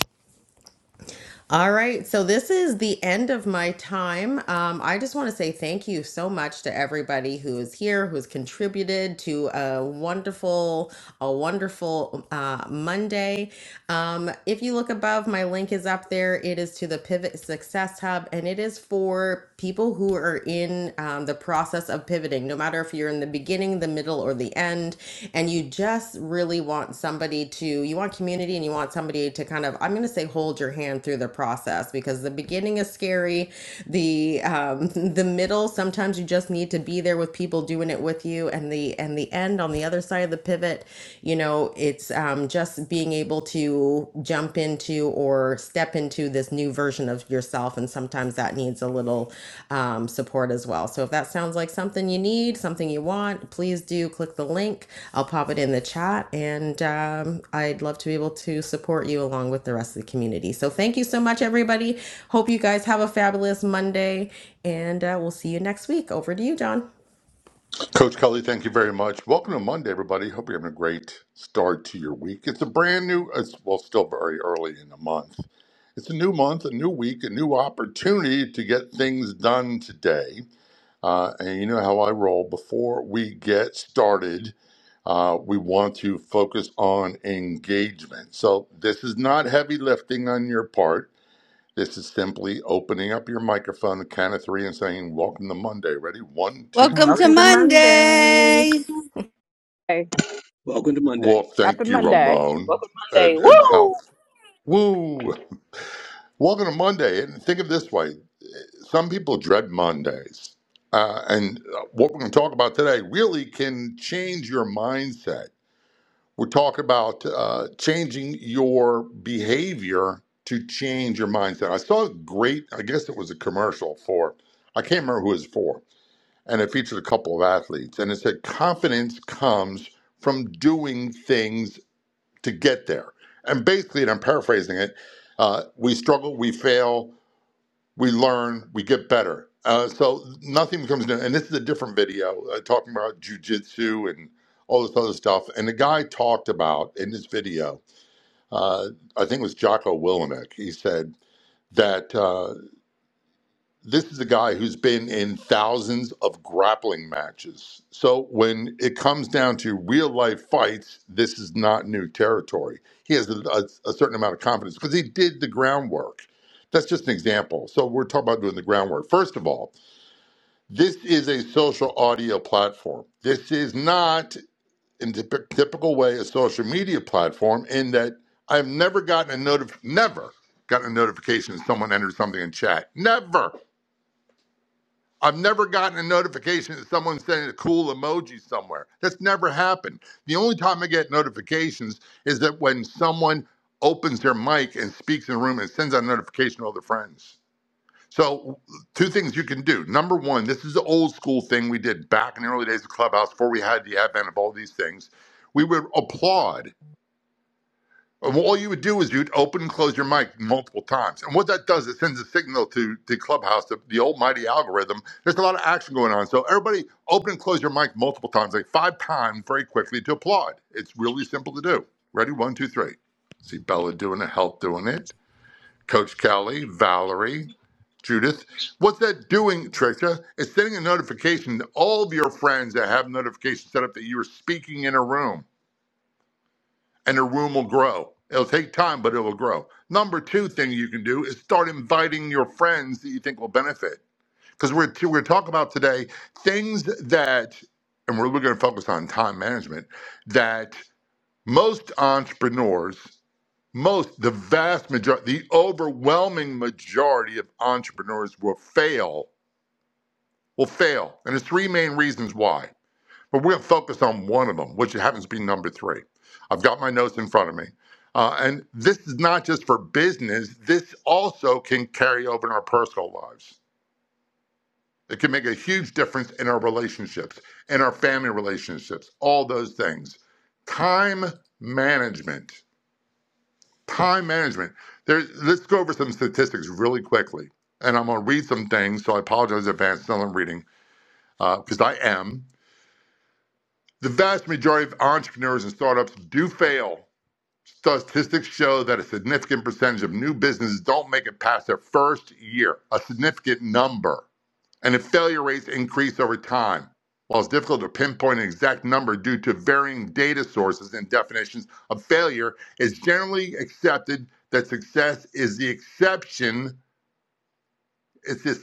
All right, so this is the end of my time. Um, I just want to say thank you so much to everybody who is here, who has contributed to a wonderful, a wonderful uh, Monday. Um, if you look above, my link is up there. It is to the Pivot Success Hub, and it is for people who are in um, the process of pivoting, no matter if you're in the beginning, the middle, or the end, and you just really want somebody to, you want community and you want somebody to kind of, I'm going to say, hold your hand through the process because the beginning is scary. The um, the middle, sometimes you just need to be there with people doing it with you, and the and the end on the other side of the pivot, you know, it's um, just being able able to jump into or step into this new version of yourself. And sometimes that needs a little um, support as well. So if that sounds like something you need, something you want, please do click the link. I'll pop it in the chat. And um, I'd love to be able to support you along with the rest of the community. So thank you so much, everybody. Hope you guys have a fabulous Monday. And uh, we'll see you next week. Over to you, John.
Coach Kelly, thank you very much. Welcome to Monday, everybody. Hope you're having a great start to your week. It's a brand new, it's, well, still very early in the month. It's a new month, a new week, a new opportunity to get things done today. Uh, and you know how I roll. Before we get started, uh, we want to focus on engagement. So this is not heavy lifting on your part. This is simply opening up your microphone, the count of three, and saying, Welcome to Monday. Ready? One, two,
welcome to
three.
Welcome to Monday.
monday
Hey,
Welcome to Monday.
Well,
happy
thank you,
Monday.
Ramon,
Welcome Monday.
and, and
Woo!
health. Woo! Welcome to Monday. And think of it this way some people dread Mondays. Uh, and uh, what we're going to talk about today really can change your mindset. We're talking about uh, changing your behavior to change your mindset. I saw a great, I guess it was a commercial for, I can't remember who it was for, and it featured a couple of athletes. And it said, confidence comes from doing things to get there. And basically, and I'm paraphrasing it, uh, we struggle, we fail, we learn, we get better. Uh, so nothing becomes new. And this is a different video uh, talking about jujitsu and all this other stuff. And the guy talked about in this video, uh, I think it was Jocko Willemick, he said that. uh, this is a guy who's been in thousands of grappling matches. So when it comes down to real life fights, this is not new territory. He has a, a- a certain amount of confidence because he did the groundwork. That's just an example. So we're talking about doing the groundwork. First of all, this is a social audio platform. This is not in typ- typical way a social media platform in that I've never gotten a notif never gotten a notification that someone entered something in chat. Never. I've never gotten a notification that someone's sending a cool emoji somewhere. That's never happened. The only time I get notifications is that when someone opens their mic and speaks in a room and sends out a notification to all their friends. So, two things you can do. Number one, this is the old school thing we did back in the early days of Clubhouse before we had the advent of all these things. We would applaud and all you would do is you'd open and close your mic multiple times. And what that does, it sends a signal to to clubhouse, the, the almighty algorithm. There's a lot of action going on. So everybody open and close your mic multiple times, like five times very quickly to applaud. It's really simple to do. Ready? One, two, three. See Bella doing it, Health doing it, Coach Kelly, Valerie, Judith. What's that doing, Tricia? It's sending a notification to all of your friends that have notifications set up that you're speaking in a room and their womb will grow. It'll take time, but it will grow. Number two thing you can do is start inviting your friends that you think will benefit. Because we're we're talking about today things that, and we're, we're going to focus on time management. That most entrepreneurs, most the vast majority, the overwhelming majority of entrepreneurs will fail. Will fail, and there's three main reasons why. But we're focused on one of them, which happens to be number three. I've got my notes in front of me. Uh, and this is not just for business, this also can carry over in our personal lives. It can make a huge difference in our relationships, in our family relationships, all those things. Time management. Time management. There's, let's go over some statistics really quickly. And I'm going to read some things, so I apologize in advance, still I'm reading, because uh, I am. The vast majority of entrepreneurs and startups do fail Statistics show that a significant percentage of new businesses don't make it past their first year, a significant number, and if failure rates increase over time. While it's difficult to pinpoint an exact number due to varying data sources and definitions of failure, it's generally accepted that success is the exception, it's the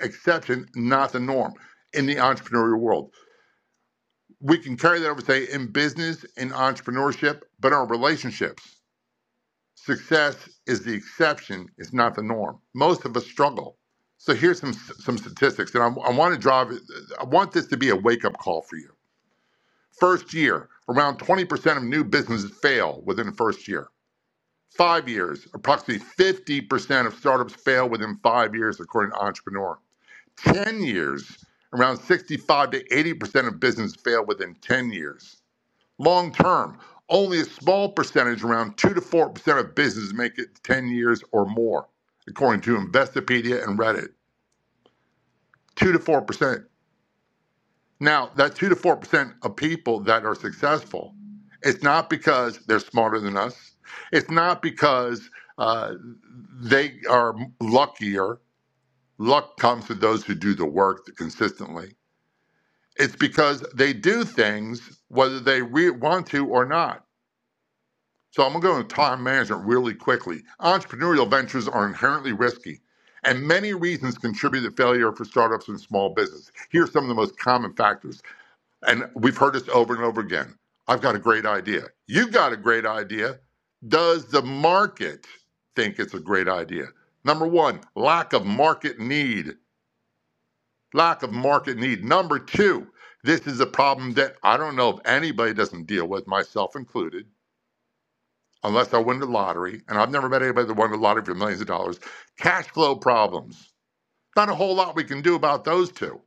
exception, not the norm in the entrepreneurial world. We can carry that over, say, in business, in entrepreneurship, but in our relationships. Success is the exception, it's not the norm. Most of us struggle. So here's some some statistics, and I, I want to drive. I want this to be a wake up call for you. First year, around 20% of new businesses fail within the first year. Five years, approximately 50% of startups fail within five years, according to Entrepreneur. 10 years, around 65 to 80% of businesses fail within 10 years. Long term, only a small percentage, around 2 to 4% of businesses make it 10 years or more, according to Investopedia and Reddit. 2 to 4%. Now, that 2 to 4% of people that are successful, it's not because they're smarter than us, it's not because uh, they are luckier. Luck comes to those who do the work consistently. It's because they do things whether they re- want to or not So I'm going to go into time management really quickly. Entrepreneurial ventures are inherently risky, and many reasons contribute to failure for startups and small business. Here are some of the most common factors, and we've heard this over and over again. I've got a great idea. You have got a great idea. Does the market think it's a great idea? Number one, lack of market need. Lack of market need. Number two, this is a problem that I don't know if anybody doesn't deal with, myself included unless I win the lottery, and I've never met anybody that won the lottery for millions of dollars, cash flow problems. Not a whole lot we can do about those two.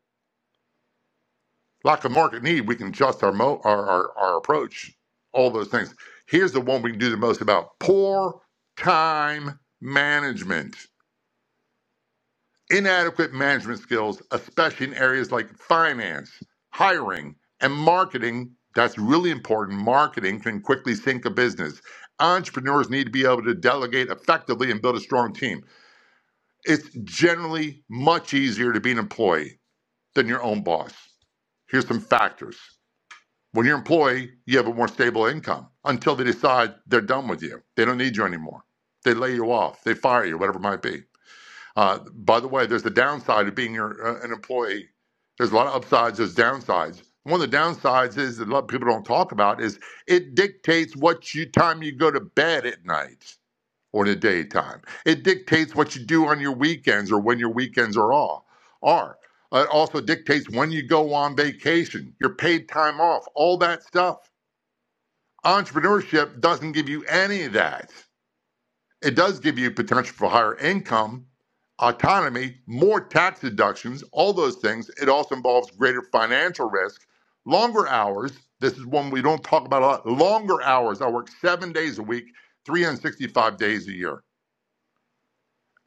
Lack of market need, we can adjust our, mo- our, our, our approach, all those things. Here's the one we can do the most about poor time management, inadequate management skills, especially in areas like finance, hiring, and marketing. That's really important. Marketing can quickly sink a business. Entrepreneurs need to be able to delegate effectively and build a strong team. It's generally much easier to be an employee than your own boss. Here's some factors. When you're an employee, you have a more stable income until they decide they're done with you. They don't need you anymore. They lay you off. They fire you, whatever it might be. Uh, by the way, there's the downside of being your, uh, an employee. There's a lot of upsides. There's downsides. One of the downsides is that a lot of people don't talk about is it dictates what you, time you go to bed at night or in the daytime. It dictates what you do on your weekends or when your weekends are off. Are it also dictates when you go on vacation, your paid time off, all that stuff. Entrepreneurship doesn't give you any of that. It does give you potential for higher income, autonomy, more tax deductions, all those things. It also involves greater financial risk, longer hours. This is one we don't talk about a lot. Longer hours. I work seven days a week, 365 days a year.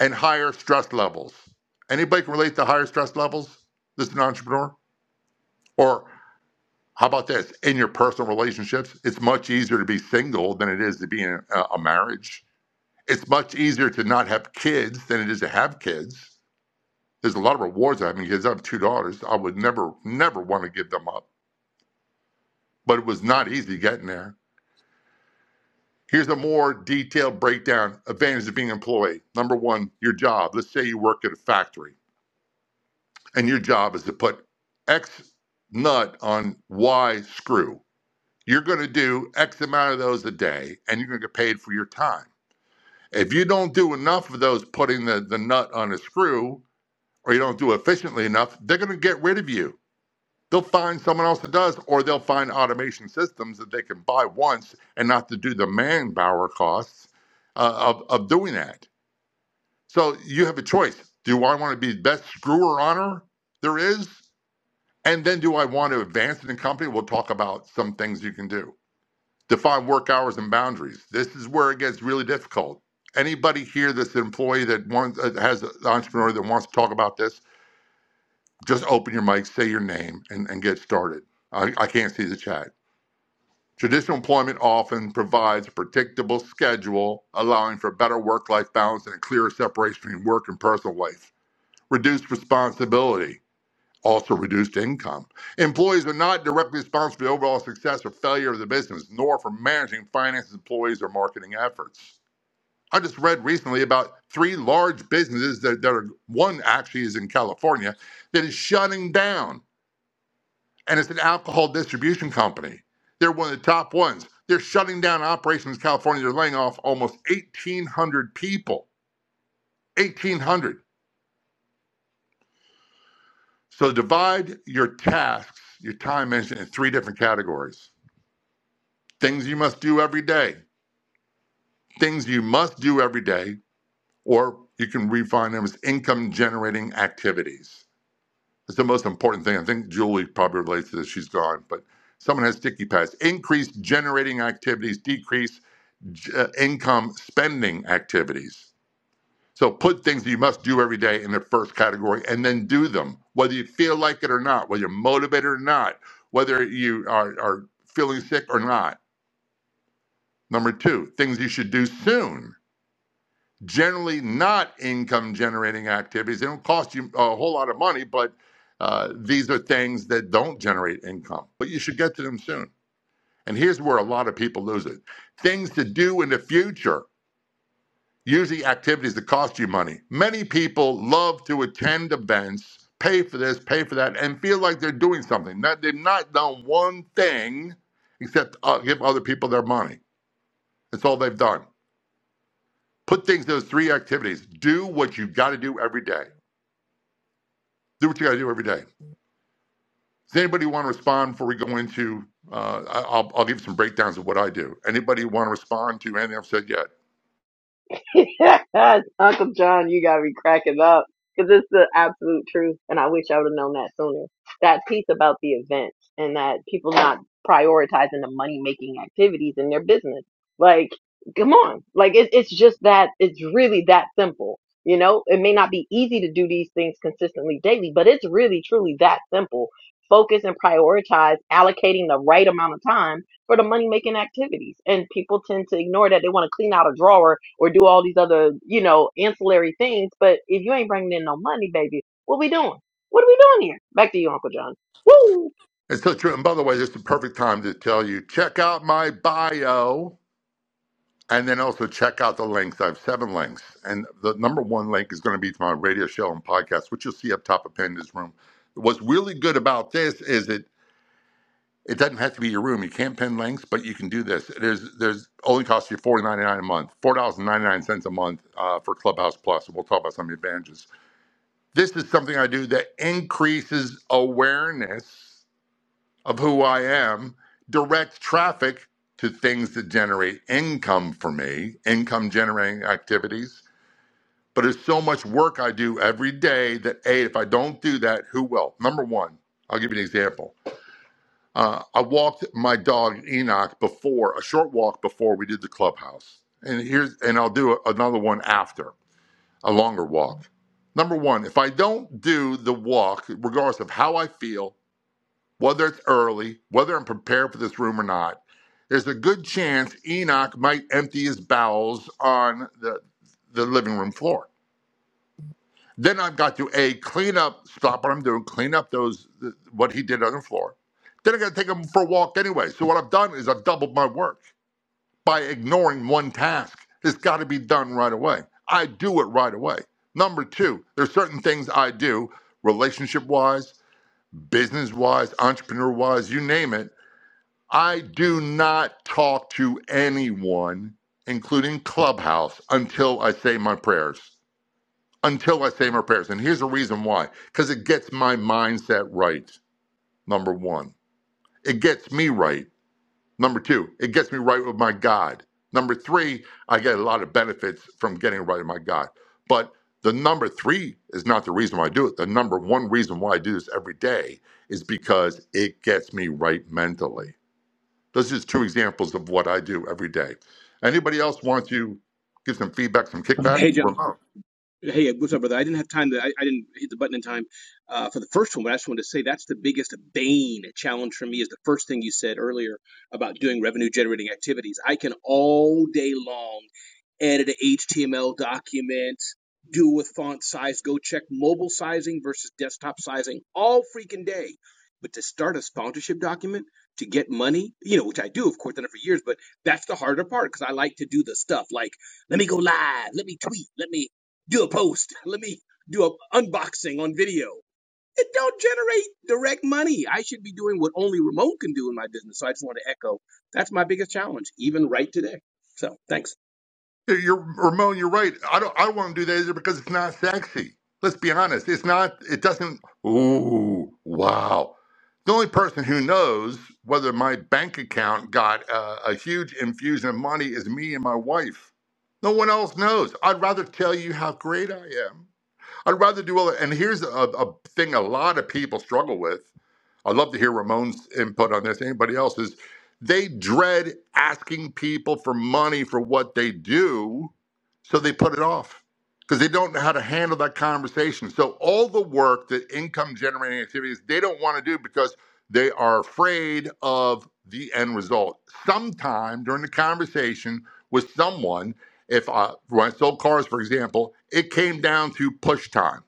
and higher stress levels. Anybody can relate to higher stress levels? This is an entrepreneur? Or how about this? In your personal relationships, it's much easier to be single than it is to be in a, a marriage. It's much easier to not have kids than it is to have kids. There's a lot of rewards of having kids. I have two daughters. I would never, never want to give them up. But it was not easy getting there. Here's a more detailed breakdown. Advantages of being employed. Number one, your job. Let's say you work at a factory. and your job is to put X nut on Y screw. You're going to do X amount of those a day, and you're going to get paid for your time. If you don't do enough of those putting the, the nut on a screw, or you don't do efficiently enough, they're going to get rid of you. They'll find someone else that does, or they'll find automation systems that they can buy once and not to do the manpower costs uh, of, of doing that. So you have a choice. Do I want to be the best screwer honor there is, And then do I want to advance it in company? We'll talk about some things you can do. Define work hours and boundaries. This is where it gets really difficult. Anybody here that's an employee that wants, uh, has an entrepreneur that wants to talk about this, just open your mic, say your name, and, and get started. I, I can't see the chat. Traditional employment often provides a predictable schedule, allowing for better work life balance and a clearer separation between work and personal life. Reduced responsibility also reduced income. Employees are not directly responsible for the overall success or failure of the business, nor for managing finance, employees, or marketing efforts. I just read recently about three large businesses that, that are one actually is in California that is shutting down, and it's an alcohol distribution company. They're one of the top ones. They're shutting down operations in California. They're laying off almost 1,800 people. 1,800. So divide your tasks, your time management, in three different categories things you must do every day, things you must do every day, or you can refine them as income generating activities. It's the most important thing. I think Julie probably relates to this. She's gone, but someone has sticky pads. Increase generating activities, decrease uh, income spending activities. So put things that you must do every day in the first category and then do them, whether you feel like it or not, whether you're motivated or not, whether you are, are feeling sick or not. Number two, things you should do soon generally not income generating activities. They don't cost you a whole lot of money, but uh, these are things that don't generate income. But you should get to them soon. And here's where a lot of people lose it things to do in the future, usually activities that cost you money. Many people love to attend events, pay for this, pay for that, and feel like they're doing something. Not, they've not done one thing except uh, give other people their money. That's all they've done. Put things, those three activities. Do what you've got to do every day do what you got to do every day. Does anybody want to respond before we go into? Uh, I- will I'll give some breakdowns of what I do. Anybody want to respond to anything I've said yet?
yes, Uncle John, you gotta be cracking up because it's the absolute truth, and I wish I would have known that sooner. That piece about the events and that people not prioritizing the money making activities in their business. Like, come on, like it, it's just that it's really that simple. You know, it may not be easy to do these things consistently daily, but it's really truly that simple. Focus and prioritize allocating the right amount of time for the money making activities. And people tend to ignore that. They want to clean out a drawer or do all these other, you know, ancillary things. But if you ain't bringing in no money, baby, what we doing? What are we doing here? Back to you, Uncle John. Woo!
It's so true. And by the way, this is the perfect time to tell you check out my bio and then also check out the links. I have seven links. And the number one link is going to be to my radio show and podcast, which you'll see up top of Panda's Room. What's really good about this is it It doesn't have to be your room. You can't pin links, but you can do this. There's there's only costs you four ninety nine a month, four dollars and ninety nine cents a month uh, for Clubhouse Plus. We'll talk about some of the advantages. This is something I do that increases awareness of who I am, directs traffic to things that generate income for me, income generating activities. But there's so much work I do every day that a if I don't do that, who will? Number one, I'll give you an example. Uh, I walked my dog Enoch before a short walk before we did the clubhouse, and here's and I'll do a, another one after a longer walk. Number one, if I don't do the walk, regardless of how I feel, whether it's early, whether I'm prepared for this room or not, there's a good chance Enoch might empty his bowels on the the living room floor then I've got to a clean up, stop what I'm doing, clean up those what he did on the floor. Then I got to take him for a walk anyway. So what I've done is I've doubled my work by ignoring one task. It's got to be done right away. I do it right away. Number two, there's certain things I do, relationship wise, business wise, entrepreneur wise, you name it. I do not talk to anyone, including Clubhouse, until I say my prayers until I say my prayers. And here's the reason why because it gets my mindset right, number one. It gets me right, number two. It gets me right with my God. Number three, I get a lot of benefits from getting right with my God. But the number three is not the reason why I do it. The number one reason why I do this every day is because it gets me right mentally. Those are just two examples of what I do every day. Anybody else want to give some feedback, some kickback?
Hey, John.
Ramon.
Hey, what's up, brother? I didn't have time to. I, I didn't hit the button in time uh, for the first one, but I just wanted to say that's the biggest bane challenge for me is the first thing you said earlier about doing revenue generating activities. I can all day long edit an HTML document, do with font size, go check mobile sizing versus desktop sizing all freaking day. But to start a sponsorship document to get money, you know, which I do, of course, done it for years, but that's the harder part because I like to do the stuff like, let me go live, let me tweet, let me do a post, let me do an unboxing on video. It don't generate direct money. I should be doing what only remote can do in my business. So I just want to echo that's my biggest challenge, even right today. So thanks.
You're, Ramon, you're right. I don't. I don't want to do that either because it's not sexy. Let's be honest. It's not. It doesn't. Ooh, wow. The only person who knows whether my bank account got uh, a huge infusion of money is me and my wife. No one else knows. I'd rather tell you how great I am. I'd rather do all that. And here's a, a thing a lot of people struggle with. I'd love to hear Ramon's input on this. Anybody else's? They dread asking people for money for what they do, so they put it off because they don't know how to handle that conversation. So all the work that income generating activities they don't want to do because they are afraid of the end result. Sometime during the conversation with someone, if uh, when I sold cars, for example, it came down to push time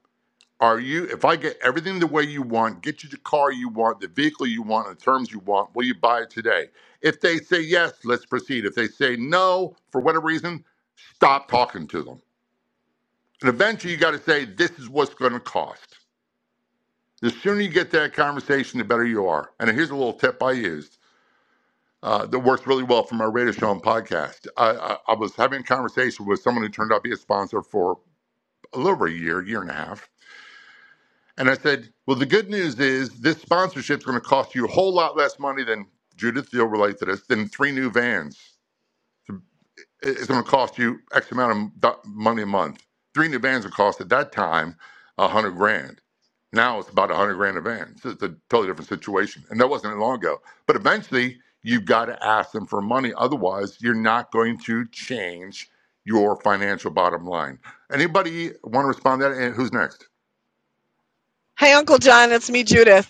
are you, if I get everything the way you want, get you the car you want, the vehicle you want, and the terms you want, will you buy it today? If they say yes, let's proceed. If they say no, for whatever reason, stop talking to them. And eventually you got to say, this is what's going to cost. The sooner you get that conversation, the better you are. And here's a little tip I used uh, that works really well for my radio show and podcast. I, I, I was having a conversation with someone who turned out to be a sponsor for a little over a year, year and a half And I said, Well, the good news is this sponsorship is going to cost you a whole lot less money than Judith, you'll relate to this, than three new vans. It's going to cost you X amount of do- money a month. Three new vans would cost at that time a hundred grand. Now it's about a hundred grand a van. So it's a totally different situation. And that wasn't long ago. But eventually, you've got to ask them for money. Otherwise, you're not going to change your financial bottom line. Anybody want to respond to that? And who's next?
Hey, Uncle John, it's me, Judith.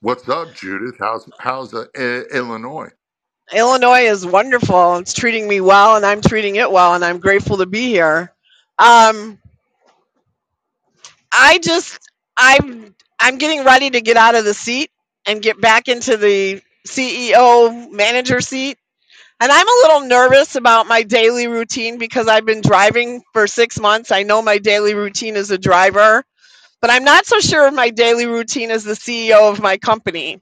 What's up, Judith? How's how's uh, I- Illinois?
Illinois is wonderful. It's treating me well, and I'm treating it well, and I'm grateful to be here. Um, I just, I'm, I'm getting ready to get out of the seat and get back into the CEO manager seat. And I'm a little nervous about my daily routine because I've been driving for six months. I know my daily routine as a driver, but I'm not so sure of my daily routine as the CEO of my company.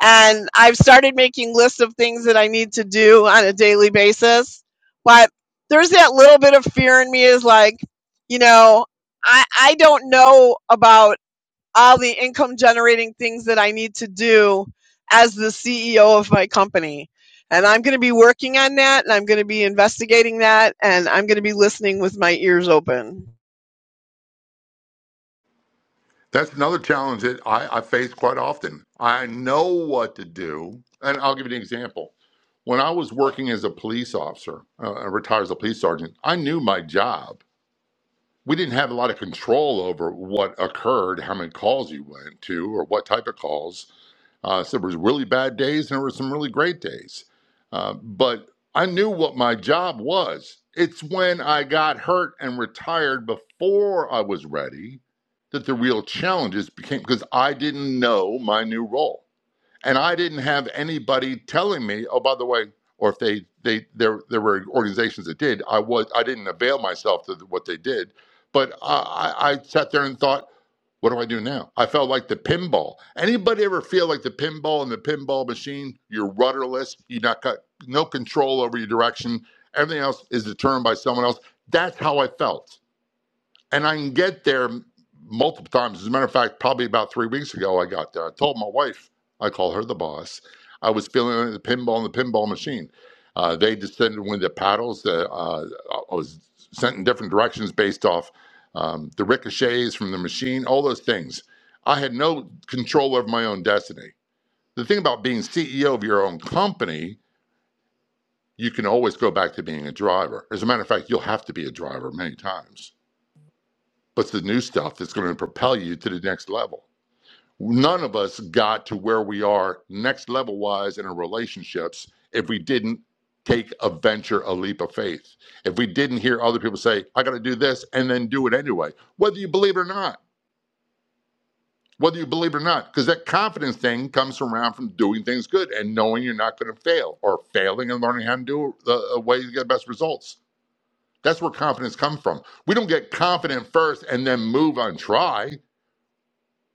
And I've started making lists of things that I need to do on a daily basis. But there's that little bit of fear in me is like, you know, I, I don't know about all the income generating things that I need to do as the CEO of my company. And I'm going to be working on that and I'm going to be investigating that and I'm going to be listening with my ears open.
That's another challenge that I, I face quite often. I know what to do, and I'll give you an example. When I was working as a police officer, uh, I retired as a police sergeant. I knew my job. We didn't have a lot of control over what occurred, how many calls you went to, or what type of calls. Uh, so there was really bad days and there were some really great days. Uh, but I knew what my job was. It's when I got hurt and retired before I was ready that the real challenges became because I didn't know my new role. And I didn't have anybody telling me, oh, by the way, or if they, they there there were organizations that did, I was I didn't avail myself to what they did. But I, I I sat there and thought, what do I do now? I felt like the pinball. Anybody ever feel like the pinball in the pinball machine? You're rudderless. You not got no control over your direction. Everything else is determined by someone else. That's how I felt and I can get there multiple times. As a matter of fact, probably about three weeks ago, I got there. I told my wife, I call her the boss, I was feeling the pinball in the pinball machine. Uh, they descended with the paddles. The, uh, I was sent in different directions based off um, the ricochets from the machine, all those things. I had no control over my own destiny. The thing about being CEO of your own company, you can always go back to being a driver. As a matter of fact, you'll have to be a driver many times but the new stuff that's going to propel you to the next level. None of us got to where we are next level wise in our relationships if we didn't take a venture, a leap of faith. If we didn't hear other people say, I got to do this and then do it anyway, whether you believe it or not, whether you believe it or not, because that confidence thing comes around from doing things good and knowing you're not going to fail or failing and learning how to do the way to get the best results. That's where confidence comes from. We don't get confident first and then move on, try.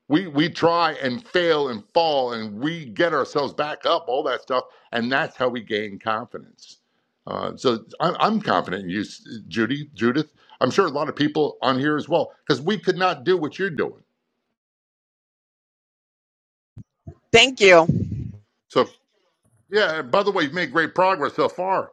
We we try and fail and fall and we get ourselves back up, all that stuff, and that's how we gain confidence. Uh, so I'm, I'm confident in you, Judy, Judith. I'm sure a lot of people on here as well, because we could not do what you're doing.
Thank you.
So yeah. By the way, you've made great progress so far.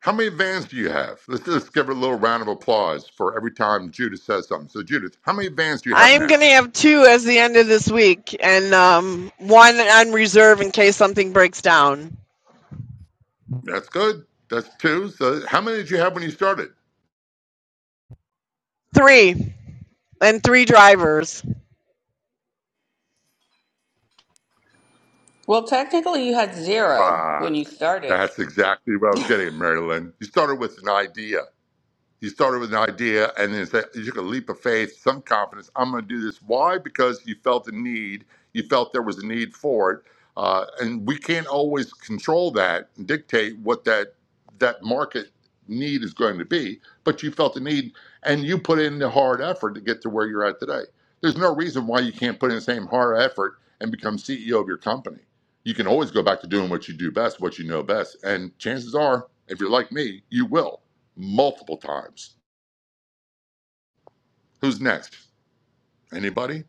How many vans do you have? Let's just give her a little round of applause for every time Judith says something. So Judith, how many vans do you
I
have
am going
now?
to have two as the end of this week, and um, one on reserve in case something breaks down.
That's good. That's two. So how many did you have when you started?
Three, and three drivers.
Well, technically, you had zero
Right.
when you started.
That's exactly what I was getting, Marilyn. You started with an idea. You started with an idea and then said- you took a leap of faith, some confidence. I'm going to do this. Why? Because you felt a need. You felt there was a need for it. Uh, and we can't always control that and dictate what that that market need is going to be. But you felt the need and you put in the hard effort to get to where you're at today. There's no reason why you can't put in the same hard effort and become CEO of your company. You can always go back to doing what you do best, what you know best. And chances are, if you're like me, you will multiple times. Who's next? Anybody?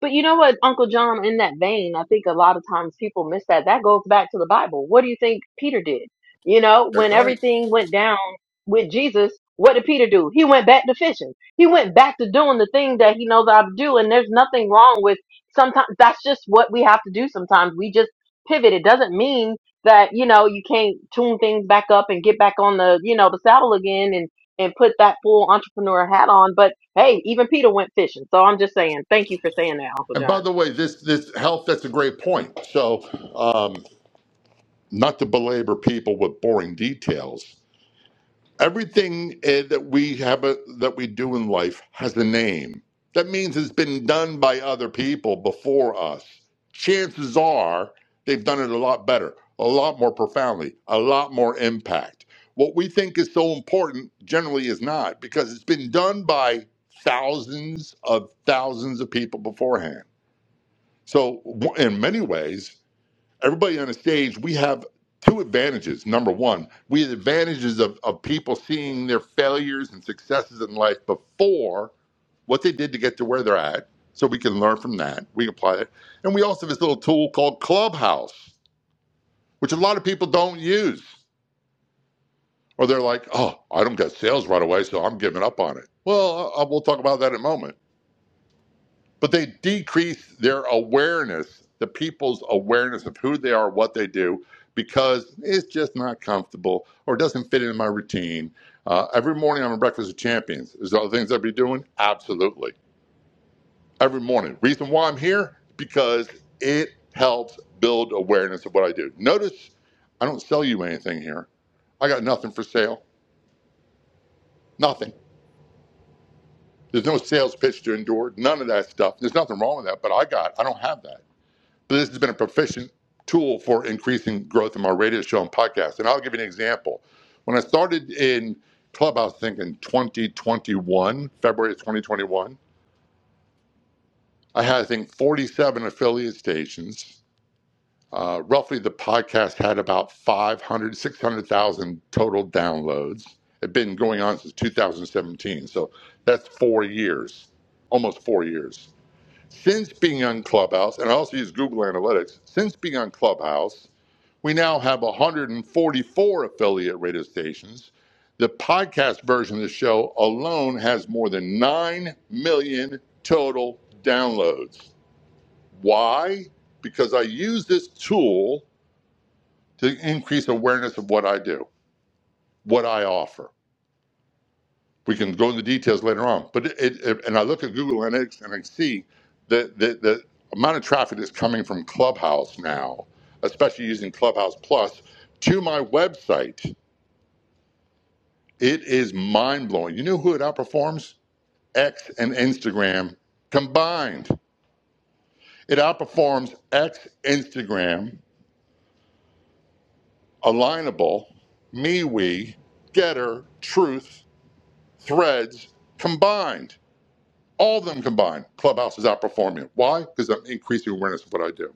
But you know what, Uncle John, in that vein, I think a lot of times people miss that. That goes back to the Bible. What do you think Peter did? You know,
That's
when
right.
everything went down with Jesus, what did Peter do? He went back to fishing. He went back to doing the thing that he knows how to do. And there's nothing wrong with sometimes that's just what we have to do sometimes. We just pivot. It doesn't mean that, you know, you can't tune things back up and get back on the, you know, the saddle again and, and put that full entrepreneur hat on. But Hey, even Peter went fishing. So I'm just saying, thank you for saying that, Uncle
And by
John.
the way, this this health that's a great point. So, um, not to belabor people with boring details, Everything eh, that we have a, that we do in life has a name. That means it's been done by other people before us. Chances are they've done it a lot better, a lot more profoundly, a lot more impact. What we think is so important generally is not because it's been done by thousands of thousands of people beforehand. So, w- in many ways, everybody on the stage, we have two advantages. Number one, we have advantages of, of people seeing their failures and successes in life before what they did to get to where they're at. So we can learn from that. We can apply it. And we also have this little tool called Clubhouse, which a lot of people don't use. Or they're like, oh, I don't get sales right away, so I'm giving up on it. Well, uh, uh, we'll talk about that in a moment. but they decrease their awareness, the people's awareness of who they are, what they do, because it's just not comfortable or doesn't fit in my routine. Uh, every morning I'm on Breakfast with Champions. Is there other things I'd be doing? Absolutely. Every morning. Reason why I'm here? Because it helps build awareness of what I do. Notice I don't sell you anything here. I got nothing for sale. Nothing. There's no sales pitch to endure. None of that stuff. There's nothing wrong with that, but I got, I don't have that. So this has been a proficient tool for increasing growth in my radio show and podcast. And I'll give you an example. When I started in Clubhouse, I think in 2021, February of 2021, I had, I think, 47 affiliate stations. Uh, roughly, the podcast had about 500, 600,000 total downloads. it has been going on since 2017. So that's four years, almost four years. Since being on Clubhouse, and I also use Google Analytics, since being on Clubhouse, We now have 144 affiliate radio stations. The podcast version of the show alone has more than 9 million total downloads. Why? Because I use this tool to increase awareness of what I do, what I offer. We can go into details later on, but it, it and I look at Google Analytics and I see the, the, the amount of traffic that's coming from Clubhouse now, especially using Clubhouse Plus, to my website It is mind blowing. You know who it outperforms? X and Instagram combined. It outperforms X, Instagram, Alignable, MeWe, Getter, Truth, Threads combined. All of them combined. Clubhouse is outperforming it. Why? Because I'm increasing awareness of what I do.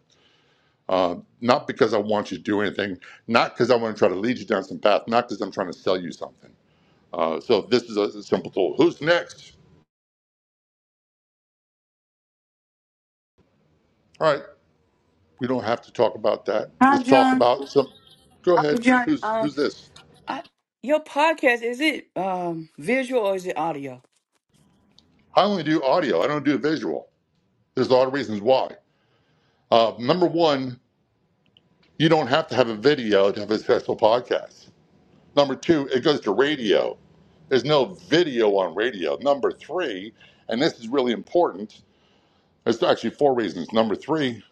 Uh, not because I want you to do anything, not because I want to try to lead you down some path, not because I'm trying to sell you something. Uh, so this is a, a simple tool. Who's next? All right. We don't have to talk about that.
Hi,
Let's talk
John.
about some. Go
Hi,
ahead.
John,
Who's
um,
who's this?
I, your podcast, is it um, visual or is it audio?
I only do audio. I don't do visual. There's a lot of reasons why. Uh, number one, you don't have to have a video to have a successful podcast. Number two, it goes to radio. There's no video on radio. Number three, and this is really important. There's actually four reasons. Number three,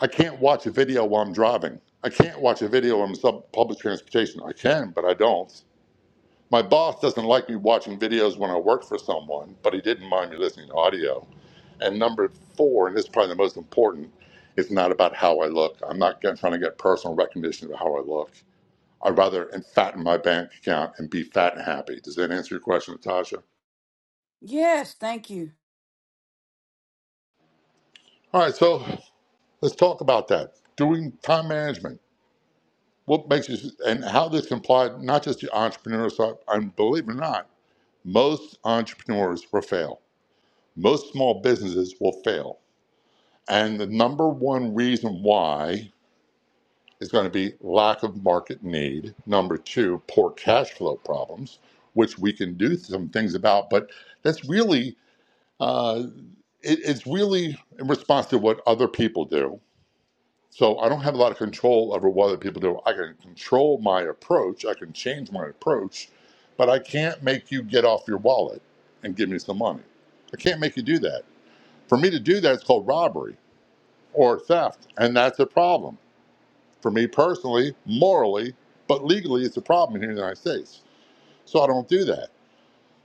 I can't watch a video while I'm driving. I can't watch a video on sub public transportation. I can, but I don't. My boss doesn't like me watching videos when I work for someone, but he didn't mind me listening to audio. And number four, and this is probably the most important, it's not about how I look. I'm not get, trying to get personal recognition of how I look. I'd rather and fatten my bank account and be fat and happy. Does that answer your question, Natasha?
yes, thank you.
All right, so let's talk about that. Doing time management. What makes you and how this can apply not just to entrepreneurs, and believe it or not, most entrepreneurs will fail. Most small businesses will fail And the number one reason why is going to be lack of market need. Number two, poor cash flow problems, which we can do some things about. But that's really, uh, it, it's really in response to what other people do. So I don't have a lot of control over what other people do. I can control my approach, I can change my approach, but I can't make you get off your wallet and give me some money. I can't make you do that. For me to do that, it's called robbery or theft, and that's a problem. for me personally, morally, but legally it's a problem here in the United States. So I don't do that.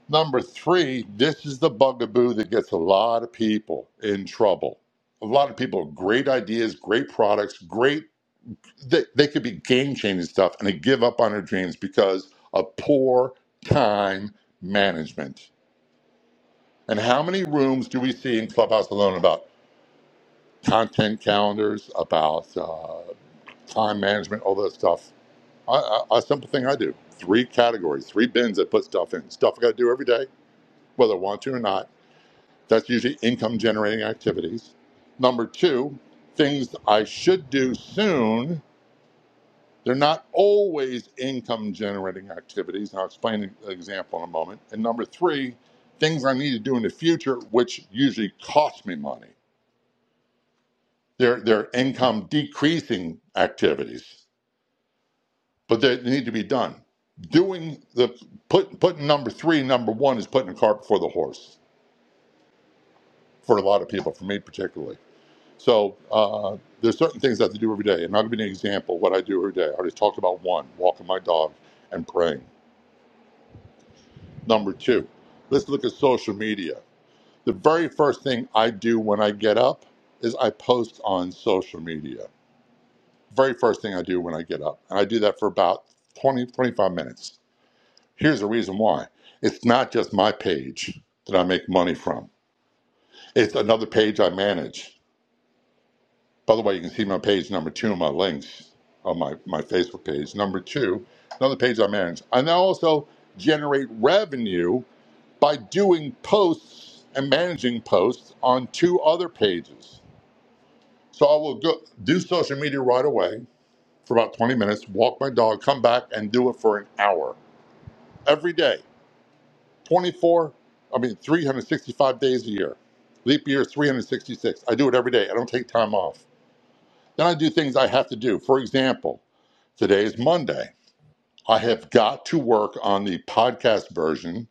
Number three, this is the bugaboo that gets a lot of people in trouble. A lot of people, have great ideas, great products, great, they, they could be game changing stuff and they give up on their dreams because of poor time management. And how many rooms do we see in Clubhouse alone about content calendars, about uh, time management, all that stuff? I, I, a simple thing I do: three categories, three bins I put stuff in. Stuff I got to do every day, whether I want to or not. That's usually income-generating activities. Number two, things I should do soon. They're not always income-generating activities. I'll explain an example in a moment. And number three, things I need to do in the future, which usually cost me money. They're they're income-decreasing activities. but they need to be done. Doing the put putting number three, number one is putting the cart before the horse for a lot of people, for me particularly. So uh, there's certain things I have to do every day, and I'll give you an example of what I do every day. I already talked about one, walking my dog and praying. Number two, let's look at social media. The very first thing I do when I get up is I post on social media. Very first thing I do when I get up, and I do that for about 20, 25 minutes Here's the reason why it's not just my page that I make money from, it's another page I manage. By the way, you can see my page number two in my links on my, my Facebook page. Number two, another page I manage. I now also generate revenue by doing posts and managing posts on two other pages. So I will go do social media right away for about 20 minutes, walk my dog, come back and do it for an hour every day 24, I mean, 365 days a year. Leap year is 366. I do it every day. I don't take time off. Then I do things I have to do. For example, today is Monday. I have got to work on the podcast version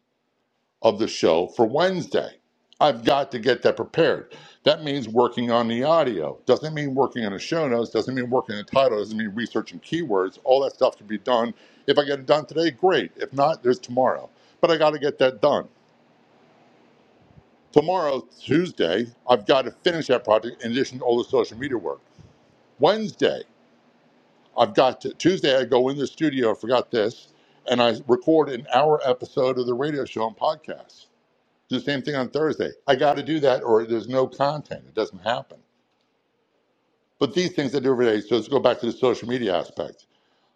of the show for Wednesday. I've got to get that prepared. That means working on the audio. Doesn't mean working on the show notes. Doesn't mean working on the title. Doesn't mean researching keywords. All that stuff can be done. If I get it done today, great. If not, there's tomorrow. But I got to get that done. Tomorrow, Tuesday, I've got to finish that project in addition to all the social media work. Wednesday, I've got to, Tuesday, I go in the studio, I forgot this, and I record an hour episode of the radio show and podcast. Do the same thing on Thursday. I got to do that or there's no content. It doesn't happen. But these things I do every day, so let's go back to the social media aspect.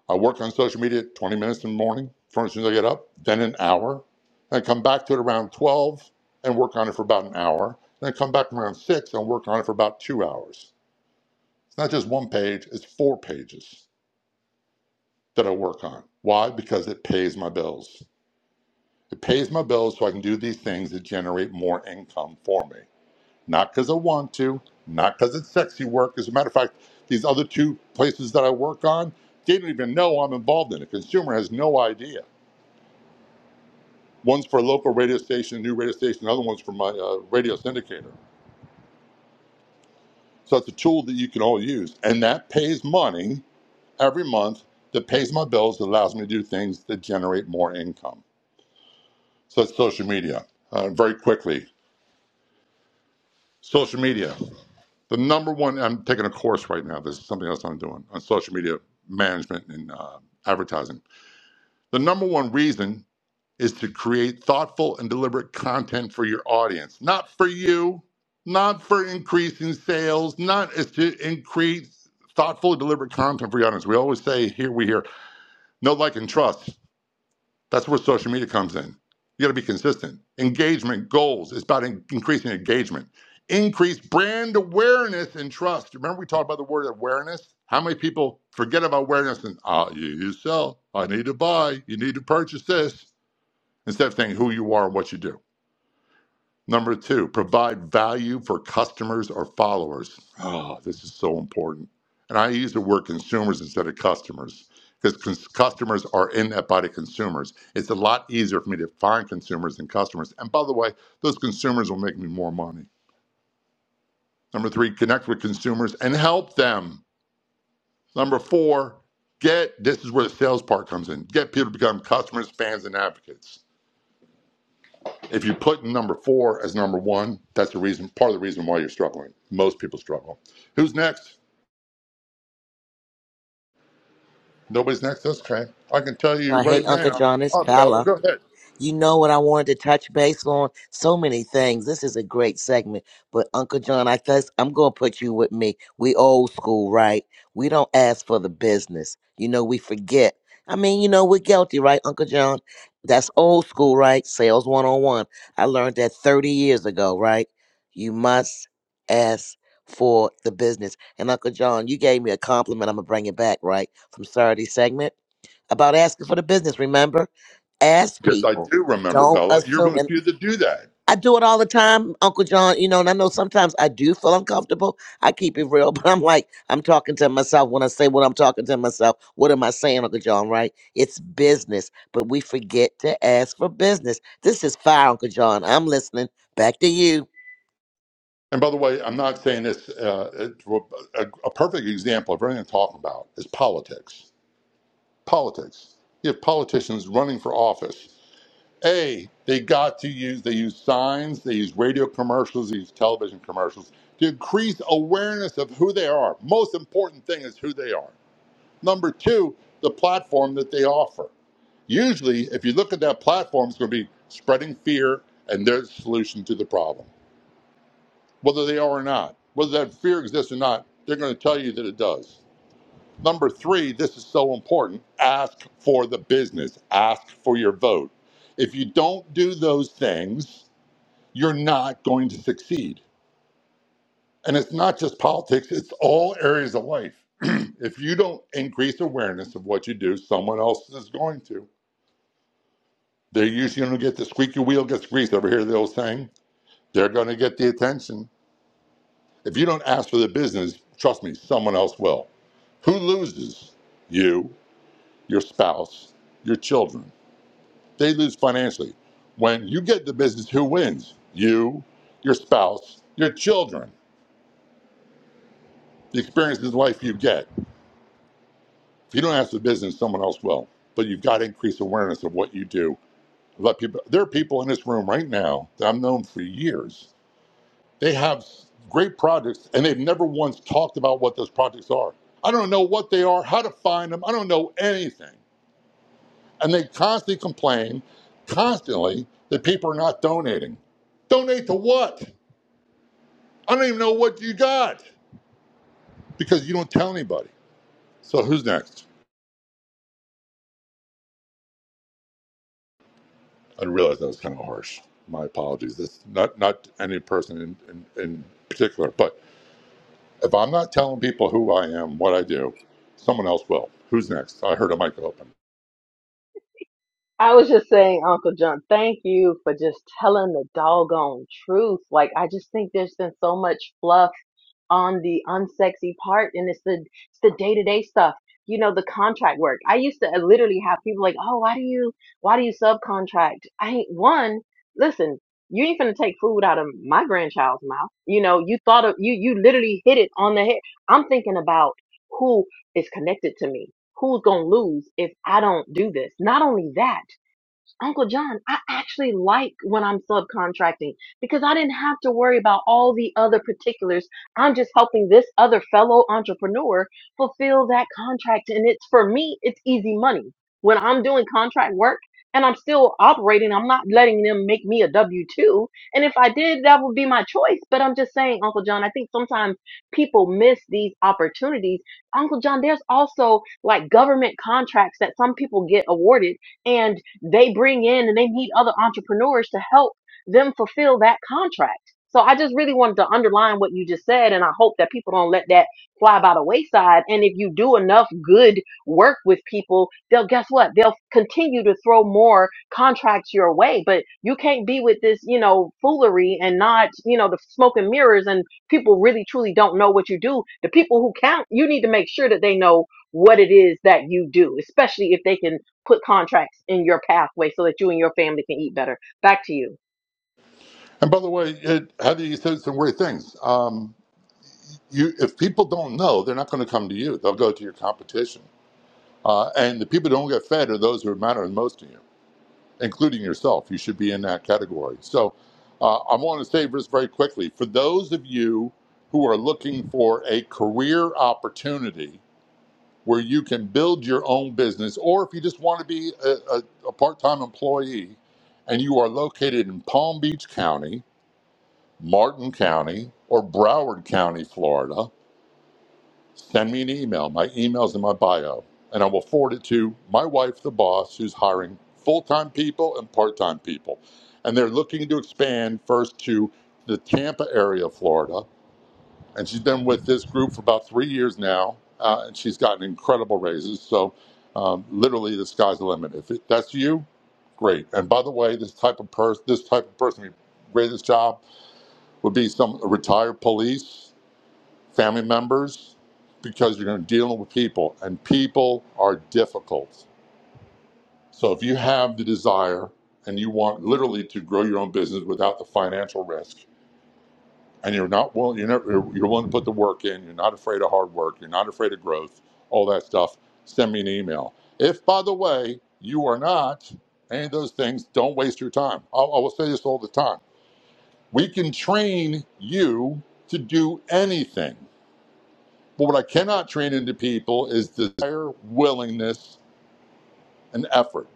I work on social media 20 minutes in the morning, as soon as I get up, then an hour. Then I come back to it around 12 and work on it for about an hour. Then I come back around 6 and work on it for about two hours. It's not just one page, it's four pages that I work on. Why? Because it pays my bills. It pays my bills so I can do these things that generate more income for me. Not because I want to, not because it's sexy work. As a matter of fact, these other two places that I work on, they don't even know I'm involved in it. Consumer has no idea One's for a local radio station, a new radio station, the other one's for my uh, radio syndicator. So it's a tool that you can all use. And that pays money every month that pays my bills, that allows me to do things that generate more income. So that's social media. Uh, very quickly, social media. The number one, I'm taking a course right now. This is something else I'm doing on social media management and uh, advertising. The number one reason is to create thoughtful and deliberate content for your audience, not for you, not for increasing sales, not is to increase thoughtful and deliberate content for your audience. We always say here we hear no like and trust. That's where social media comes in. You got to be consistent. Engagement goals is about in- increasing engagement. Increase brand awareness and trust. Remember, we talked about the word awareness. How many people forget about awareness and uh, you, you sell? I need to buy. You need to purchase this instead of thinking who you are and what you do. Number two, provide value for customers or followers. Oh, this is so important. And I use the word consumers instead of customers because cons- customers are in that body consumers. It's a lot easier for me to find consumers than customers. And by the way, those consumers will make me more money. Number three, connect with consumers and help them. Number four, get this is where the sales part comes in. Get people to become customers, fans, and advocates. If you put number four as number one, that's the reason, part of the reason why you're struggling. Most people struggle. Who's next? Nobody's next. That's okay. I can tell you
Uh, hey,
right
Uncle
now.
John, it's
Oh, Bella,
Bella.
go ahead.
You know what I wanted to touch base on? So many things. This is a great segment. But Uncle John, I guess I'm gonna put you with me. We old school, right? We don't ask for the business. You know, we forget. I mean, you know, we're guilty, right, Uncle John? That's old school, right? Sales one on one. I learned that 30 years ago, right? You must ask for the business. And Uncle John, you gave me a compliment. I'm gonna bring it back, right? From Saturday segment about asking for the business. Remember, ask
Yes, I
people.
do remember
Don't
Bella. You're one of
assume.
the
And
few that do that.
I do it all the time, Uncle John. You know, and I know sometimes I do feel uncomfortable. I keep it real, but I'm like, I'm talking to myself when I say what I'm talking to myself. What am I saying, Uncle John? Right? It's business, but we forget to ask for business. This is fire, Uncle John. I'm listening. Back to you.
And by the way, I'm not saying this. Uh, it- well, a, a perfect example of everything I'm talking about is politics. Politics. You have politicians running for office A, they got to use, they use signs, they use radio commercials, they use television commercials to increase awareness of who they are. Most important thing is who they are. Number two, the platform that they offer. Usually, if you look at that platform, it's going to be spreading fear and their solution to the problem. Whether they are or not, whether that fear exists or not, they're going to tell you that it does. Number three, this is so important ask for the business, ask for your vote. If you don't do those things, you're not going to succeed. And it's not just politics, it's all areas of life. if you don't increase awareness of what you do, someone else is going to. They're usually going to get the squeaky wheel gets greased over here, the old saying. They're going to get the attention. If you don't ask for the business, trust me, someone else will. Who loses? You, your spouse, your children. They lose financially. When you get the business, who wins? You, your spouse, your children, the experiences of life you get. If You don't ask the business, someone else will. But you've got to increase awareness of what you do. Let people. There are people in this room right now that I've known for years. They have great projects, and they've never once talked about what those projects are. I don't know what they are, how to find them. I don't know anything, and they constantly complain, constantly that people are not donating. Donate to what? I don't even know what you got because you don't tell anybody. So who's next? I realize that was kind of harsh. My apologies. That's not not any person in, in, in particular, but if I'm not telling people who I am, what I do, someone else will. Who's next? I heard a mic open.
I was just saying, Uncle John, thank you for just telling the doggone truth. Like, I just think there's been so much fluff on the unsexy part and it's the it's the day-to-day stuff you know the contract work i used to uh, literally have people like oh why do you why do you subcontract i ain't one listen you ain't finna take food out of my grandchild's mouth you know you thought of you you literally hit it on the head i'm thinking about who is connected to me who's gonna lose if i don't do this not only that Uncle John, I actually like when I'm subcontracting because I didn't have to worry about all the other particulars. I'm just helping this other fellow entrepreneur fulfill that contract. And it's for me, it's easy money. When I'm doing contract work and I'm still operating, I'm not letting them make me a W 2. And if I did, that would be my choice. But I'm just saying, Uncle John, I think sometimes people miss these opportunities. Uncle John, there's also like government contracts that some people get awarded. And they bring in and they meet other entrepreneurs to help them fulfill that contract. So I just really wanted to underline what you just said, and I hope that people don't let that fly by the wayside. And if you do enough good work with people, they'll guess what? They'll continue to throw more contracts your way. But you can't be with this, you know, foolery and not, you know, the smoke and mirrors and people really truly don't know what you do. The people who count, you need to make sure that they know what it is that you do, especially if they can put contracts in your pathway so that you and your family can eat better. Back to you.
And by the way, it, how do you say some great things? Um, you, if people don't know, they're not going to come to you. They'll go to your competition. Uh, and the people who don't get fed are those who matter the most to you. including yourself. You should be in that category. So uh, I want to say this very quickly. For those of you who are looking for a career opportunity where you can build your own business, or if you just want to be a, a, a part time employee and you are located in Palm Beach County, Martin County, or Broward County, Florida, Send me an email. My email's in my bio, and I will forward it to my wife, the boss, who's hiring full time people and part time people. And they're looking to expand first to the Tampa area of Florida. And she's been with this group for about three years now, uh, and she's gotten incredible raises. So, um, literally, the sky's the limit. If it, that's you, great. And by the way, this type of person, this type of person who greatest job would be some a retired police family members, because you're going to deal with people, and people are difficult. So if you have the desire and you want literally to grow your own business without the financial risk, and you're not willing, you're, never, you're willing to put the work in, you're not afraid of hard work, you're not afraid of growth, all that stuff, send me an email. If, by the way, you are not any of those things, don't waste your time. I I will say this all the time. We can train you to do anything. But what I cannot train into people is desire, willingness, and effort.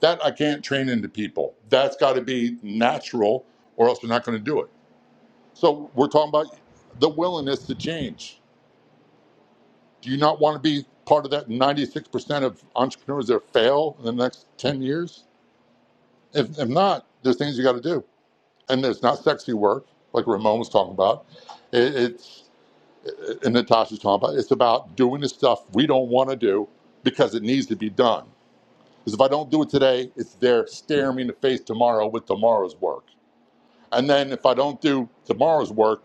That I can't train into people. That's got to be natural, or else they're not going to do it. So we're talking about the willingness to change. Do you not want to be part of that 96% of entrepreneurs that fail in the next 10 years? If, if not, there's things you got to do. And it's not sexy work, like Ramon was talking about. It, it's and Natasha's talking about. It's about doing the stuff we don't want to do because it needs to be done. Because if I don't do it today, it's there staring me in the face tomorrow with tomorrow's work. And then if I don't do tomorrow's work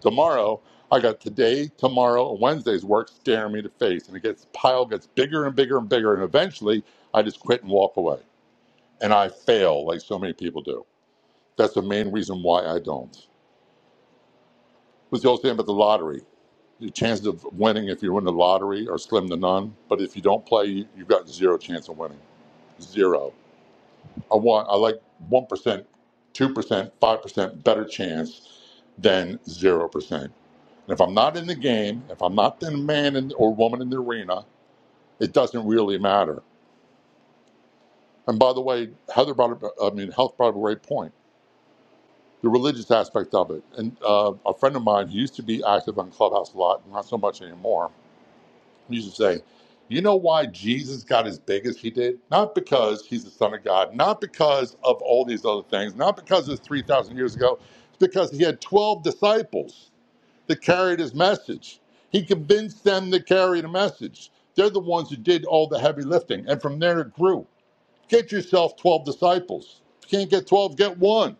tomorrow, I got today, tomorrow, and Wednesday's work staring me in the face. And it gets pile gets bigger and bigger and bigger. And eventually I just quit and walk away. And I fail like so many people do. That's the main reason why I don't. was the old thing about the lottery. The chances of winning if you win the lottery are slim to none. But if you don't play, you, you've got zero chance of winning. Zero. I want. I like one percent, two percent, five percent better chance than zero percent. And if I'm not in the game, if I'm not the man in, or woman in the arena, it doesn't really matter. And by the way, Heather brought. Up, I mean, health brought up a great point. The religious aspect of it. And uh, a friend of mine, he used to be active on Clubhouse a lot, not so much anymore used to say, you know why Jesus got as big as he did? Not because he's the Son of God, not because of all these other things, not because it's 3,000 years ago. It's because he had 12 disciples that carried his message. He convinced them to carry the message. They're the ones who did all the heavy lifting. And from there it grew. Get yourself 12 disciples. If you can't get 12, get one.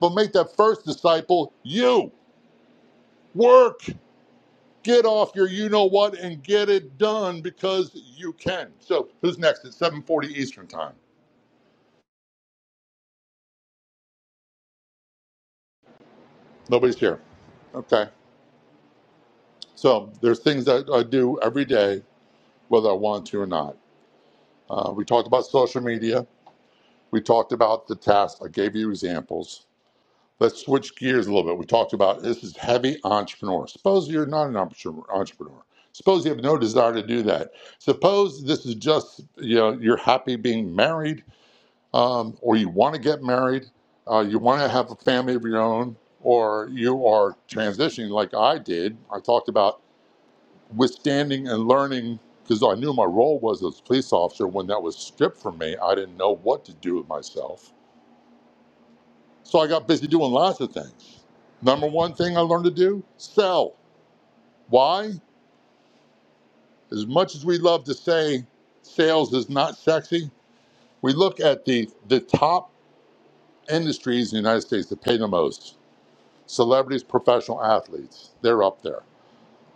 But make that first disciple you. Work. Get off your you know what and get it done because you can. So who's next? It's 7:40 Eastern time. Nobody's here. Okay. So there's things that I do every day, whether I want to or not. Uh, we talked about social media. We talked about the tasks. I gave you examples. Let's switch gears a little bit. We talked about this is heavy entrepreneur. Suppose you're not an entre- entrepreneur. Suppose you have no desire to do that. Suppose this is just you know you're happy being married um, or you want to get married, uh, you want to have a family of your own, or you are transitioning like I did. I talked about withstanding and learning because I knew my role was as a police officer. When that was stripped from me, I didn't know what to do with myself. So I got busy doing lots of things. Number one thing I learned to do sell. Why? As much as we love to say sales is not sexy, we look at the, the top industries in the United States that pay the most Celebrities, professional athletes, they're up there.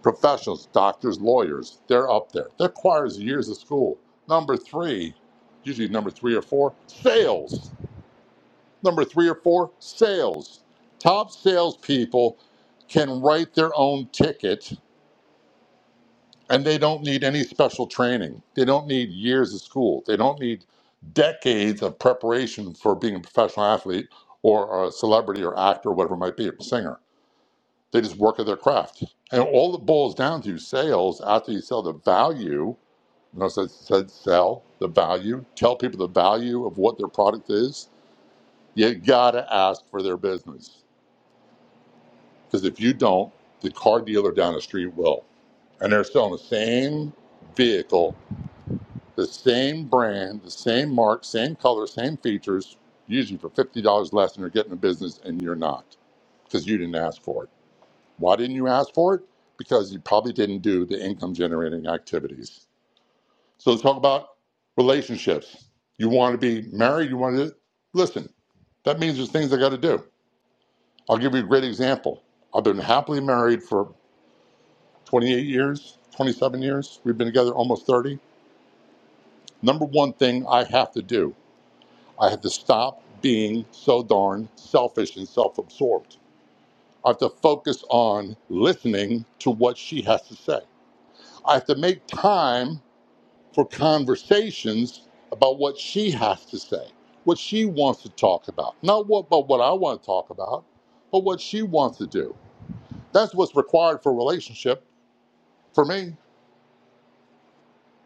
Professionals, doctors, lawyers, they're up there. That requires years of school. Number three, usually number three or four, sales. Number three or four, sales. Top salespeople can write their own ticket and they don't need any special training. They don't need years of school. They don't need decades of preparation for being a professional athlete or a celebrity or actor, whatever it might be, or singer They just work at their craft. And all it boils down to sales after you sell the value. Notice I said sell the value. Tell people the value of what their product is. You gotta ask for their business. Because if you don't, the car dealer down the street will. And they're selling the same vehicle, the same brand, the same mark, same color, same features, usually for fifty dollars less than you're getting a business and you're not. Because you didn't ask for it. Why didn't you ask for it? Because you probably didn't do the income generating activities. So let's talk about relationships. You want to be married, you want to listen. That means there's things I got to do. I'll give you a great example. I've been happily married for 28 years, 27 years. We've been together almost 30. Number one thing I have to do, I have to stop being so darn selfish and self absorbed. I have to focus on listening to what she has to say. I have to make time for conversations about what she has to say, what she wants to talk about. Not what about what I want to talk about, but what she wants to do. That's what's required for a relationship. For me,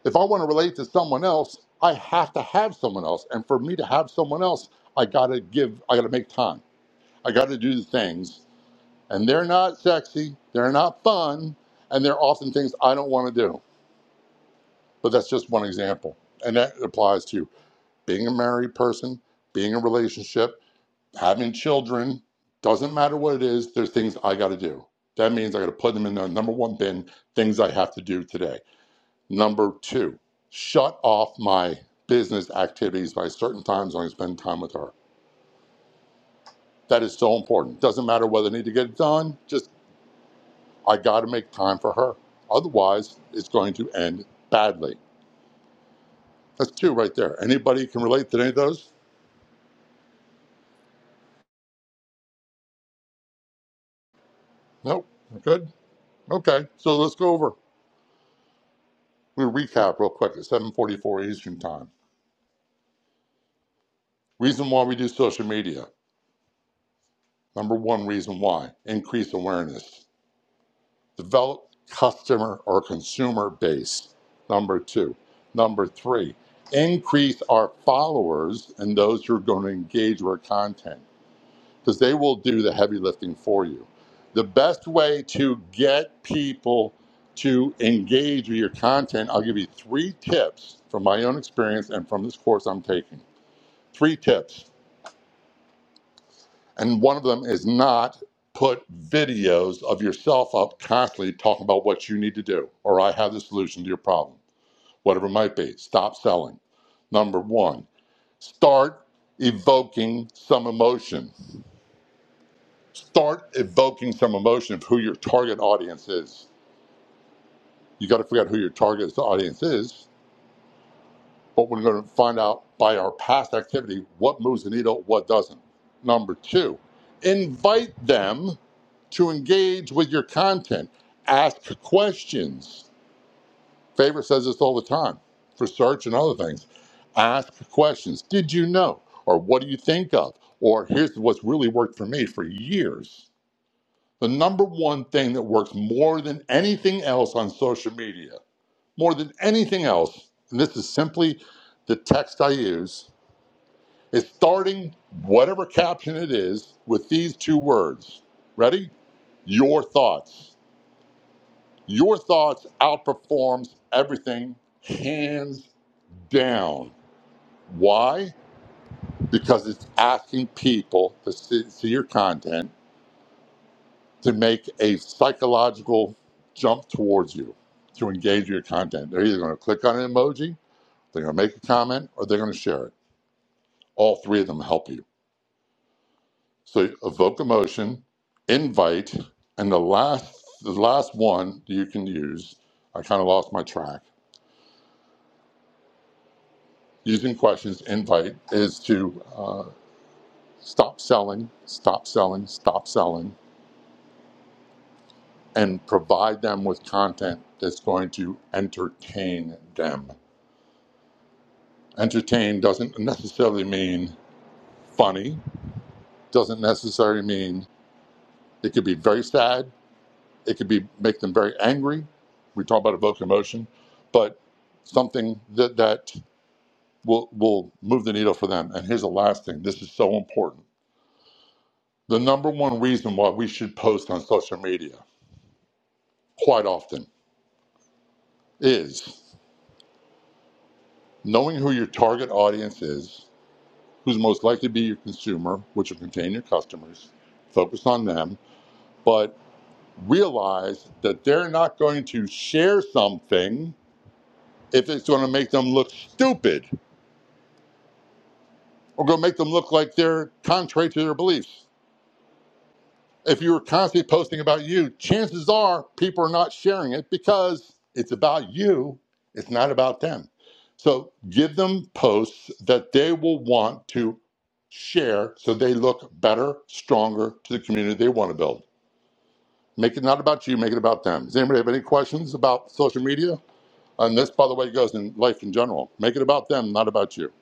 if I want to relate to someone else, I have to have someone else. And for me to have someone else, I gotta give I gotta make time. I gotta do the things. And they're not sexy, they're not fun, and they're often things I don't want to do. But that's just one example. And that applies to being a married person, being in a relationship, having children, doesn't matter what it is, there's things I got to do. That means I got to put them in the number one bin, things I have to do today. Number two, shut off my business activities by certain times when I spend time with her. That is so important. Doesn't matter whether I need to get it done, just I got to make time for her. Otherwise, it's going to end badly. That's two right there. Anybody can relate to any of those? Nope. Good. Okay. So let's go over. We me recap real quick at 7:44 Eastern Time. Reason why we do social media. Number one reason why: increase awareness, develop customer or consumer base. Number two. Number three. Increase our followers and those who are going to engage with our content because they will do the heavy lifting for you. The best way to get people to engage with your content, I'll give you three tips from my own experience and from this course I'm taking. three tips. And one of them is not put videos of yourself up constantly talking about what you need to do or I have the solution to your problem, whatever it might be. Stop selling. Number one, start evoking some emotion. Start evoking some emotion of who your target audience is. You got to figure out who your target audience is but we're going to find out by our past activity what moves the needle, what doesn't. Number two, invite them to engage with your content. Ask questions. Favorite says this all the time for search and other things. Ask questions. Did you know? Or what do you think of? Or here's what's really worked for me for years. The number one thing that works more than anything else on social media, more than anything else, and this is simply the text I use is starting whatever caption it is with these two words. Ready? Your thoughts. Your thoughts outperforms everything hands down. Why? Because it's asking people to see, see your content to make a psychological jump towards you to engage your content. They're either going to click on an emoji, they're going to make a comment, or they're going to share it. All three of them help you. So evoke emotion, invite, and the last the last one you can use. I kind of lost my track. Using questions, invite is to uh, stop selling, stop selling, stop selling, and provide them with content that's going to entertain them. Entertain doesn't necessarily mean funny. Doesn't necessarily mean it could be very sad It could be make them very angry. We talk about evoke emotion, but something that that will will move the needle for them. And here's the last thing. This is so important. The number one reason why we should post on social media quite often is knowing who your target audience is, who's most likely to be your consumer, which will contain your customers. Focus on them, but realize that they're not going to share something if it's going to make them look stupid or going to make them look like they're contrary to their beliefs. If you're constantly posting about you, chances are people are not sharing it because it's about you, it's not about them. So give them posts that they will want to share so they look better, stronger to the community they want to build. Make it not about you, make it about them. Does anybody have any questions about social media? And this, by the way, goes in life in general. Make it about them, not about you.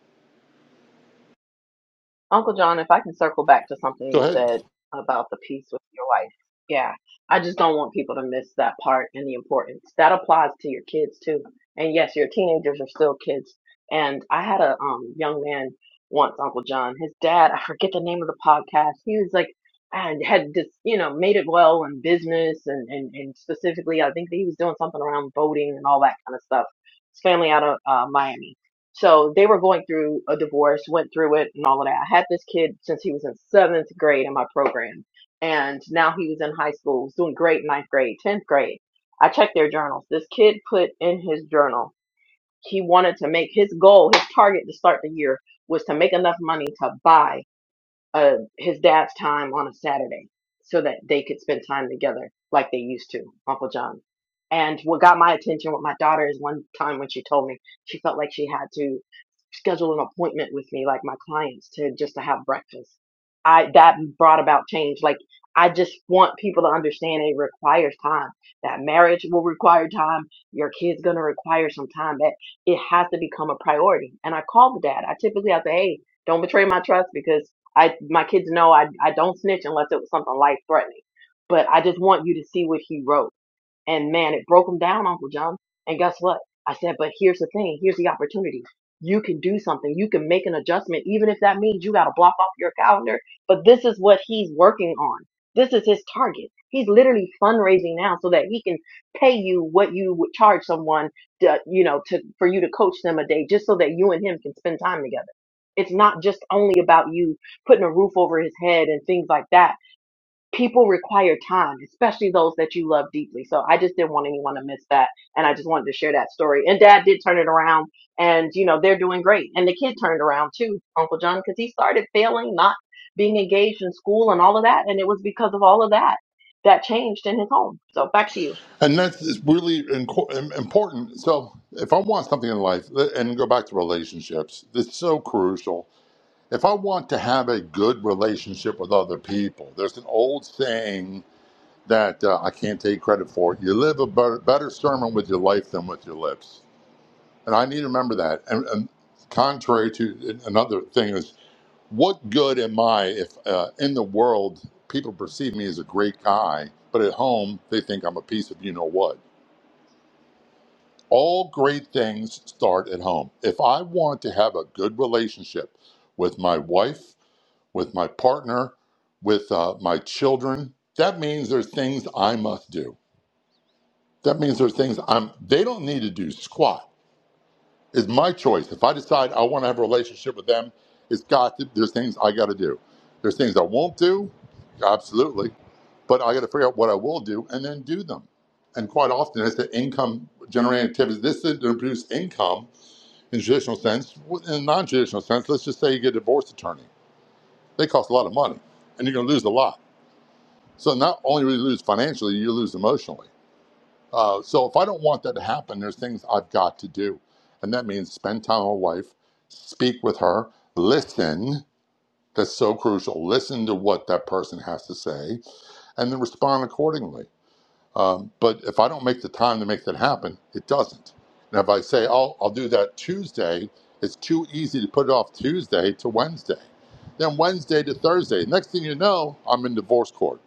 Uncle John, if I can circle back to something
Go
you
ahead.
said about the peace with your wife. Yeah. I just don't want people to miss that part and the importance. That applies to your kids too. And yes, your teenagers are still kids. And I had a um young man once, Uncle John, his dad, I forget the name of the podcast. He was like and had just, you know, made it well in business and, and, and specifically I think that he was doing something around voting and all that kind of stuff. His family out of uh, Miami So they were going through a divorce, went through it and all of that. I had this kid since he was in seventh grade in my program. And now he was in high school, was doing great in ninth grade, 10th grade. I checked their journals. This kid put in his journal, he wanted to make his goal, his target to start the year was to make enough money to buy uh, his dad's time on a Saturday so that they could spend time together like they used to, Uncle John. And what got my attention with my daughter is one time when she told me she felt like she had to schedule an appointment with me like my clients to just to have breakfast i that brought about change like i just want people to understand it requires time that marriage will require time your kids going to require some time that it has to become a priority and i call the dad i typically i say hey don't betray my trust because i my kids know i, I don't snitch unless it was something life threatening but i just want you to see what he wrote and man, it broke him down, Uncle John. And guess what? I said, but here's the thing. Here's the opportunity. You can do something. You can make an adjustment, even if that means you got to block off your calendar. But this is what he's working on. This is his target. He's literally fundraising now so that he can pay you what you would charge someone to, you know, to, for you to coach them a day just so that you and him can spend time together. It's not just only about you putting a roof over his head and things like that people require time, especially those that you love deeply. So I just didn't want anyone to miss that. And I just wanted to share that story. And dad did turn it around and, you know, they're doing great. And the kid turned around too, Uncle John, because he started failing, not being engaged in school and all of that. And it was because of all of that that changed in his home. So back to you.
And that's really inco- important. So, if I want something in life, uh, and go back to relationships, it's so crucial. If I want to have a good relationship with other people, there's an old saying that uh, I can't take credit for. You live a better, better sermon with your life than with your lips. And I need to remember that. And, and contrary to another thing, is what good am I if uh, in the world people perceive me as a great guy, but at home they think I'm a piece of you know what? All great things start at home. If I want to have a good relationship with my wife, with my partner, with uh, my children, that means there's things I must do. That means there's things I'm. They don't need to do squat. It's my choice. If I decide I want to have a relationship with them, it's got to, there's things I got to do. There's things I won't do, absolutely, but I got to figure out what I will do and then do them. And quite often, it's the income generating activities. This is to produce income in a traditional sense. In a non-traditional sense, let's just say you get a divorce attorney. They cost a lot of money, and you're going to lose a lot. So not only will you lose financially, you lose emotionally. Uh, so if I don't want that to happen, there's things I've got to do, and that means spend time with my wife, speak with her, listen. That's so crucial. Listen to what that person has to say, and then respond accordingly. Um, but if I don't make the time to make that happen, it doesn't. And if I say, "I'll I'll do that Tuesday," it's too easy to put it off Tuesday to Wednesday, then Wednesday to Thursday. Next thing you know, I'm in divorce court.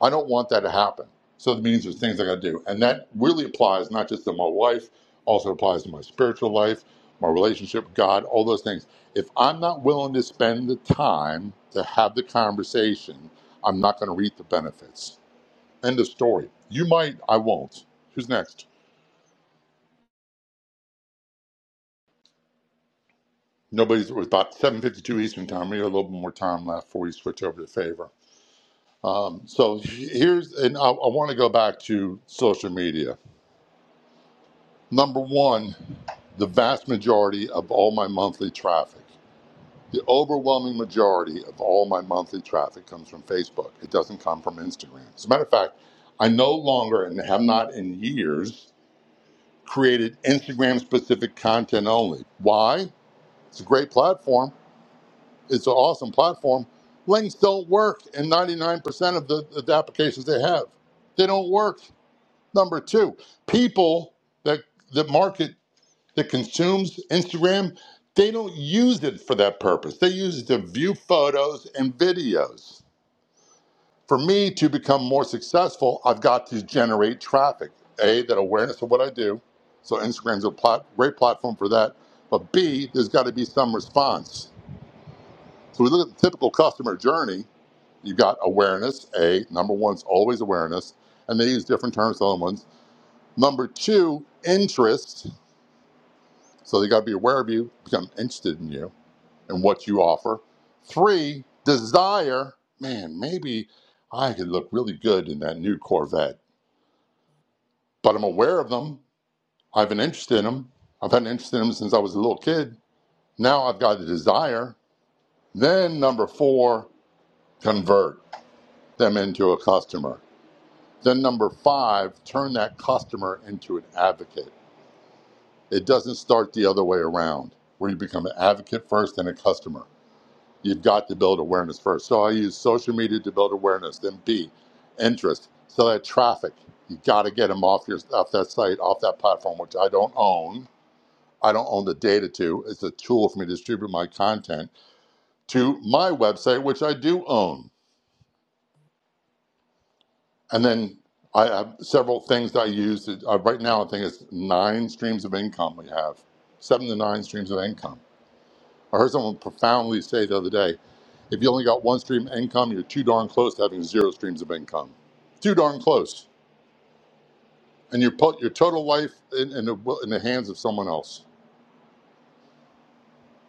I don't want that to happen. So that means there's things I got to do, and that really applies not just to my wife, also applies to my spiritual life, my relationship with God, all those things. If I'm not willing to spend the time to have the conversation, I'm not going to reap the benefits. End of story. You might, I won't. Who's next? Nobody's. It was about seven fifty-two Eastern time. We have a little bit more time left before we switch over to favor. Um, so here's, and I, I want to go back to social media. Number one, the vast majority of all my monthly traffic, the overwhelming majority of all my monthly traffic comes from Facebook. It doesn't come from Instagram. As a matter of fact, I no longer and have not in years created Instagram specific content only. Why? It's a great platform. It's an awesome platform. Links don't work in 99% of the, the applications they have. They don't work. Number two, people that the market that consumes Instagram, they don't use it for that purpose. They use it to view photos and videos. For me to become more successful, I've got to generate traffic. A, that awareness of what I do. So Instagram's a plat- great platform for that. But B, there's got to be some response So we look at the typical customer journey. You've got awareness, A. Number one is always awareness, and they use different terms for other ones. Number two, interest. So they got to be aware of you, become interested in you and what you offer. Three, desire. Man, maybe I could look really good in that new Corvette, but I'm aware of them. I've been interested in them. I've had an interest in them since I was a little kid. Now I've got a desire. Then number four, convert them into a customer Then, number five, turn that customer into an advocate. It doesn't start the other way around, where you become an advocate first and a customer. You've got to build awareness first. So, I use social media to build awareness, then B, interest. So, that traffic, you got to get them off, your, off that site, off that platform, which I don't own. I don't own the data to. It's a tool for me to distribute my content to my website, which I do own. And then I have several things that I use. Uh, right now, I think it's nine streams of income we have, seven to nine streams of income. I heard someone profoundly say the other day if you only got one stream of income, you're too darn close to having zero streams of income. Too darn close. And you put your total life in, in, the, in the hands of someone else.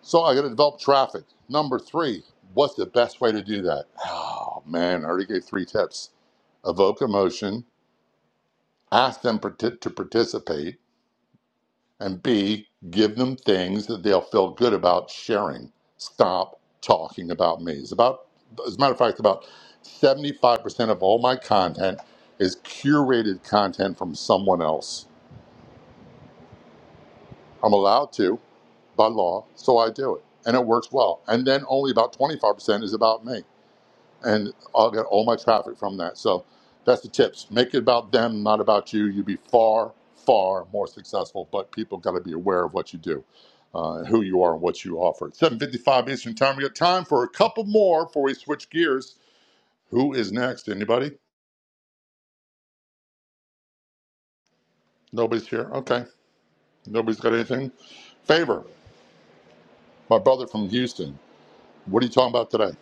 So I got to develop traffic. Number three, what's the best way to do that? Oh, man, I already gave three tips. Evoke emotion, ask them parti- to participate And B, give them things that they'll feel good about sharing. Stop talking about me. It's about, as a matter of fact, about 75% of all my content is curated content from someone else. I'm allowed to by law, so I do it. And it works well. And then only about 25% is about me and I'll get all my traffic from that. So that's the tips. Make it about them, not about you. You'll be far, far more successful, but people got to be aware of what you do, uh, who you are, and what you offer. 7.55 Eastern Time. We got time for a couple more before we switch gears. Who is next? Anybody? Nobody's here? Okay. Nobody's got anything? Favor, my brother from Houston. What are you talking about today?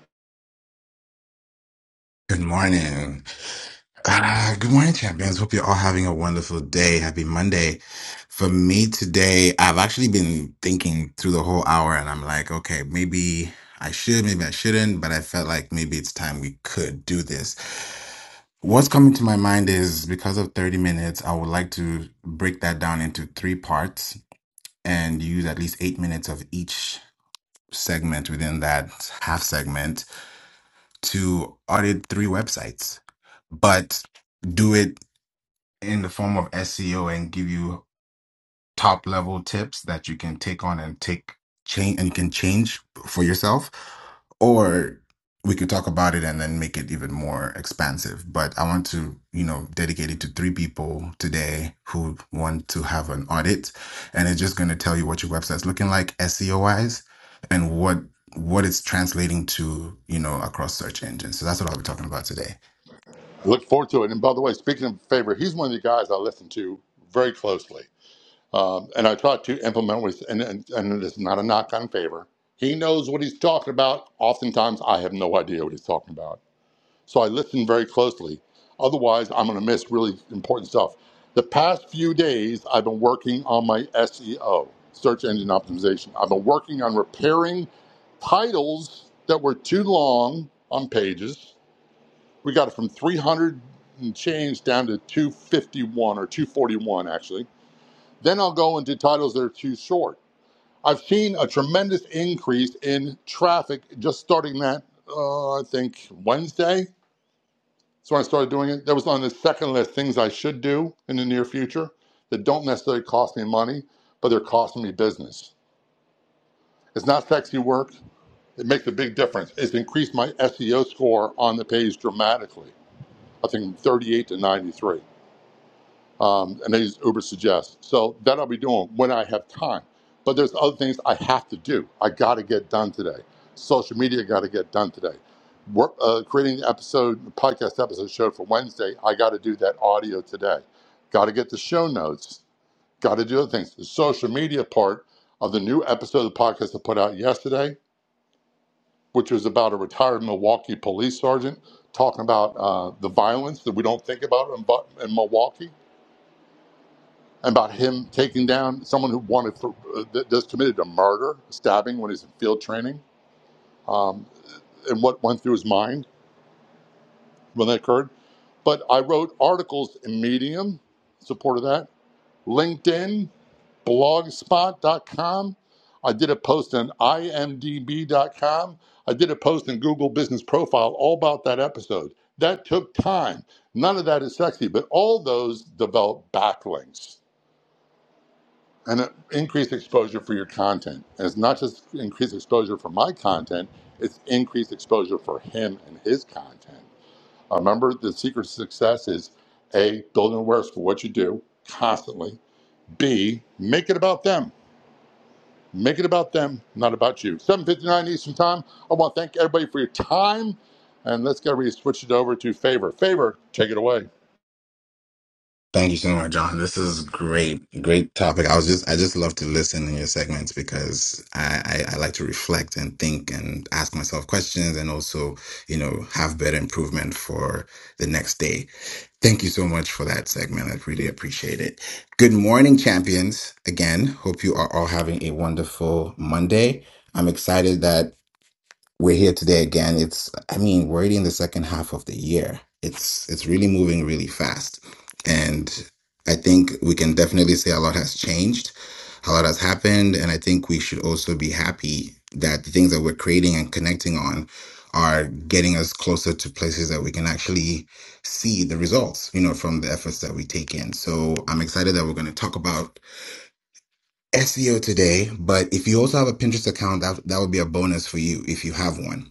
Good morning. Uh, good morning, champions. Hope you're all having a wonderful day. Happy Monday. For me today, I've actually been thinking through the whole hour and I'm like, okay, maybe I should, maybe I shouldn't, but I felt like maybe it's time we could do this. What's coming to my mind is because of 30 minutes, I would like to break that down into three parts and use at least eight minutes of each segment within that half segment to audit three websites, but do it in the form of SEO and give you top level tips that you can take on and take change and can change for yourself or we could talk about it and then make it even more expansive but i want to you know dedicate it to three people today who want to have an audit and it's just going to tell you what your website's looking like seo wise and what what it's translating to you know across search engines so that's what i'll be talking about today
I look forward to it. And by the way, speaking of Favor, he's one of the guys I listen to very closely Um, and I try to implement with, and, and, and this not a knock on favor. He knows what he's talking about. Oftentimes, I have no idea what he's talking about. So I listen very closely. Otherwise, I'm going to miss really important stuff. The past few days, I've been working on my SEO, search engine optimization. I've been working on repairing titles that were too long on pages. We got it from 300 and change down to 251 or 241, actually then I'll go into titles that are too short. I've seen a tremendous increase in traffic just starting that, uh, I think, Wednesday. So when I started doing it, that was on the second list things I should do in the near future that don't necessarily cost me money, but they're costing me business. It's not sexy work. It makes a big difference. It's increased my SEO score on the page dramatically. I think 38 to 93. um, and I use Uber Suggest. So that I'll be doing when I have time. But there's other things I have to do. I got to get done today. Social media got to get done today. Work, uh, creating the episode, the podcast episode show for Wednesday. I got to do that audio today. Got to get the show notes. Got to do other things. The social media part of the new episode of the podcast I put out yesterday, which was about a retired Milwaukee police sergeant talking about uh, the violence that we don't think about in, in Milwaukee about him taking down someone who wanted for, uh, that just committed a murder, stabbing when he's in field training, um, and what went through his mind when that occurred. But I wrote articles in Medium, support of that, LinkedIn, blogspot.com. I did a post on imdb.com. I did a post in Google Business Profile all about that episode. That took time. None of that is sexy, but all those developed backlinks and uh, increased exposure for your content. And it's not just increased exposure for my content, it's increased exposure for him and his content. Uh, Remember, the secret to success is A, building awareness for what you do constantly, B, make it about them. Make it about them, not about you. 7.59 Eastern Time. I want to thank everybody for your time. And let's get ready to switch it over to Favor. Favor, take it away.
Thank you so much, John. This is great, great topic. I was just, I just love to listen in your segments because I, I, I like to reflect and think and ask myself questions and also, you know, have better improvement for the next day. Thank you so much for that segment. I really appreciate it. Good morning, champions. Again, hope you are all having a wonderful Monday. I'm excited that we're here today again. It's I mean, we're already in the second half of the year. It's it's really moving really fast. And I think we can definitely say a lot has changed. A lot has happened. And I think we should also be happy that the things that we're creating and connecting on are getting us closer to places that we can actually see the results, you know, from the efforts that we take in. So I'm excited that we're going to talk about SEO today. But if you also have a Pinterest account, that, that would be a bonus for you if you have one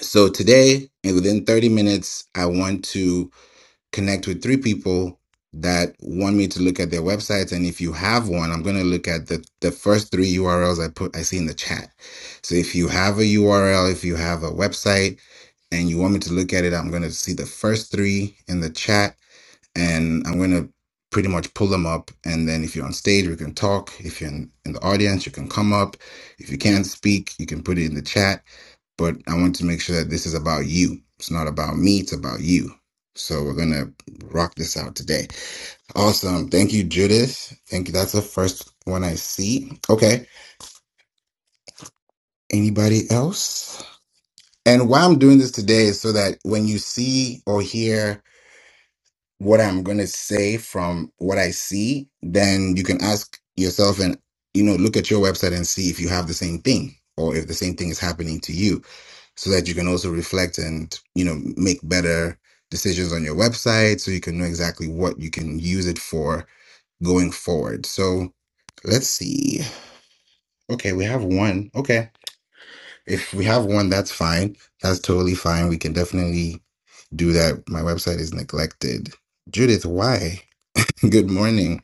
so today, and within 30 minutes, I want to connect with three people that want me to look at their websites. And if you have one, I'm going to look at the, the first three URLs I put, I see in the chat. So if you have a URL, if you have a website and you want me to look at it, I'm going to see the first three in the chat and I'm going to pretty much pull them up. And then if you're on stage, we can talk. If you're in, in the audience, you can come up. If you can't speak, you can put it in the chat but I want to make sure that this is about you. It's not about me, it's about you. So we're gonna rock this out today. Awesome. Thank you, Judith. Thank you. That's the first one I see. Okay. Anybody else? And why I'm doing this today is so that when you see or hear what I'm gonna say from what I see, then you can ask yourself and you know look at your website and see if you have the same thing or if the same thing is happening to you so that you can also reflect and you know make better decisions on your website so you can know exactly what you can use it for going forward so let's see okay we have one okay if we have one that's fine that's totally fine we can definitely do that my website is neglected judith why good morning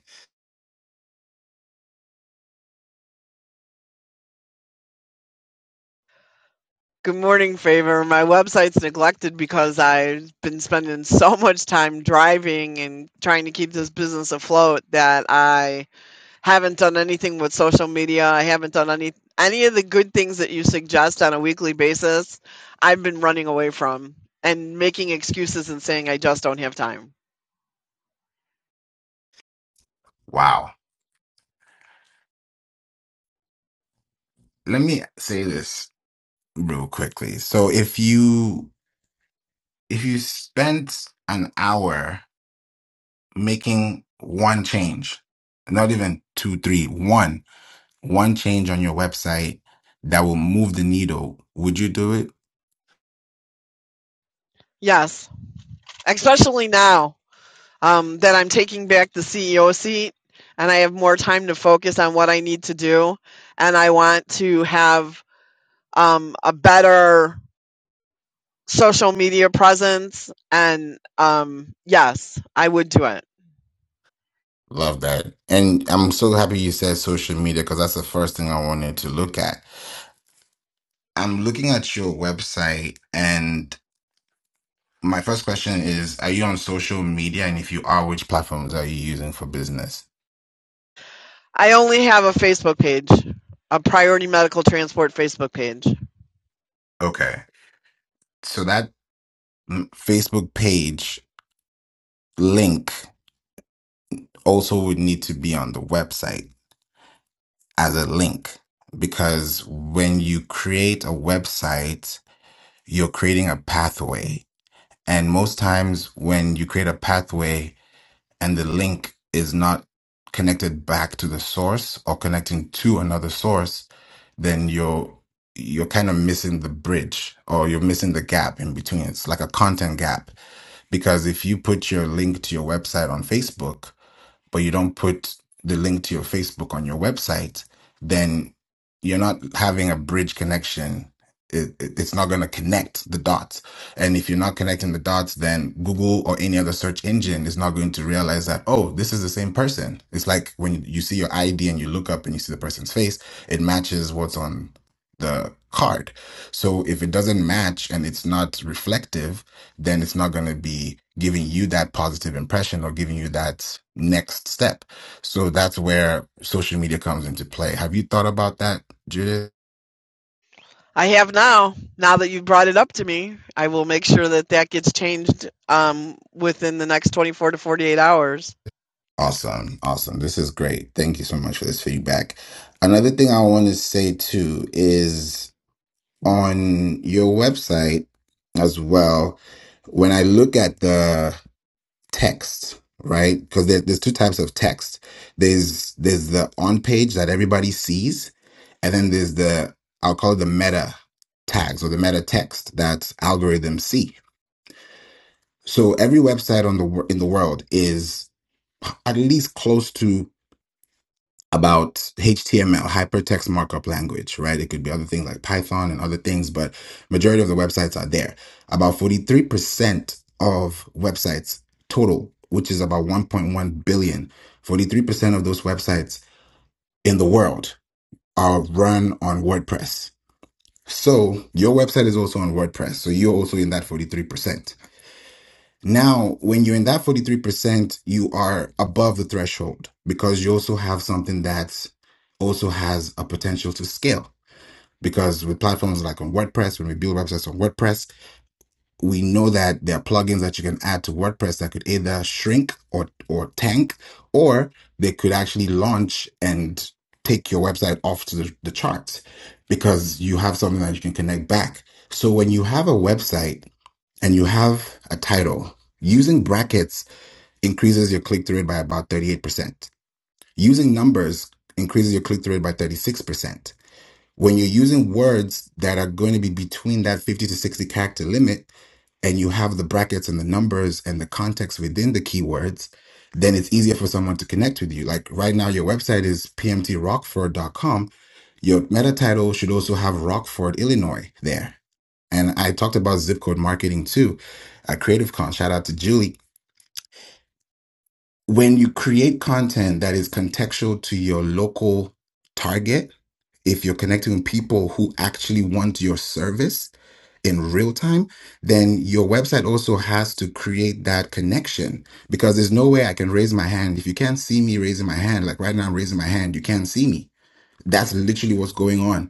Good morning, Favor. My website's neglected because I've been spending so much time driving and trying to keep this business afloat that I haven't done anything with social media. I haven't done any any of the good things that you suggest on a weekly basis. I've been running away from and making excuses and saying I just don't have time.
wow let me say this real quickly so if you if you spent an hour making one change, not even two, three, one, one change on your website that will move the needle, would you do it?
Yes, especially now um, that I'm taking back the CEO seat and I have more time to focus on what I need to do. And I want to have um, a better social media presence. And um, yes, I would do it.
Love that. And I'm so happy you said social media because that's the first thing I wanted to look at. I'm looking at your website, and my first question is Are you on social media? And if you are, which platforms are you using for business?
I only have a Facebook page, a Priority Medical Transport Facebook page.
Okay. So that mm, Facebook page link also would need to be on the website as a link because when you create a website, you're creating a pathway. And most times when you create a pathway and the link is not connected back to the source or connecting to another source, then you're you're kind of missing the bridge or you're missing the gap in between. It's like a content gap because if you put your link to your website on Facebook but you don't put the link to your Facebook on your website, then you're not having a bridge connection. It, it- it's not going to connect the dots. And if you're not connecting the dots, then Google or any other search engine is not going to realize that, oh, this is the same person. It's like when you see your ID and you look up and you see the person's face, it matches what's on the card. So if it doesn't match and it's not reflective, then it's not going to be giving you that positive impression or giving you that next step. So that's where social media comes into play. Have you thought about that, Judith?
I have now. Now that you've brought it up to me, I will make sure that that gets changed um, within the next 24 to 48 hours
Awesome. Awesome. This is great. Thank you so much for this feedback. Another thing I want to say too is on your website as well, when I look at the text right because there, there's two types of text there's there's the on page that everybody sees and then there's the i'll call it the meta tags or the meta text that algorithms see so every website on the wor- in the world is at least close to about HTML, hypertext markup language, right? It could be other things like Python and other things, but majority of the websites are there. About 43% of websites total, which is about one point one billion, forty-three percent of those websites in the world are run on WordPress. So your website is also on WordPress. So you're also in that 43%. Now, when you're in that 43%, you are above the threshold because you also have something that also has a potential to scale. Because with platforms like on WordPress, when we build websites on WordPress, we know that there are plugins that you can add to WordPress that could either shrink or or tank, or they could actually launch and take your website off to the, the charts because you have something that you can connect back. So when you have a website and you have a title, using brackets increases your click through rate by about 38%. Using numbers increases your click through rate by 36%. When you're using words that are going to be between that 50 to 60 character limit and you have the brackets and the numbers and the context within the keywords, then it's easier for someone to connect with you. Like right now, your website is p m t rockford dot com. Your meta title should also have Rockford, Illinois there. And I talked about zip code marketing too at Creative Con. Shout out to Julie when you create content that is contextual to your local target, if you're connecting with people who actually want your service in real time, then your website also has to create that connection because there's no way I can raise my hand. If you can't see me raising my hand, like right now I'm raising my hand, you can't see me. That's literally what's going on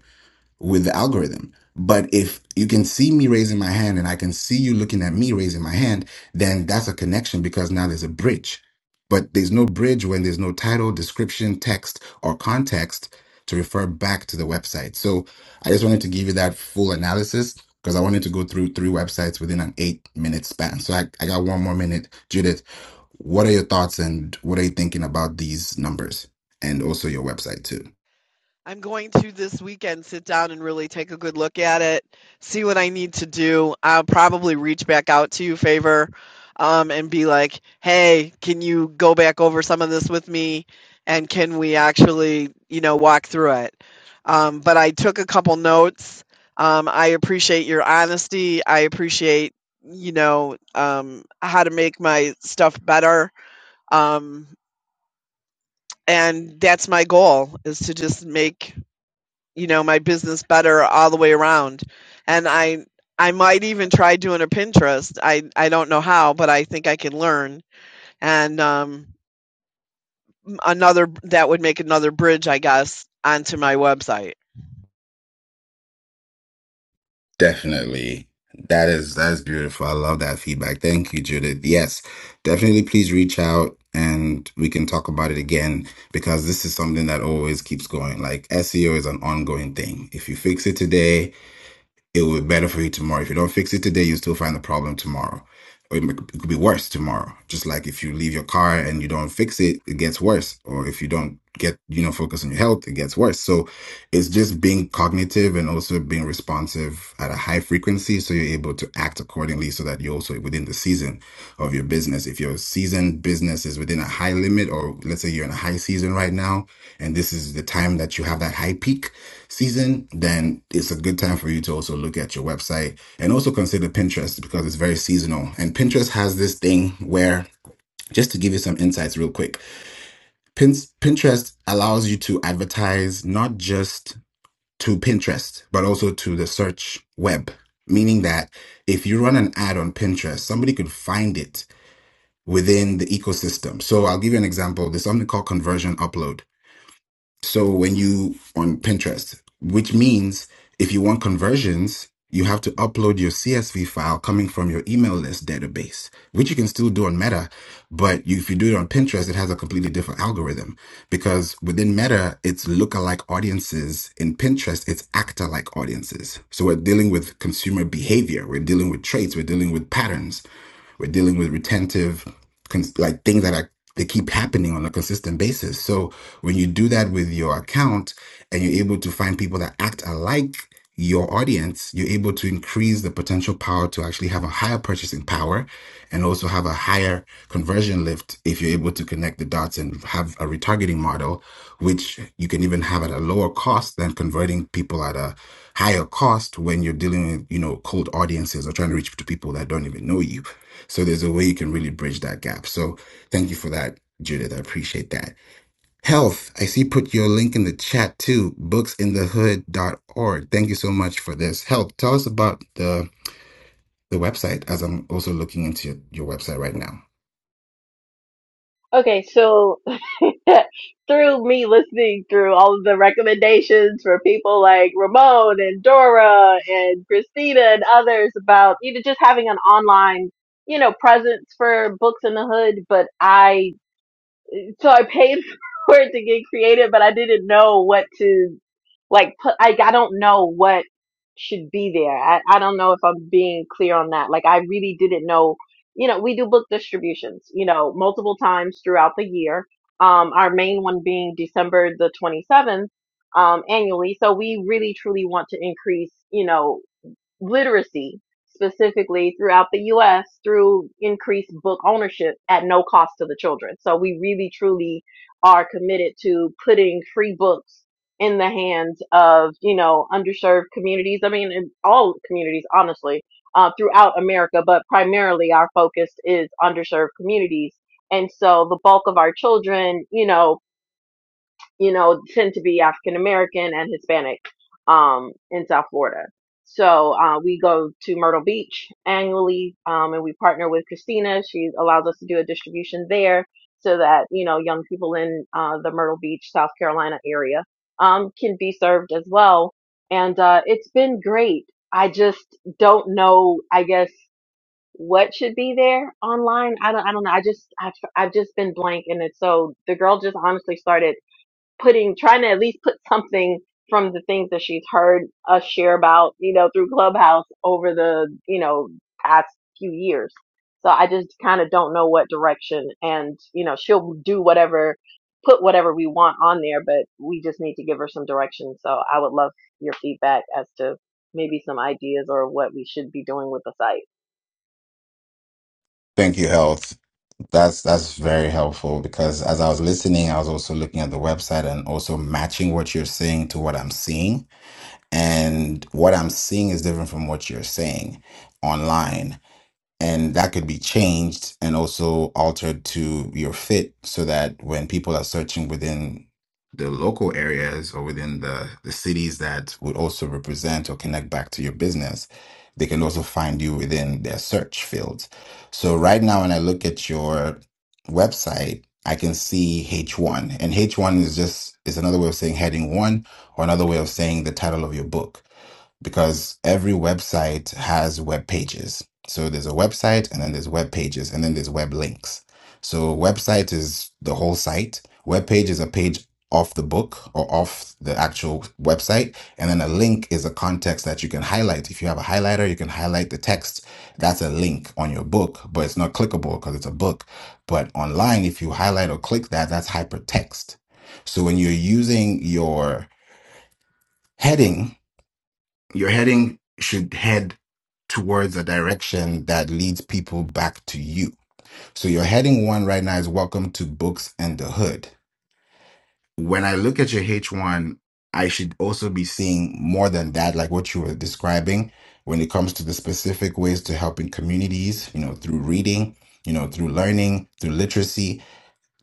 with the algorithm. But if you can see me raising my hand and I can see you looking at me raising my hand, then that's a connection because now there's a bridge. But there's no bridge when there's no title, description, text, or context to refer back to the website. So I just wanted to give you that full analysis because I wanted to go through three websites within an eight minute span. So I, I got one more minute. Judith, what are your thoughts and what are you thinking about these numbers and also your website too?
I'm going to this weekend sit down and really take a good look at it, see what I need to do. I'll probably reach back out to you, Favor, um, and be like, hey, can you go back over some of this with me? And can we actually, you know, walk through it? Um, but I took a couple notes. Um, I appreciate your honesty. I appreciate, you know, um, how to make my stuff better. Um, and that's my goal is to just make you know my business better all the way around and i i might even try doing a pinterest i i don't know how but i think i can learn and um another that would make another bridge i guess onto my website
Definitely. That is that is beautiful. I love that feedback. Thank you, Judith. Yes, definitely please reach out and we can talk about it again because this is something that always keeps going. Like SEO is an ongoing thing. If you fix it today, it will be better for you tomorrow. If you don't fix it today, you'll still find the problem tomorrow. Or it m- it could be worse tomorrow. Just like if you leave your car and you don't fix it, it gets worse. Or if you don't get, you know, focus on your health, it gets worse. So it's just being cognitive and also being responsive at a high frequency. So you're able to act accordingly so that you're also within the season of your business. If your season business is within a high limit, or let's say you're in a high season right now, and this is the time that you have that high peak, season, then it's a good time for you to also look at your website and also consider Pinterest because it's very seasonal. And Pinterest has this thing where, just to give you some insights real quick, Pin- Pinterest allows you to advertise not just to Pinterest, but also to the search web, meaning that if you run an ad on Pinterest, somebody could find it within the ecosystem. So I'll give you an example. There's something called conversion upload. So when you on Pinterest, which means if you want conversions, you have to upload your CSV file coming from your email list database, which you can still do on Meta. But you, if you do it on Pinterest, it has a completely different algorithm because within Meta, it's lookalike audiences. In Pinterest, it's actor like audiences. So we're dealing with consumer behavior. We're dealing with traits. We're dealing with patterns. We're dealing with retentive, cons- like things that are they keep happening on a consistent basis. So when you do that with your account and you're able to find people that act alike your audience, you're able to increase the potential power to actually have a higher purchasing power and also have a higher conversion lift if you're able to connect the dots and have a retargeting model, which you can even have at a lower cost than converting people at a higher cost when you're dealing with, you know, cold audiences or trying to reach to people that don't even know you. So there's a way you can really bridge that gap. So thank you for that, Judith. I appreciate that. Health, I see put your link in the chat too, booksinthehood.org. Thank you so much for this. Health, tell us about the the website as I'm also looking into your, your website right now.
Okay, so through me listening through all of the recommendations for people like Ramon and Dora and Christina and others about you know just having an online you know presence for books in the hood, but I so I paid for it to get created, but I didn't know what to like put. Like I don't know what should be there. I, I don't know if I'm being clear on that. Like I really didn't know. You know, we do book distributions. You know, multiple times throughout the year. Um, our main one being December the 27th um, annually. So we really truly want to increase. You know, literacy specifically throughout the US through increased book ownership at no cost to the children. So we really truly are committed to putting free books in the hands of, you know, underserved communities. I mean, in all communities, honestly, uh, throughout America, but primarily our focus is underserved communities. And so the bulk of our children, you know, you know, tend to be African American and Hispanic um, in South Florida. So uh, we go to Myrtle Beach annually, um, and we partner with Christina. She allows us to do a distribution there so that you know young people in uh, the Myrtle Beach, South Carolina area um, can be served as well. And uh, it's been great. I just don't know. I guess what should be there online. I don't. I don't know. I just. I've, I've just been blank, and it's so the girl just honestly started putting trying to at least put something from the things that she's heard us share about, you know, through Clubhouse over the, you know, past few years. So I just kind of don't know what direction and, you know, she'll do whatever put whatever we want on there, but we just need to give her some direction. Would love your feedback as to maybe some ideas or what we should be like.
Thank you, Health. That's that's very helpful because as I was listening, I was also looking at the website and also matching what you're saying to what I'm seeing. And what I'm seeing is different from what you're saying online. and that could be changed and also altered to your fit so that when people are searching within the local areas or within the, the cities that would also represent or connect back to your business, they can also find you within their search fields. So right now, when I look at your website, I can see H1 and H1 is just, is another way of saying heading one or another way of saying the title of your book because every website has web pages. So there's a website and then there's web pages and then there's web links. So website is the whole site. Web page is a page off the book or off the actual website. And then a link is a context that you can highlight. If you have a highlighter, you can highlight the text. That's a link on your book, but it's not clickable because it's a book. But online, if you highlight or click that, that's hypertext. So when you're using your heading your heading should head towards a direction that leads people back to you. So your heading one right now is Welcome to Books and the Hood. When I look at your H1, I should also be seeing more than that, like what you were describing when it comes to the specific ways to helping communities, you know, through reading, you know, through learning, through literacy.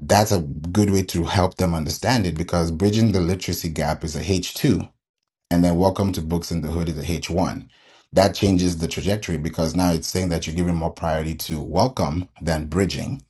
That's a good way to help them understand it because bridging the literacy gap is a H2 and then welcome to books in the hood is a H1. That changes the trajectory because now it's saying that you're giving more priority to welcome than bridging.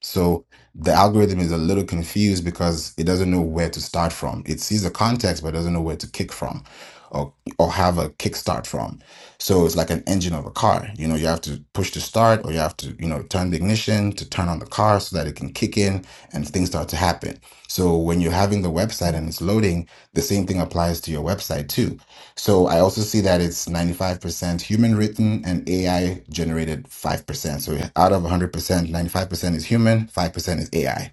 So the algorithm is a little confused because it doesn't know where to start from. It sees the context but doesn't know where to kick from or or have a kickstart from. So it's like an engine of a car. You know, you have to push to start or you have to, you know, turn the ignition to turn on the car so that it can kick in and things start to happen. So when you're having the website and it's loading the same thing applies to your website too. So I also see that it's 95% human written and AI generated 5%. So out of 100%, 95% is human, 5% is AI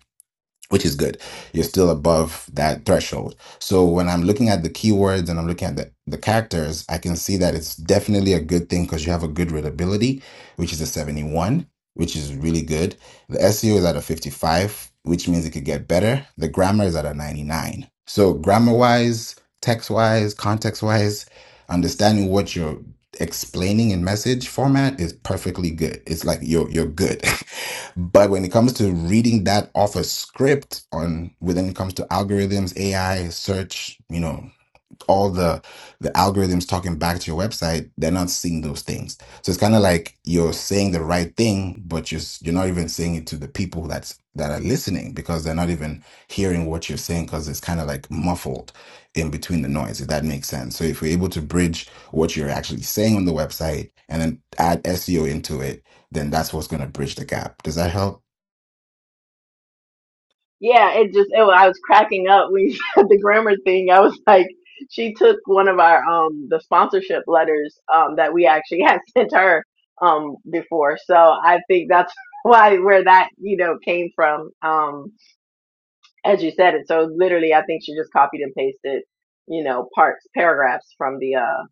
which is good. You're still above that threshold. So when I'm looking at the keywords and I'm looking at the, the characters, I can see that it's definitely a good thing because you have a good readability, which is a 71, which is really good. The SEO is at a 55, which means it could get better. The grammar is at a 99. So grammar wise, text wise, context wise, understanding what you're explaining in message format is perfectly good. It's like you're you're good. but when it comes to reading that off a script on when it comes to algorithms, AI, search, you know, all the the algorithms talking back to your website, they're not seeing those things. So it's kind of like you're saying the right thing, but you're s- you're not even saying it to the people that's that are listening because they're not even hearing what you're saying because it's kind of like muffled in between the noise. If that makes sense. So if we are able to bridge what you're actually saying on the website and then add SEO into it, then that's what's going to bridge the gap. Does that help?
Yeah, it just it, wa- I was cracking up when you said the grammar thing. I was like, she took one of our um the sponsorship letters um that we actually had sent her um before. So I think that's why where that, you know, came from. Um as you said it. So literally, I think she just copied and pasted, you know, parts, paragraphs from the, uh,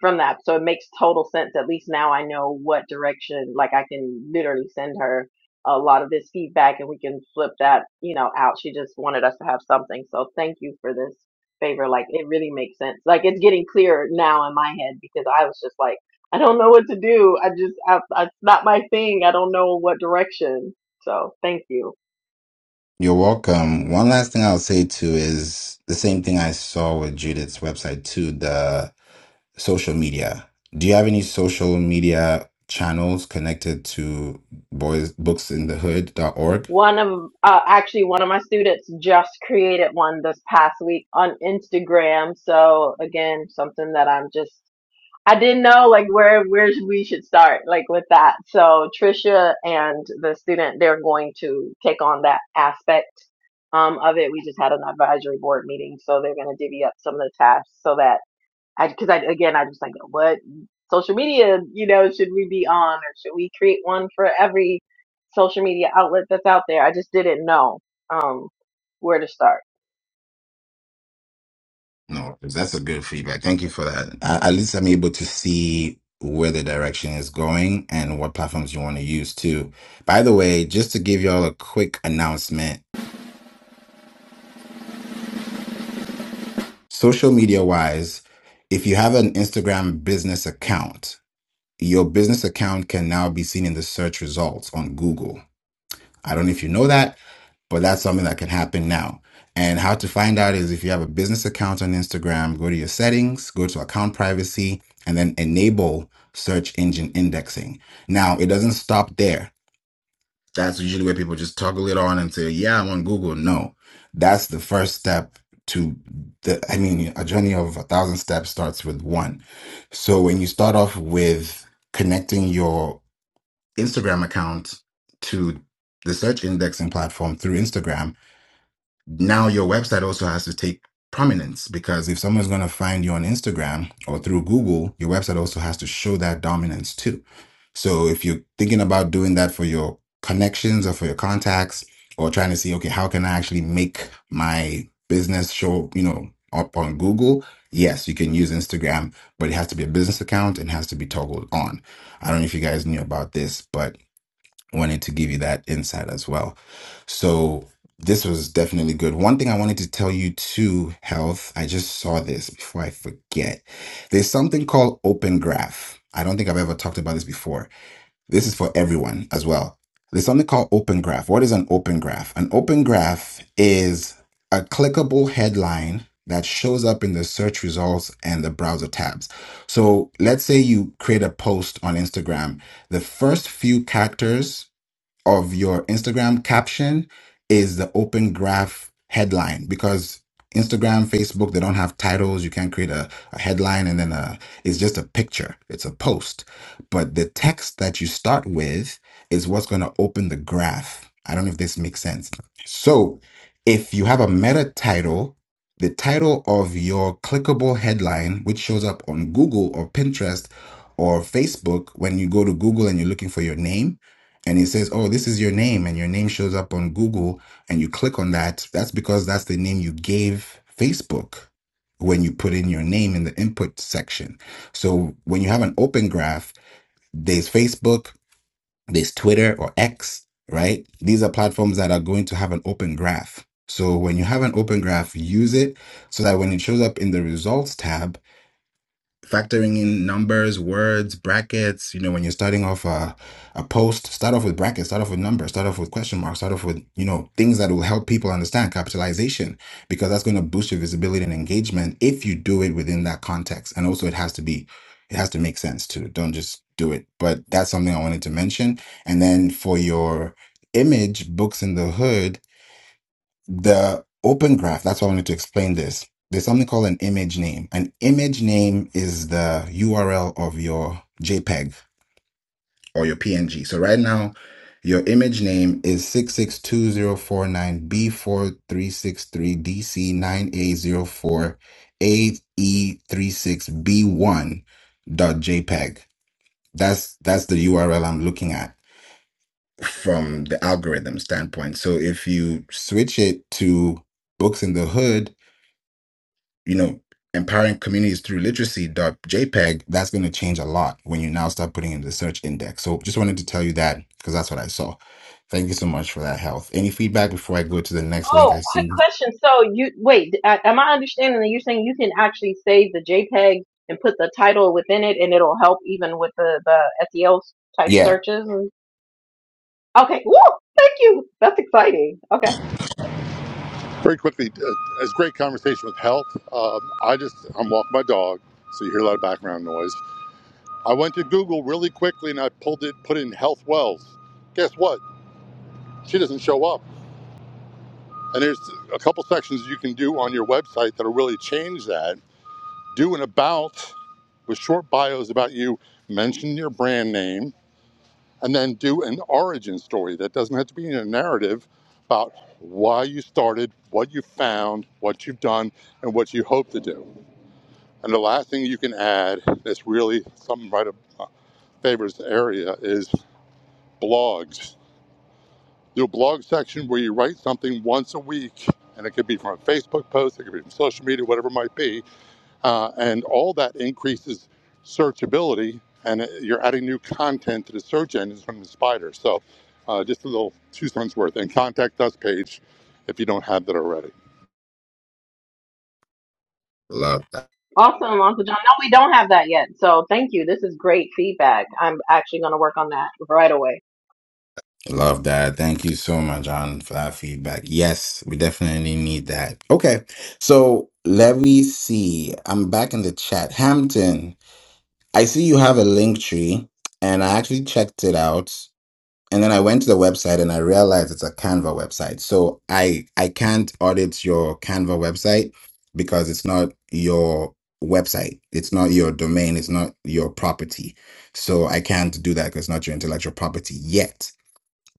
from that. So it makes total sense. At least now I know what direction, like I can literally send her a lot of this feedback and we can flip that, you know, out. She just wanted us to have something. So thank you for this favor. Like it really makes sense. Like it's getting clearer now in my head because I was just like, I don't know what to do. I just, I, I, it's not my thing. I don't know what direction. So thank you
You're welcome. One last thing I'll say too is the same thing I saw with Judith's website too. The social media. Do you have any social media channels connected to boys books in the hood.org?
One, my created one this past week on Instagram. So again, something that I'm just I didn't know we should start like with that. So Trisha and the student, they're going to take on that aspect um, of it. We just had an advisory board meeting, so they're going to divvy up some of the tasks so that I, because I again, I just like what social media, you know, should we be on or should we create one for every social media outlet that's out there? I just didn't know um, where to start.
No, that's a good feedback. Thank you for that. A- At least I'm able to see where the direction is going and what platforms you want to use too. By the way, just to give y'all a quick announcement, social media wise, if you have an Instagram business account, your business account can now be seen in the search results on Google. I don't know if you know that, but that's something that can happen now. And how to find out is if you have a business account on Instagram, go to your settings, go to account privacy, and then enable search engine indexing. Now, it doesn't stop there that's usually where people just toggle it on and say, yeah, I'm on Google. No, that's the first step to the, I mean, a journey of a thousand steps starts with one. So when you start off with connecting your Instagram account to the search indexing platform through Instagram, now your website also has to take prominence because if someone's going to find you on Instagram or through Google, your website also has to show that dominance too. So if you're thinking about doing that for your connections or for your contacts or trying to see, okay, how can I actually make my business show, you know, up on Google? Yes, you can use Instagram, but it has to be a business account and has to be toggled on. I don't know if you guys knew about this, but wanted to give you that insight as well. So this was definitely good. One thing I wanted to tell you too, health, I just saw this before I forget. There's something called Open Graph. I don't think I've ever talked about this before. This is for everyone as well. There's something called Open Graph. What is an Open Graph? An Open Graph is a clickable headline that shows up in the search results and the browser tabs. So let's say you create a post on Instagram. The first few characters of your Instagram caption is the open graph headline because Instagram, Facebook, they don't have titles. You can't create a, a headline and then a, it's just a picture. It's a post. But the text that you start with is what's going to open the graph. I don't know if this makes sense. So if you have a meta title, the title of your clickable headline, which shows up on Google or Pinterest or Facebook, when you go to Google and you're looking for your name, and it says, "Oh, this is your name," and your name shows up on Google, and you click on that, that's because that's the name you gave Facebook when you put in your name in the input section. So when you have an open graph, there's Facebook, there's Twitter or X, right? These are platforms that are going to have an open graph. So when you have an open graph, use it so that when it shows up in the results tab factoring in numbers, words, brackets. You know, when you're starting off a, a post, start off with brackets, start off with numbers, start off with question marks, start off with, you know, things that will help people understand capitalization, because that's going to boost your visibility and engagement if you do it within that context. And also, it has to be, it has to make sense too. Don't just do it. But that's something I wanted to mention. And then for your image, Books in the Hood, the open graph, that's why I wanted to explain this. There's something called an image name. An image name is the URL of your JPEG or your PNG. So right now, your image name is six six two zero four nine b 4363 dc 9 a zero ae e three six b one dot JPEG. That's that's the URL I'm looking at from the algorithm standpoint. So if you switch it to books in the hood you know, empowering communities through literacy.jpg, that's going to change a lot when you now start putting in the search index. So just wanted to tell you that because that's what I saw. Thank you so much for that health. Any feedback before I go to the next link
Oh,
I
quick
see?
question. So you wait, a- am I understanding that you're saying you can actually save the JPEG and put the title within it, and it'll help even with the the SEO type
Yeah.
searches? And, okay, woo, thank you. That's exciting. Okay,
Very quickly, uh, it's a great conversation with health. Um, I just, I'm walking my dog, so you hear a lot of background noise. I went to Google really quickly and I pulled it, put in health wells. Guess what? She doesn't show up. And there's a couple sections you can do on your website that'll really change that. Do an about with short bios about you, mention your brand name, and then do an origin story that doesn't have to be in a narrative about why you started, what you found, what you've done, and what you hope to do And the last thing you can add that's really something right up, uh, favors the area is blogs. Do a blog section where you write something once a week, and it could be from a Facebook post, it could be from social media, whatever it might be, uh, and all that increases searchability, and you're adding new content to the search engines from the spider. So, uh, just a little two cents worth. And contact us page if you don't have that already.
Love that.
awesome, Uncle John. No, we don't have that yet. So thank you. This is great feedback. I'm actually going to work on that right away.
Love that. Thank you so much, John, for that feedback. Yes, we definitely need that. Okay. So let me see. I'm back in the chat. Hampton, I see you have a link tree and I actually checked it out. And then I went to the website and I realized it's a Canva website. So I I can't audit your Canva website because it's not your website. It's not your domain. It's not your property. So I can't do that because it's not your intellectual property yet.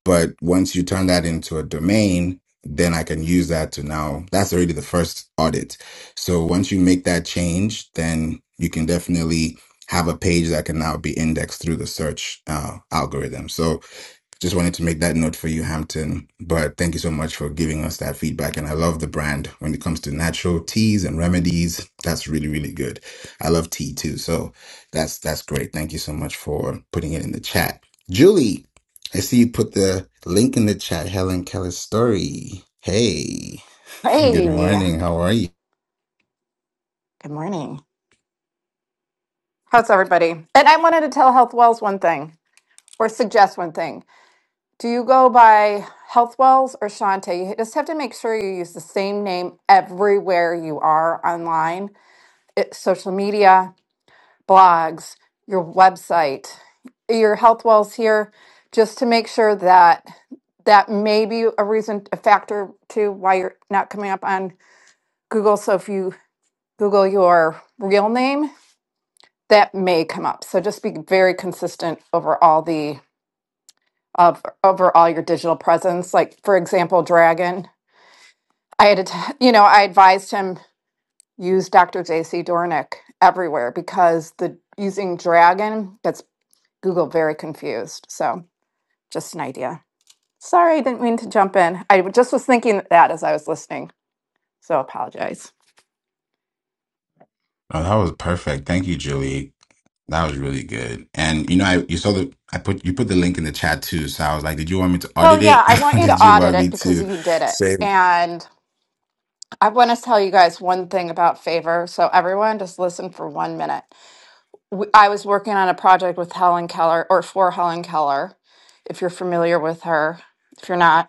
But once you turn that into a domain, then I can use that to now. That's already the first audit. So once you make that change, then you can definitely have a page that can now be indexed through the search uh, algorithm. So just wanted to make that note for you, Hampton. But thank you so much for giving us that feedback. And I love the brand when it comes to natural teas and remedies. That's really, really good. I love tea too. So that's that's great. Thank you so much for putting it in the chat. Julie, I see you put the link in the chat, Helen Keller's story. Hey, good
Hey,
morning. How are you?
good morning. How's everybody? And I wanted to tell Health Wells one thing or suggest one thing. Do you go by Health Wells or Shante? You just have to make sure you use the same name everywhere you are online, it, social media, blogs, your website, your Health Wells here, just to make sure that that may be a reason, a factor to why you're not coming up on Google. So if you Google your real name, that may come up. So just be very consistent over all the of over all your digital presence. Like for example, Dragon. I had to, you know, I advised him use Dr. JC Dornick everywhere because the using Dragon gets Google very confused. So just an idea. Sorry, I didn't mean to jump in. I just was thinking that as I was listening. So apologize.
Oh, that was perfect. Thank you, Julie. That was really good. And you know, I you saw the I put you put the link in the chat too. So I was like, did you want me to
Well,
audit
yeah,
it?
I want you to
did you
audit
want
it
me
because
to
you did it.
say
and. I want to tell you guys one thing about favor. So, everyone, just listen for one minute. W- I was working on a project with Helen Keller or for Helen Keller, if you're familiar with her. If you're not,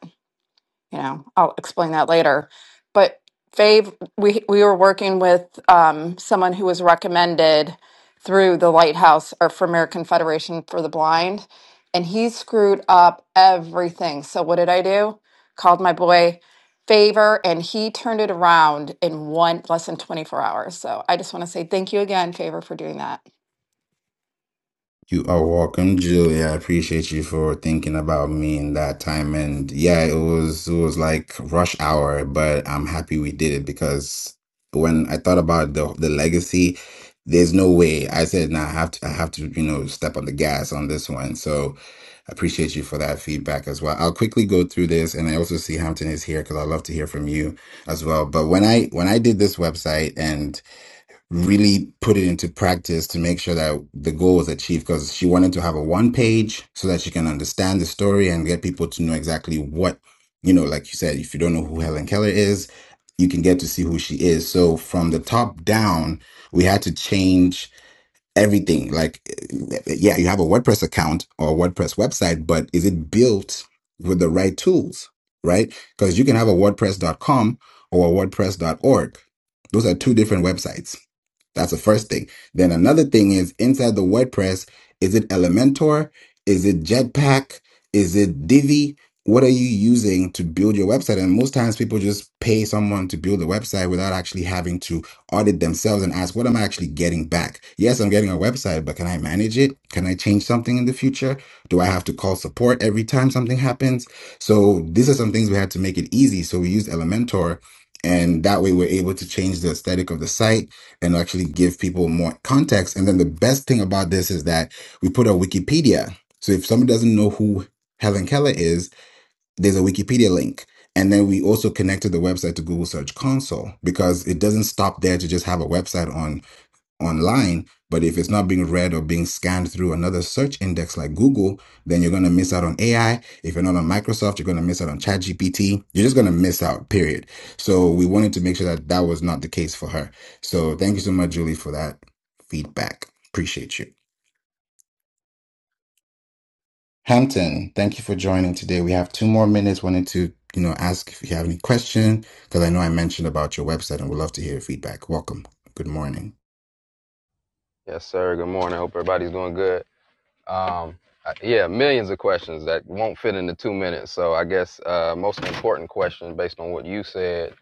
you know, I'll explain that later. But Fave, we we were working with um, someone who was recommended through the Lighthouse or for American Federation for the Blind, and he screwed up everything. So what did I do? Called my boy Favor, and he turned it around in one less than twenty four hours. So I just want to say thank you again, Favor, for doing that.
You are welcome, Julie. I appreciate you for thinking about me in that time. And yeah, it was it was like rush hour, but I'm happy we did it because when I thought about the the legacy, there's no way. I said, nah, I have to I have to, you know, step on the gas on this one. So I appreciate you for that feedback as well. I'll quickly go through this and I also see Hampton is here because I love to hear from you as well. But when I when I did this website and really put it into practice to make sure that the goal was achieved because she wanted to have a one page so that she can understand the story and get people to know exactly what you know like you said if you don't know who Helen Keller is you can get to see who she is so from the top down we had to change everything like yeah you have a WordPress account or WordPress website but is it built with the right tools right because you can have a WordPress dot com or a WordPress dot org. those are two different websites that's the first thing. Then another thing is inside the WordPress, is it Elementor? Is it Jetpack? Is it Divi? What are you using to build your website? And most times people just pay someone to build a website without actually having to audit themselves and ask, what am I actually getting back? Yes, I'm getting a website, but can I manage it? Can I change something in the future? Do I have to call support every time something happens? So these are some things we had to make it easy. So we used Elementor and that way we're able to change the aesthetic of the site and actually give people more context. And then the best thing about this is that we put a Wikipedia. So if somebody doesn't know who Helen Keller is, there's a Wikipedia link. And then we also connected the website to Google Search Console because it doesn't stop there to just have a website on online, but if it's not being read or being scanned through another search index like Google, then you're going to miss out on AI. If you're not on Microsoft, you're going to miss out on ChatGPT. You're just going to miss out, period. So we wanted to make sure that that was not the case for her. So thank you so much, Julie, for that feedback. Appreciate you. Hampton, thank you for joining today. We have two more minutes. Wanted to, you know, ask if you have any question because I know I mentioned about your website and would love to hear your feedback. Welcome. Good morning.
Yes, sir. Good morning. Hope everybody's doing good. Um, uh, yeah, millions of questions that won't fit into two minutes. So I guess uh, most important question, based on what you said,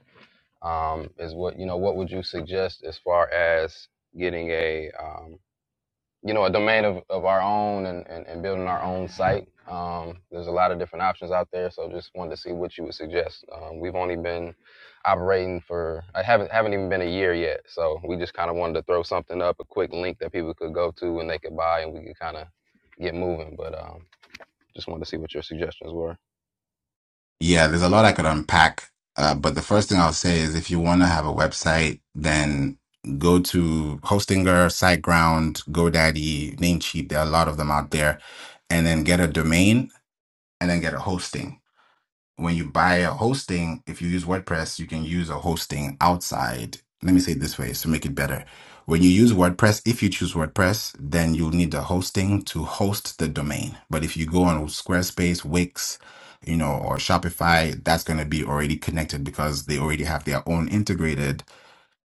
um, is what you know. What would you suggest as far as getting a? um, you know, a domain of, of our own and, and, and building our own site. Um, there's a lot of different options out there, so just wanted to see what you would suggest. Um, we've only been operating for I haven't haven't even been a year yet, so we just kind of wanted to throw something up, a quick link that people could go to and they could buy, and we could kind of get moving. But um, just wanted to see what your suggestions were.
Yeah, there's a lot I could unpack. Uh, but the first thing I'll say is if you want to have a website, then go to Hostinger, SiteGround, GoDaddy, Namecheap. There are a lot of them out there. And then get a domain and then get a hosting when you buy a hosting, if you use WordPress, you can use a hosting outside. Let me say it this way to make it better. When you use WordPress, if you choose WordPress, then you'll need the hosting to host the domain. But if you go on Squarespace, Wix, you know, or Shopify, that's going to be already connected because they already have their own integrated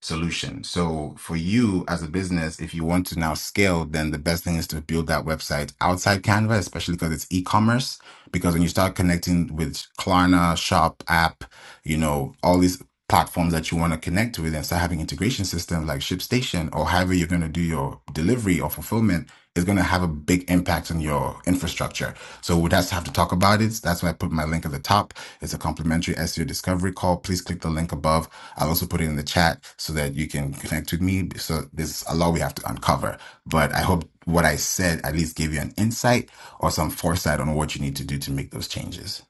solution. So for you as a business, if you want to now scale, then the best thing is to build that website outside Canva, especially because it's e-commerce because when you start connecting with Klarna, Shop app, you know, all these platforms that you want to connect with and start having integration systems like ShipStation or however you're going to do your delivery or fulfillment is going to have a big impact on your infrastructure. So we'd have to have to talk about it. That's why I put my link at the top. It's a complimentary SEO discovery call. Please click the link above. I'll also put it in the chat so that you can connect with me. So there's a lot we have to uncover, but I hope what I said at least gave you an insight or some foresight on what you need to do to make those changes.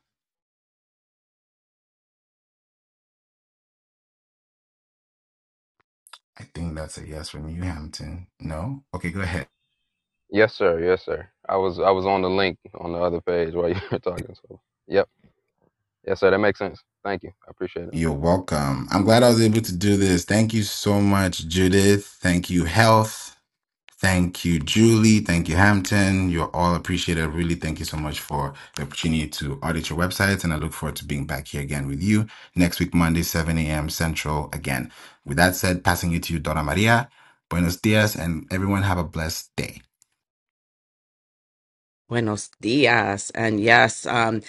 I think that's a yes from you, Hampton. No? Okay, go ahead.
Yes, sir. Yes, sir. I was I was on the link on the other page while you were talking. So, yep. Yes, sir. That makes sense. Thank you. I appreciate it.
You're welcome. I'm glad I was able to do this. Thank you so much, Judith. Thank you, Health. Thank you, Julie. Thank you, Hampton. You're all appreciated. Really, thank you so much for the opportunity to audit your websites. And I look forward to being back here again with you next week, Monday, 7 a.m. Central again. With that said, passing it to you, Donna Maria. Buenos dias, and everyone have a blessed day.
Buenos dias. And yes, um,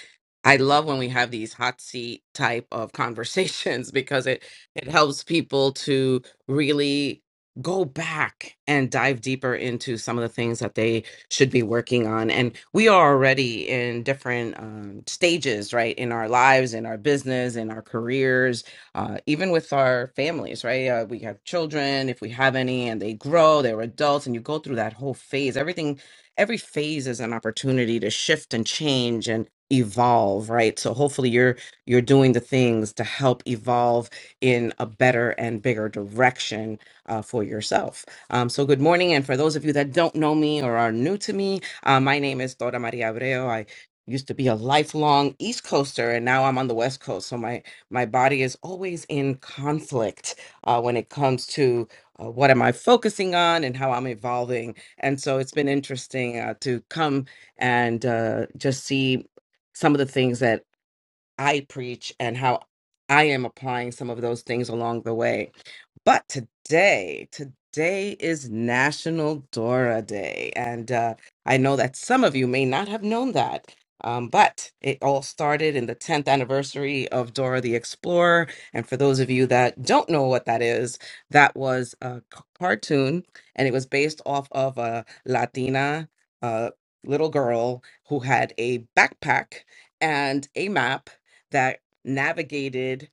I love when we have these hot seat type of conversations because it it helps people to really go back and dive deeper into some of the things that they should be working on. And we are already in different um, stages, right, in our lives, in our business, in our careers, uh, even with our families, right? Uh, we have children, if we have any, and they grow, they're adults, and you go through that whole phase. Everything every phase is an opportunity to shift and change and evolve right so hopefully you're you're doing the things to help evolve in a better and bigger direction uh, for yourself um, so good morning and for those of you that don't know me or are new to me uh, my name is dora maria abreu i used to be a lifelong east coaster and now i'm on the west coast so my my body is always in conflict uh, when it comes to uh, what am i focusing on and how i'm evolving and so it's been interesting uh, to come and uh, just see some of the things that I preach and how I am applying some of those things along the way but today, today is National Dora Day. And uh, I know that some of you may not have known that. Um, but it all started in the 10th anniversary of Dora the Explorer. And for those of you that don't know what that is, that was a c- cartoon and it was based off of a Latina uh, little girl who had a backpack and a map that navigated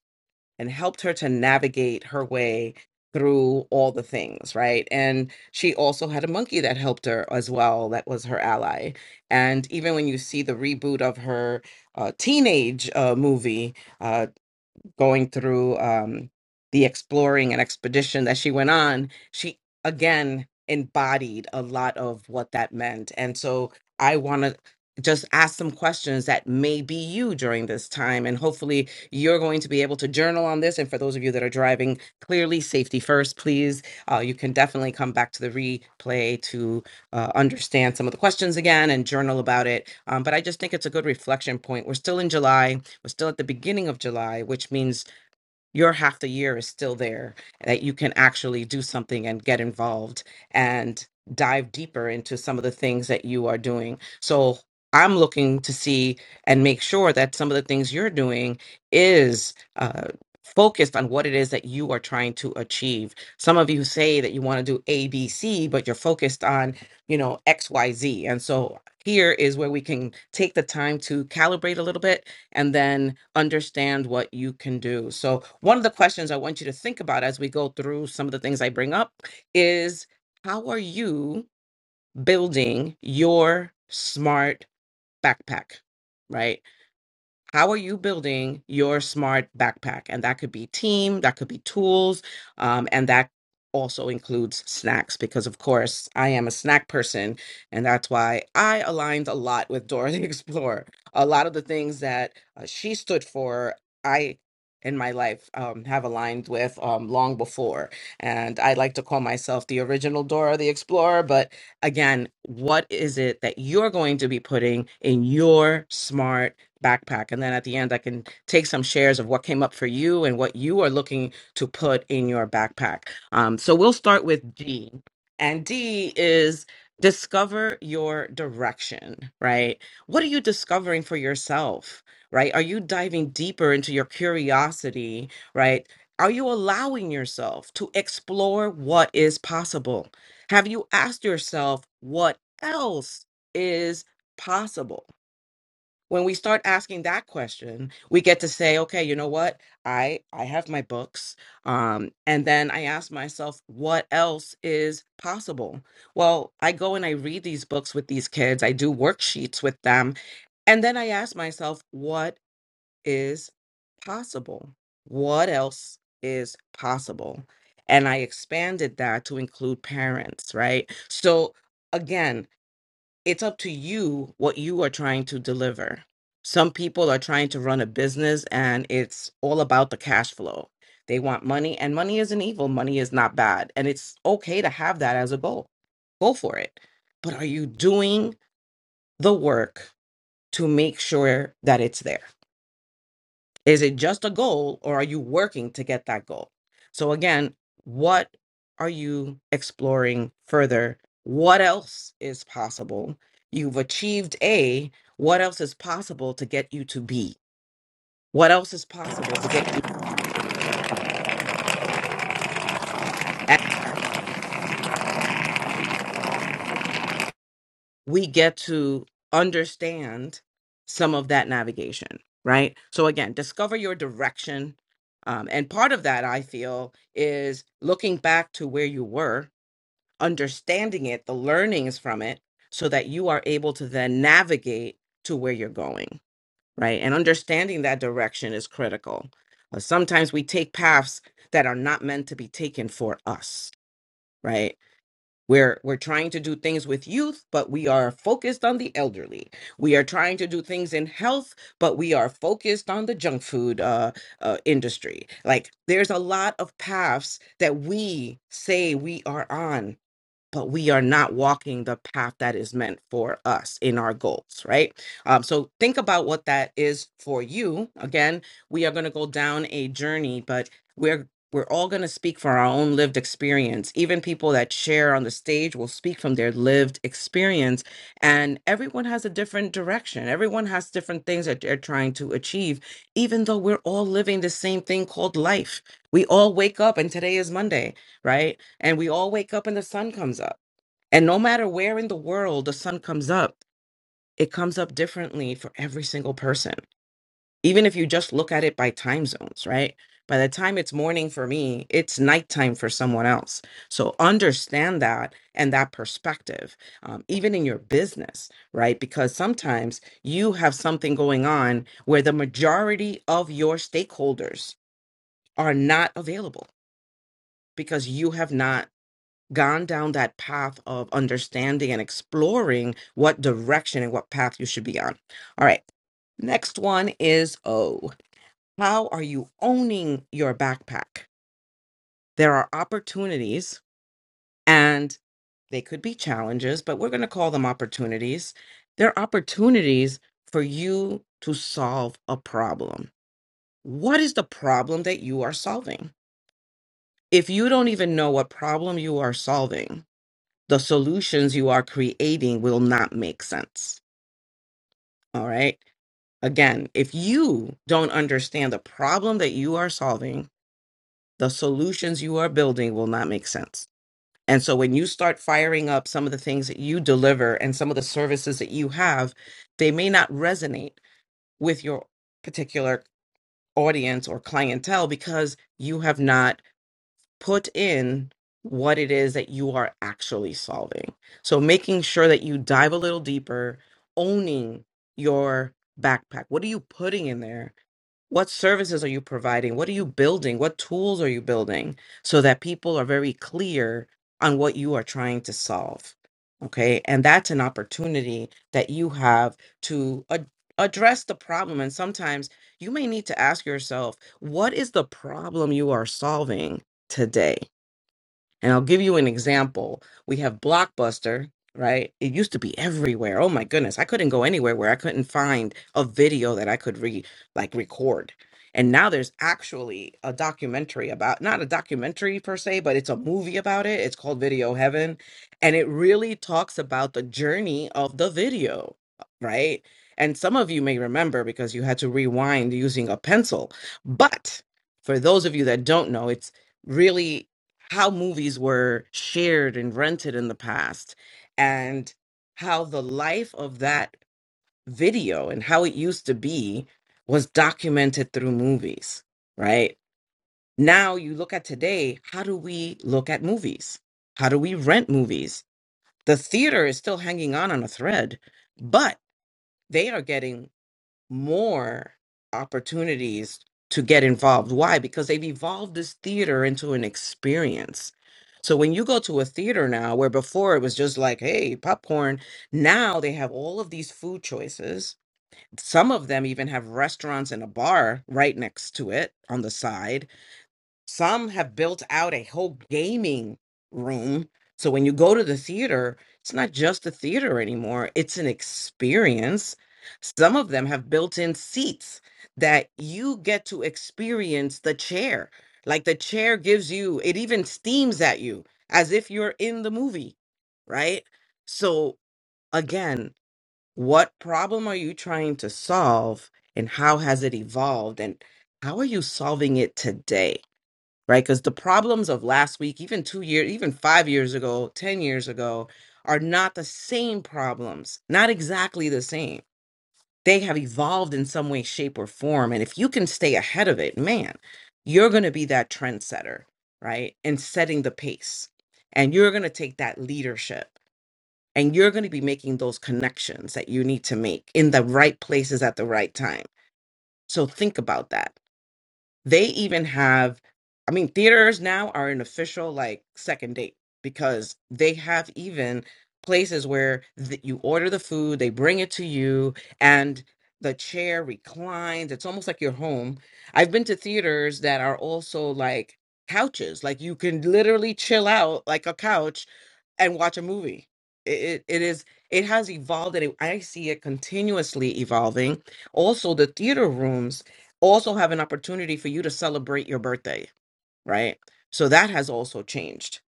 and helped her to navigate her way through all the things, right? And she also had a monkey that helped her as well, that was her ally. And even when you see the reboot of her uh, teenage uh, movie, uh, going through um, the exploring and expedition that she went on, she again embodied a lot of what that meant. And so I want to just ask some questions that may be you during this time. And hopefully you're going to be able to journal on this. And for those of you that are driving, clearly safety first, please. Uh, you can definitely come back to the replay to uh, understand some of the questions again and journal about it. Um, but I just think it's a good reflection point. We're still in July we're still at the beginning of July, which means your half the year is still there, that you can actually do something and get involved and dive deeper into some of the things that you are doing. So I'm looking to see and make sure that some of the things you're doing is uh, focused on what it is that you are trying to achieve. Some of you say that you want to do A, B, C, but you're focused on, you know, X, Y, Z. And so here is where we can take the time to calibrate a little bit and then understand what you can do. So, one of the questions I want you to think about as we go through some of the things I bring up is how are you building your smart backpack, right? how are you building your smart backpack and that could be team that could be tools um, and that also includes snacks because of course i am a snack person and that's why i aligned a lot with dora the explorer a lot of the things that uh, she stood for i in my life um, have aligned with um, long before and i like to call myself the original dora the explorer but again what is it that you're going to be putting in your smart backpack. And then at the end, I can take some shares of what came up for you and what you are looking to put in your backpack. Um, so we'll start with D. And D is discover your direction, right? What are you discovering for yourself, right? Are you diving deeper into your curiosity, right? Are you allowing yourself to explore what is possible? Have you asked yourself what else is possible? when we start asking that question we get to say okay you know what i i have my books um and then i ask myself what else is possible well i go and i read these books with these kids i do worksheets with them and then i ask myself what is possible what else is possible and i expanded that to include parents right so again it's up to you what you are trying to deliver. Some people are trying to run a business and it's all about the cash flow. They want money, and money isn't evil. Money is not bad. And it's okay to have that as a goal. Go for it. But are you doing the work to make sure that it's there? Is it just a goal or are you working to get that goal? So, again, what are you exploring further? What else is possible? You've achieved A. What else is possible to get you to B? What else is possible to get you? And we get to understand some of that navigation, right? So, again, discover your direction. Um, and part of that, I feel, is looking back to where you were understanding it, the learnings from it, so that you are able to then navigate to where you're going, right? And understanding that direction is critical. Uh, Sometimes we take paths that are not meant to be taken for us, right? We're, we're trying to do things with youth, but we are focused on the elderly. We are trying to do things in health, but we are focused on the junk food uh, uh, industry. Like, there's a lot of paths that we say we are on, but we are not walking the path that is meant for us in our goals, right? Um, so think about what that is for you. Again, we are going to go down a journey, but we're we're all going to speak from our own lived experience. Even people that share on the stage will speak from their lived experience, and everyone has a different direction. Everyone has different things that they're trying to achieve, even though we're all living the same thing called life. We all wake up, and today is Monday right? And we all wake up and the sun comes up. And no matter where in the world the sun comes up, it comes up differently for every single person. Even if you just look at it by time zones, right? By the time it's morning for me, it's nighttime for someone else. So understand that and that perspective, um, even in your business, right? Because sometimes you have something going on where the majority of your stakeholders are not available because you have not gone down that path of understanding and exploring what direction and what path you should be on. All right. Next one is O. How are you owning your backpack? There are opportunities and they could be challenges, but we're going to call them opportunities. They're opportunities for you to solve a problem. What is the problem that you are solving? If you don't even know what problem you are solving, the solutions you are creating will not make sense. All right. Again, if you don't understand the problem that you are solving, the solutions you are building will not make sense. And so when you start firing up some of the things that you deliver and some of the services that you have, they may not resonate with your particular audience or clientele because you have not put in what it is that you are actually solving. So making sure that you dive a little deeper, owning your backpack. What are you putting in there? What services are you providing? What are you building? What tools are you building so that people are very clear on what you are trying to solve? Okay. And that's an opportunity that you have to ad- address the problem. And sometimes you may need to ask yourself, what is the problem you are solving today? And I'll give you an example. We have Blockbuster, right? It used to be everywhere. Oh my goodness. I couldn't go anywhere where I couldn't find a video that I could re like record. And now there's actually a documentary about, not a documentary per se, but it's a movie about it. It's called Video Heaven. And it really talks about the journey of the video, right? And some of you may remember because you had to rewind using a pencil. But for those of you that don't know, it's really how movies were shared and rented in the past and how the life of that video and how it used to be was documented through movies, right? Now you look at today, how do we look at movies? How do we rent movies? The theater is still hanging on on a thread, but they are getting more opportunities to get involved. Why? Because they've evolved this theater into an experience. So when you go to a theater now, where before it was just like, hey, popcorn, now they have all of these food choices. Some of them even have restaurants and a bar right next to it on the side some have built out a whole gaming room. So when you go to the theater, it's not just a theater anymore, it's an experience. Some of them have built in seats that you get to experience the chair. Like the chair gives you, it even steams at you as if you're in the movie, right? So again, what problem are you trying to solve and how has it evolved and how are you solving it today? right? Because the problems of last week, even two years, even five years ago, 10 years ago, are not the same problems, not exactly the same. They have evolved in some way, shape, or form. And if you can stay ahead of it, man, you're going to be that trendsetter, right? And setting the pace. And you're going to take that leadership and you're going to be making those connections that you need to make in the right places at the right time. So think about that they even have, I mean, theaters now are an official like second date because they have even places where th- you order the food, they bring it to you, and the chair reclines. It's almost like you're home. I've been to theaters that are also like couches, like you can literally chill out like a couch and watch a movie. It, it, it is it has evolved and it, I see it continuously evolving. Also, the theater rooms also have an opportunity for you to celebrate your birthday, right? So that has also changed.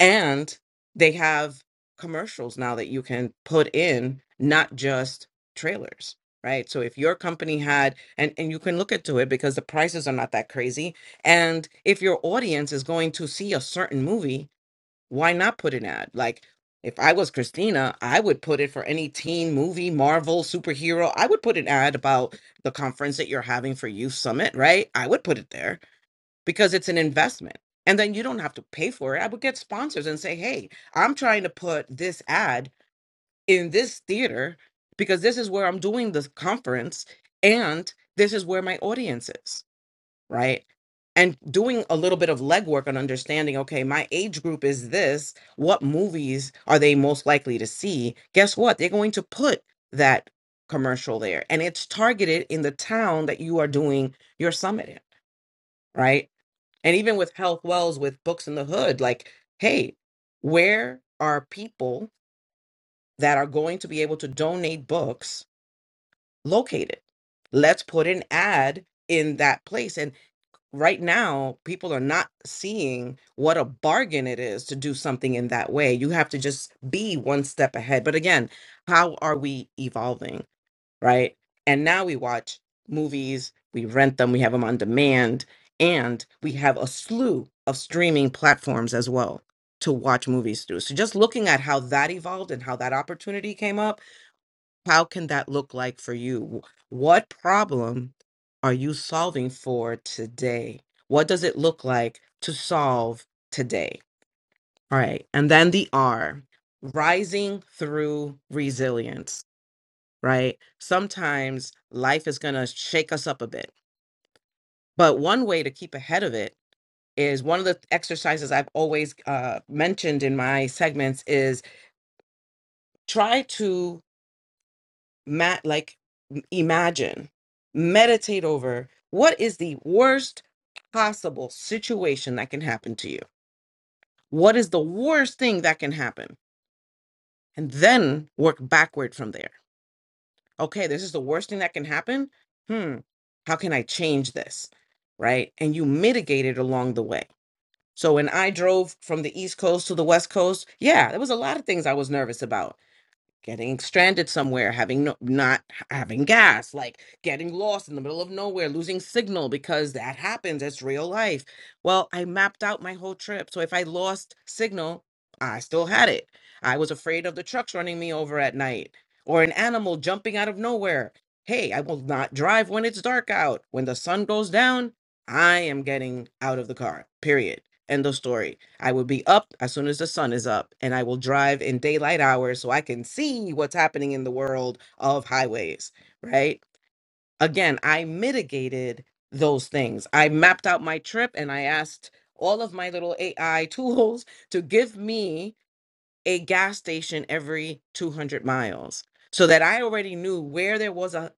And they have commercials now that you can put in, not just trailers, right? So if your company had, and, and you can look into it because the prices are not that crazy. And if your audience is going to see a certain movie, why not put an ad? Like, if I was Christina, I would put it for any teen movie, Marvel, superhero. I would put an ad about the conference that you're having for Youth Summit, right? I would put it there because it's an investment. And then you don't have to pay for it. I would get sponsors and say, hey, I'm trying to put this ad in this theater because this is where I'm doing this conference and this is where my audience is right? And doing a little bit of legwork on understanding, okay, my age group is this. What movies are they most likely to see? Guess what? They're going to put that commercial there and it's targeted in the town that you are doing your summit in, right? And even with Health Wells, with Books in the Hood, like, hey, where are people that are going to be able to donate books located? Let's put an ad in that place. and right now people are not seeing what a bargain it is to do something in that way you have to just be one step ahead but again how are we evolving right and now we watch movies we rent them we have them on demand and we have a slew of streaming platforms as well to watch movies through so just looking at how that evolved and how that opportunity came up how can that look like for you? Wh- What problem are you solving for today? What does it look like to solve today? All right. And then the R, rising through resilience, right? Sometimes life is going to shake us up a bit. But one way to keep ahead of it is one of the exercises I've always uh, mentioned in my segments is try to ma- like m- imagine meditate over what is the worst possible situation that can happen to you what is the worst thing that can happen and then work backward from there okay this is the worst thing that can happen hmm how can i change this right and you mitigate it along the way so when i drove from the east coast to the west coast yeah there was a lot of things i was nervous about getting stranded somewhere, having no, not having gas, like getting lost in the middle of nowhere, losing signal because that happens. It's real life. Well, I mapped out my whole trip. So if I lost signal, I still had it. I was afraid of the trucks running me over at night or an animal jumping out of nowhere. Hey, I will not drive when it's dark out. When the sun goes down, I am getting out of the car. Period. End of story. I would be up as soon as the sun is up, and I will drive in daylight hours so I can see what's happening in the world of highways, right? Again, I mitigated those things. I mapped out my trip and I asked all of my little AI tools to give me a gas station every 200 miles so that I already knew where there was a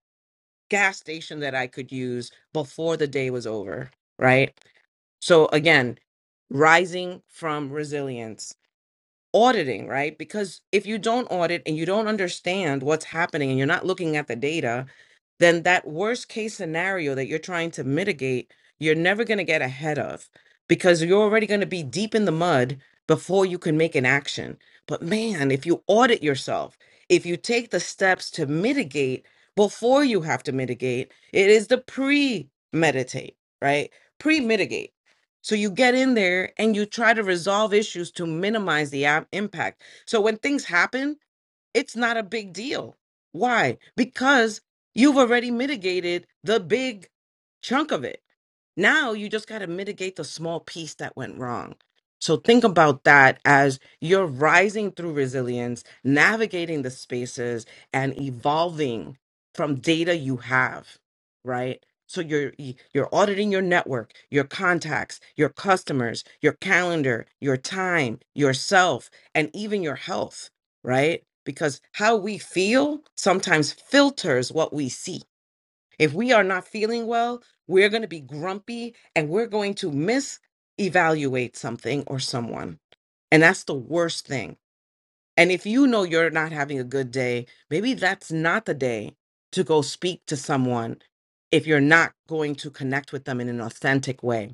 gas station that I could use before the day was over, right? So again, rising from resilience, auditing, right? Because if you don't audit and you don't understand what's happening and you're not looking at the data, then that worst case scenario that you're trying to mitigate, you're never going to get ahead of because you're already going to be deep in the mud before you can make an action. But man, if you audit yourself, if you take the steps to mitigate before you have to mitigate, it is the pre meditate, right? Pre mitigate so you get in there and you try to resolve issues to minimize the am- impact. So when things happen, it's not a big deal. Why? Because you've already mitigated the big chunk of it. Now you just got to mitigate the small piece that went wrong. So think about that as you're rising through resilience, navigating the spaces and evolving from data you have, right? So you're you're auditing your network, your contacts, your customers, your calendar, your time, yourself, and even your health right? Because how we feel sometimes filters what we see. If we are not feeling well, we're going to be grumpy and we're going to misevaluate something or someone. And that's the worst thing. And if you know you're not having a good day, maybe that's not the day to go speak to someone if you're not going to connect with them in an authentic way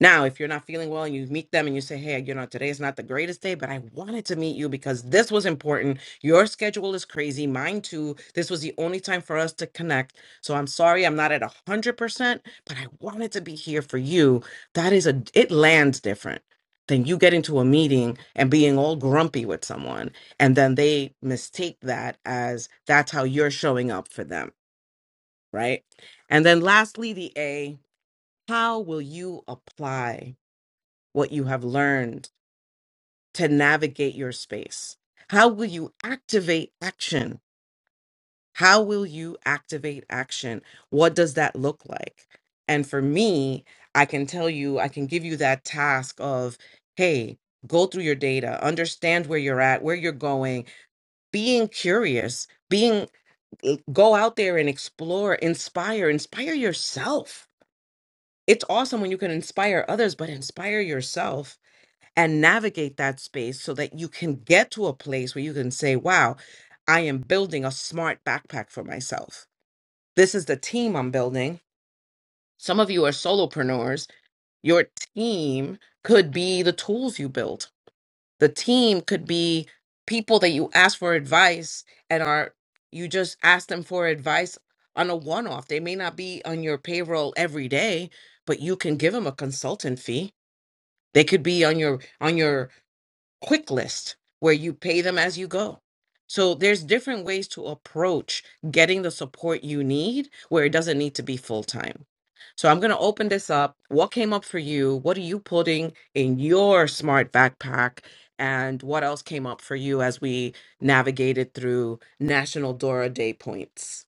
now, if you're not feeling well and you meet them and you say, hey, you know, today is not the greatest day, but I wanted to meet you because this was important. Your schedule is crazy, mine too. This was the only time for us to connect. So I'm sorry I'm not at 100%, but I wanted to be here for you. That is a, it lands different than you getting to a meeting and being all grumpy with someone. And then they mistake that as that's how you're showing up for them, right? And then lastly, the A, how will you apply? what you have learned to navigate your space? How will you activate action? How will you activate action? What does that look like? And for me, I can tell you, I can give you that task of, hey, go through your data, understand where you're at, where you're going, being curious, being go out there and explore, inspire, inspire yourself. It's awesome when you can inspire others, but inspire yourself and navigate that space so that you can get to a place where you can say, wow, I am building a smart backpack for myself. This is the team I'm building. Some of you are solopreneurs. Your team could be the tools you build, the team could be people that you ask for advice and are you just ask them for advice on a one off. They may not be on your payroll every day, but you can give them a consultant fee. They could be on your on your quick list where you pay them as you go. So there's different ways to approach getting the support you need where it doesn't need to be full time. So I'm going to open this up. What came up for you? What are you putting in your smart backpack? And what else came up for you as we navigated through National Dora Day points?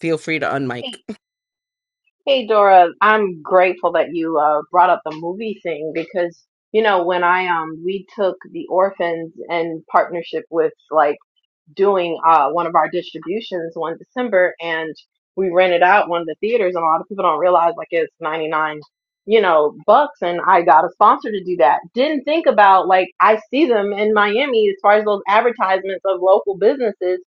Feel free to unmic.
Hey, hey, Dora. I'm grateful that you uh, brought up the movie thing because you know when I um we took the orphans in partnership with like. doing uh, one of our distributions one December, and we rented out one of the theaters, and a lot of people don't realize like it's ninety nine, you know, bucks, and I got a sponsor to do that. Didn't think about like I see them in Miami as far as those advertisements of local businesses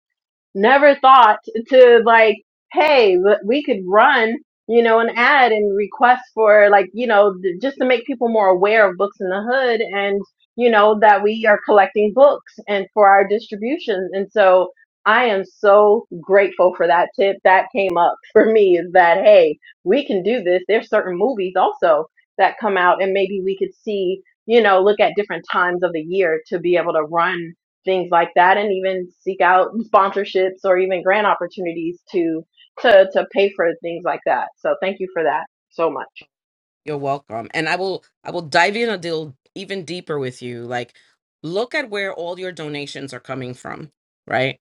never thought to like, hey, w- we could run, you know, an ad and request for like, you know, th- just to make people more aware of books in the hood and, you know, that we are collecting books and for our distribution. And so I am so grateful for that tip that came up for me is that, hey, we can do this. There's certain movies also that come out and maybe we could see, you know, look at different times of the year to be able to run things like that and even seek out sponsorships or even grant opportunities to to to pay for things like that. So thank you for that so much.
You're welcome. And I will I will dive in a deal even deeper with you. Like look at where all your donations are coming from, right?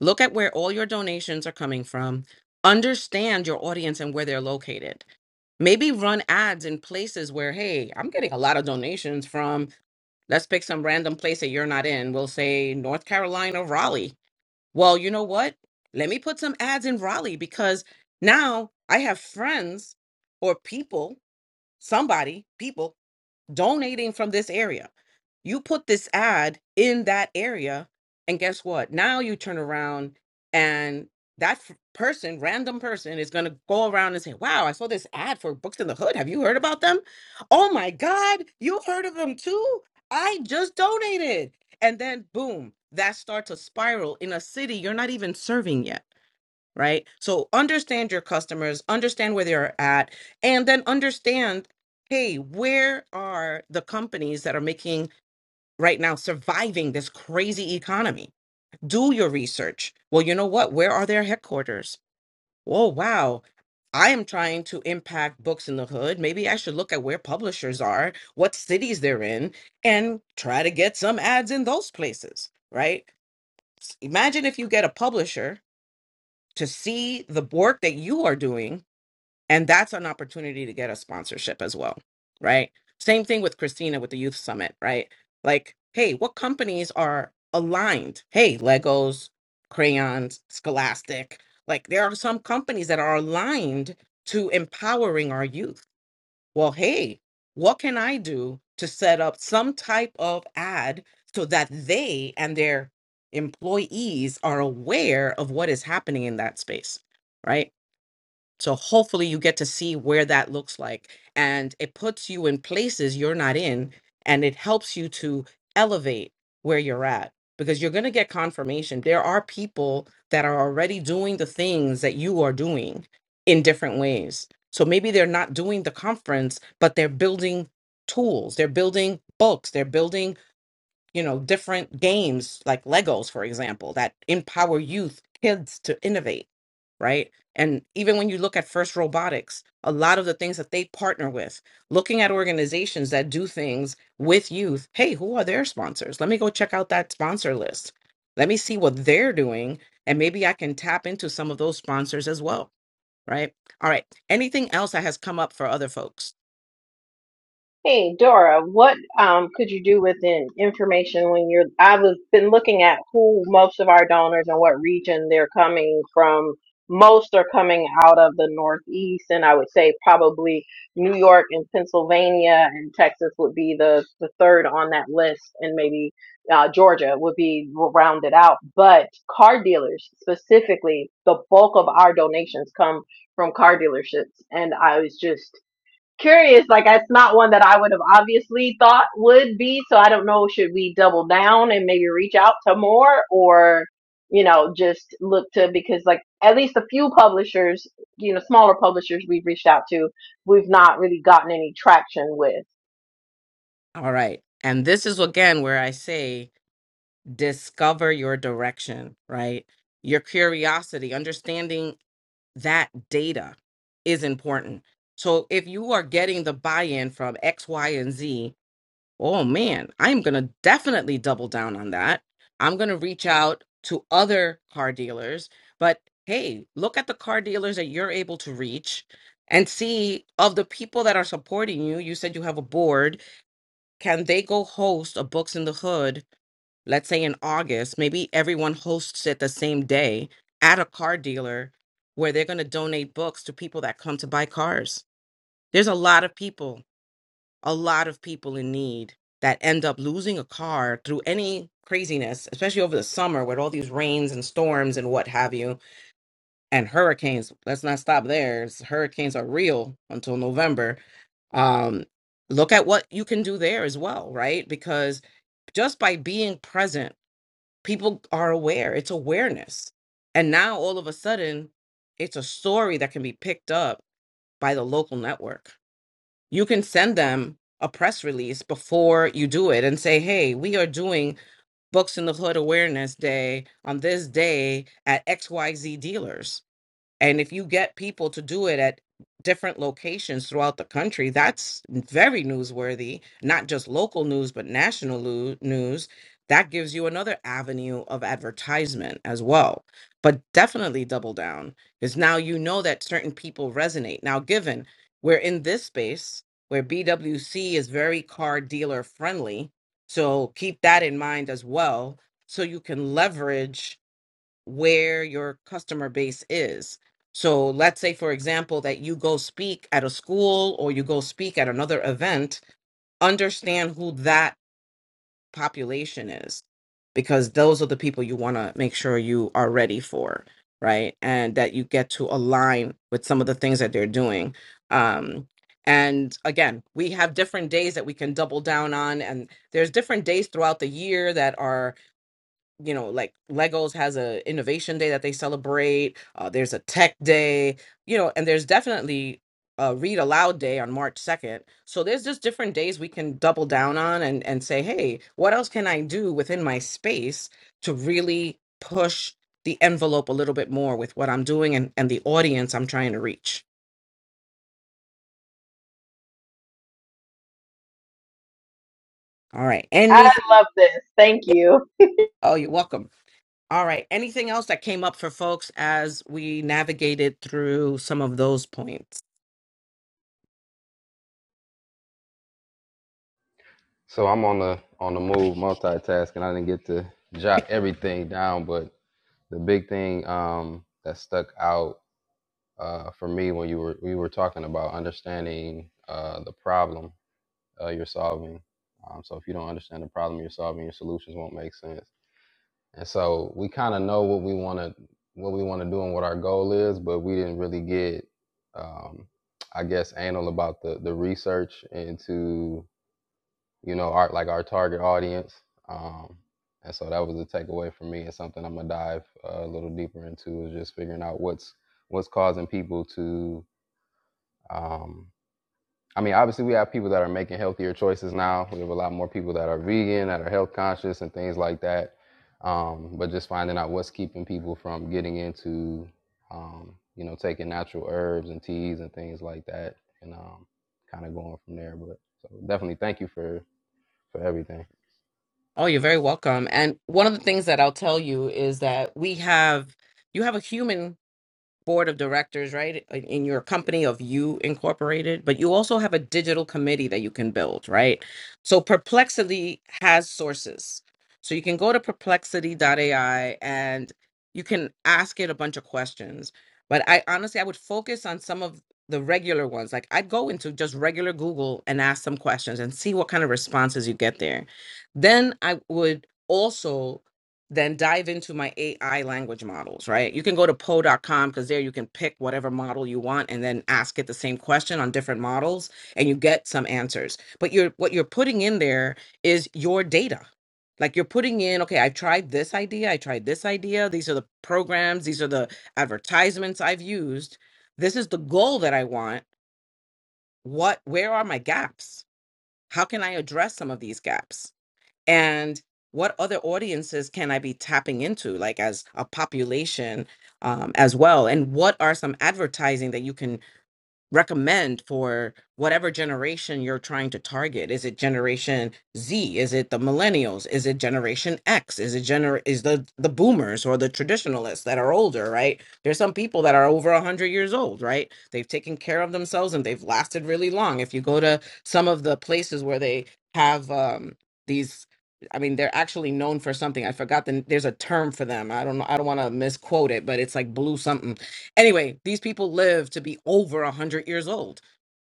Look at where all your donations are coming from. Understand your audience and where they're located. Maybe run ads in places where, hey, I'm getting a lot of donations from, let's pick some random place that you're not in. We'll say North Carolina, Raleigh. Well, you know what? Let me put some ads in Raleigh because now I have friends or people somebody, people donating from this area. You put this ad in that area, and guess what? Now you turn around and that f- person, random person, is going to go around and say, Wow, I saw this ad for Books in the Hood. Have you heard about them? Oh my God, you heard of them too? I just donated. And then, boom, that starts a spiral in a city you're not even serving yet right? So understand your customers, understand where they're at, and then understand hey, where are the companies that are making right now surviving this crazy economy? Do your research. Well, you know what? Where are their headquarters? Oh, wow. I am trying to impact books in the hood. Maybe I should look at where publishers are, what cities they're in, and try to get some ads in those places, right? Imagine if you get a publisher to see the work that you are doing and that's an opportunity to get a sponsorship as well, right? Same thing with Christina with the Youth Summit, right? Like, hey, what companies are aligned? Hey, Legos, crayons, Scholastic. Like, there are some companies that are aligned to empowering our youth. Well, hey, what can I do to set up some type of ad so that they and their employees are aware of what is happening in that space, right? So hopefully you get to see where that looks like. And it puts you in places you're not in and it helps you to elevate where you're at because you're going to get confirmation. There are people that are already doing the things that you are doing in different ways. So maybe they're not doing the conference, but they're building tools, they're building books, they're building you know, different games like Legos, for example, that empower youth, kids to innovate, right? And even when you look at First Robotics, a lot of the things that they partner with, looking at organizations that do things with youth, hey, who are their sponsors? Let me go check out that sponsor list. Let me see what they're doing, and maybe I can tap into some of those sponsors as well, right? All right. Anything else that has come up for other folks?
Hey, Dora, what um, could you do with the information when you're? I've been looking at who most of our donors and what region they're coming from. Most are coming out of the Northeast, and I would say probably New York and Pennsylvania and Texas would be the, the third on that list, and maybe uh, Georgia would be rounded out. But car dealers specifically, the bulk of our donations come from car dealerships, and I was just curious. Like that's not one that I would have obviously thought would be. So I don't know. Should we double down and maybe reach out to more, or you know, just look to because like at least a few publishers, you know, smaller publishers we've reached out to, we've not really gotten any traction with.
All right. And this is again where I say, discover your direction, right? Your curiosity, understanding that data is important. So if you are getting the buy in from X, Y, and Z, oh man, I'm going to definitely double down on that. I'm going to reach out to other car dealers, but hey, look at the car dealers that you're able to reach and see of the people that are supporting you. You said you have a board. Can they go host a Books in the Hood let's say in August, maybe everyone hosts it the same day at a car dealer where they're going to donate books to people that come to buy cars. There's a lot of people, a lot of people in need that end up losing a car through any craziness, especially over the summer with all these rains and storms and what have you, and hurricanes. Let's not stop there. It's- Hurricanes are real until November. Um, look at what you can do there as well, right? Because just by being present people are aware it's awareness and now all of a sudden it's a story that can be picked up by the local network you can send them a press release before you do it and say hey we are doing books in the hood awareness day on this day at xyz dealers and if you get people to do it at different locations throughout the country, that's very newsworthy, not just local news, but national lu- news. That gives you another avenue of advertisement as well. But definitely double down because now you know that certain people resonate. Now, given we're in this space where BWC is very car dealer friendly, so keep that in mind as well. So you can leverage where your customer base is. So let's say, for example, that you go speak at a school or you go speak at another event, understand who that population is, because those are the people you want to make sure you are ready for, right? And that you get to align with some of the things that they're doing. Um, and again, we have different days that we can double down on, and there's different days throughout the year that are you know like legos has a innovation day that they celebrate uh, there's a tech day you know and there's definitely a read aloud day on march 2nd so there's just different days we can double down on and and say hey what else can i do within my space to really push the envelope a little bit more with what i'm doing and and the audience i'm trying to reach all right
I
anything
love this. Thank you.
oh you're welcome all right anything else that came up for folks as we navigated through some of those points
So I'm on the on the move, multitasking. I didn't get to jot everything down, but the big thing um, that stuck out uh, for me when you were we were talking about understanding uh, the problem uh, you're solving. Um, so if you don't understand the problem you're solving, your solutions won't make sense. And so we kind of know what we want to what we want to do and what our goal is, but we didn't really get, um, I guess, anal about the the research into you know, our like our target audience. Um, and so that was a takeaway for me, and something I'm gonna dive uh, a little deeper into is just figuring out what's what's causing people to. Um, I mean, obviously, we have people that are making healthier choices now. We have a lot more people that are vegan, that are health conscious, and things like that. Um, but just finding out what's keeping people from getting into, um, you know, taking natural herbs and teas and things like that, and um, kind of going from there. But so definitely, thank you for for everything.
Oh, you're very welcome. And one of the things that I'll tell you is that we have, you have a human board of directors, right, in your company of you incorporated, but you also have a digital committee that you can build, right? So Perplexity has sources. So you can go to perplexity.ai and you can ask it a bunch of questions. But I honestly, I would focus on some of the regular ones. Like I'd go into just regular Google and ask some questions and see what kind of responses you get there. Then I would also then dive into my AI language models, right? You can go to poe.com because there you can pick whatever model you want and then ask it the same question on different models and you get some answers. But you're what you're putting in there is your data. Like you're putting in, okay, I tried this idea, I tried this idea, these are the programs, these are the advertisements I've used. This is the goal that I want. What where are my gaps? How can I address some of these gaps? and what other audiences can i be tapping into like as a population um, as well and what are some advertising that you can recommend for whatever generation you're trying to target is it generation z is it the millennials is it generation x is it gener is the the boomers or the traditionalists that are older right there's some people that are over 100 years old right they've taken care of themselves and they've lasted really long if you go to some of the places where they have um these I mean, they're actually known for something. I forgot the there's a term for them. I don't know. I don't want to misquote it, but it's like blue something Anyway, these people live to be over 100 years old,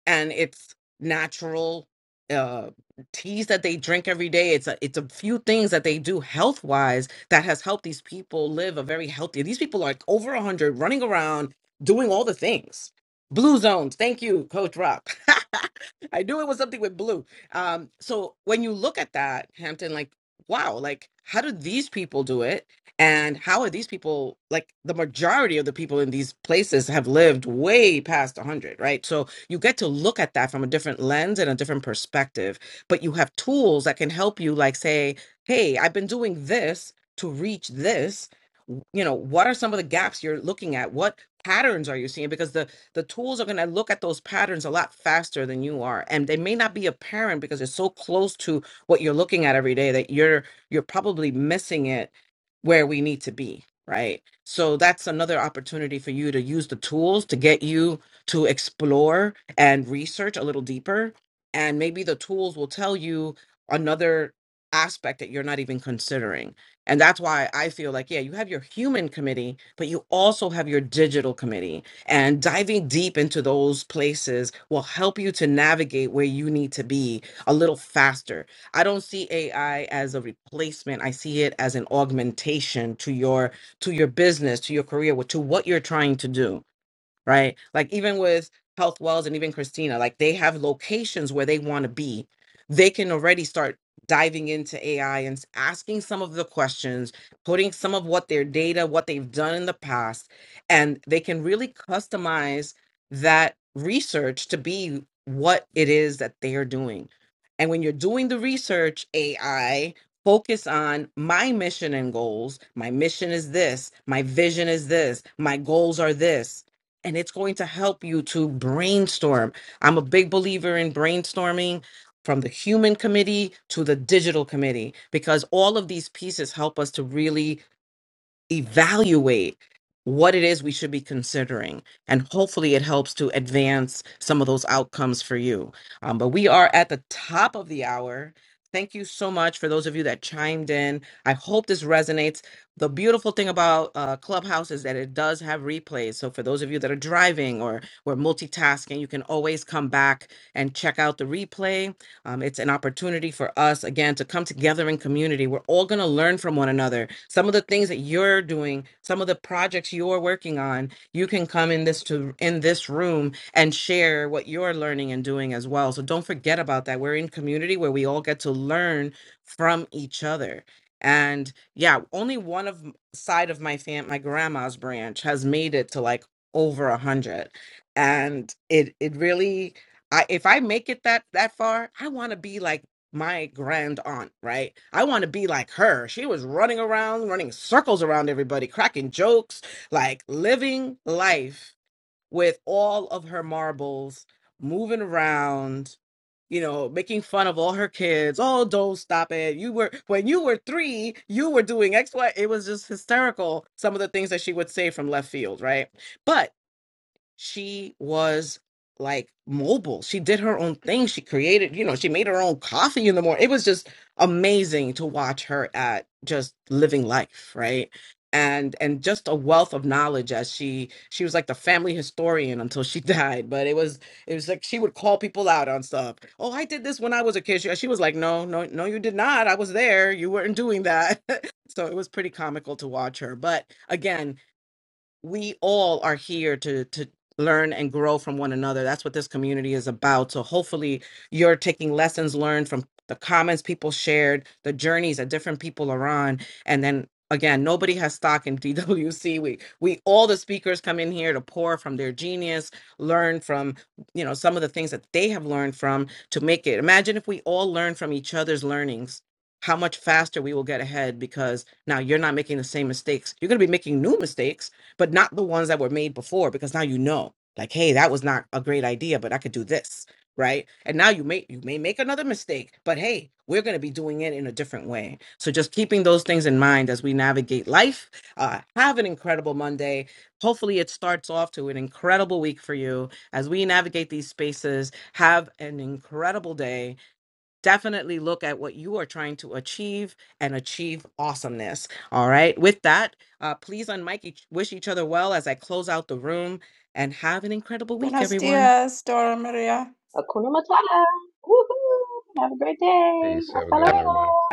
and it's natural uh teas that they drink every day it's a it's a few things that they do health wise that has helped these people live a very healthy these people are like over 100 running around doing all the things blue zones thank you coach rock i knew it was something with blue um so when you look at that hampton like wow like how do these people do it and how are these people like the majority of the people in these places have lived way past 100, right? So you get to look at that from a different lens and a different perspective, but you have tools that can help you, like, say, hey, I've been doing this to reach this. W- You know, what are some of the gaps you're looking at? What patterns are you seeing? Because the the tools are going to look at those patterns a lot faster than you are, and they may not be apparent because it's so close to what you're looking at every day that you're you're probably missing it where we need to be, right? So that's another opportunity for you to use the tools to get you to explore and research a little deeper. And maybe the tools will tell you another aspect that you're not even considering. And that's why I feel like, yeah, you have your human committee, but you also have your digital committee. And diving deep into those places will help you to navigate where you need to be a little faster I don't see AI as a replacement. I see it as an augmentation to your to your business, to your career, to what you're trying to do right? Like even with Health Wells and even Christina, like they have locations where they want to be. They can already start diving into AI and s- asking some of the questions, putting some of what their data, what they've done in the past, and they can really customize that research to be what it is that they are doing. And when you're doing the research, AI, focus on my mission and goals. My mission is this. My vision is this. My goals are this and it's going to help you to brainstorm. I'm a big believer in brainstorming from the human committee to the digital committee because all of these pieces help us to really evaluate what it is we should be considering. And hopefully it helps to advance some of those outcomes for you. Um, but we are at the top of the hour. Thank you so much for those of you that chimed in. I hope this resonates. The beautiful thing about uh, Clubhouse is that it does have replays. So, for those of you that are driving or were multitasking, you can always come back and check out the replay um, it's an opportunity for us, again, to come together in community. We're all going to learn from one another. Some of the things that you're doing, some of the projects you're working on, you can come in this to in this room and share what you're learning and doing as well. So don't forget about that. We're in community where we all get to learn from each other. And yeah, only one of m- side of my fam, my grandma's branch, has made it to like over a hundred, and it it really I if I make it that that far, I want to be like my grand aunt, right? I want to be like her. She was running around, running circles around everybody, cracking jokes, like living life with all of her marbles, moving around, you know, making fun of all her kids. Oh, don't stop it. You were when you were three, you were doing X, Y. It was just hysterical. Some of the things that she would say from left field, right? But she was like mobile. She did her own thing. She created, you know, she made her own coffee in the morning. It was just amazing to watch her at just living life, right? And and just a wealth of knowledge as she she was like the family historian until she died. But it was it was like she would call people out on stuff. Oh, I did this when I was a kid. She, she was like, no, no, no, you did not. I was there. You weren't doing that. so it was pretty comical to watch her. But again, we all are here to to learn and grow from one another that's what this community is about so hopefully you're taking lessons learned from the comments people shared the journeys that different people are on and then again nobody has stock in dwc we we all the speakers come in here to pour from their genius learn from you know some of the things that they have learned from to make it imagine if we all learn from each other's learnings how much faster we will get ahead because now you're not making the same mistakes you're going to be making new mistakes but not the ones that were made before because now you know like hey that was not a great idea but i could do this right and now you may you may make another mistake but hey we're going to be doing it in a different way so just keeping those things in mind as we navigate life uh, have an incredible monday hopefully it starts off to an incredible week for you as we navigate these spaces have an incredible day definitely look at what you are trying to achieve and achieve awesomeness. All right. With that, uh, please unmic each, wish each other well as I close out the room and have an incredible week, everyone.
Hakuna Matata. Woohoo. Have a great day.
Peace. Have a
Hasta
good
All
one, everybody.
luego.
right.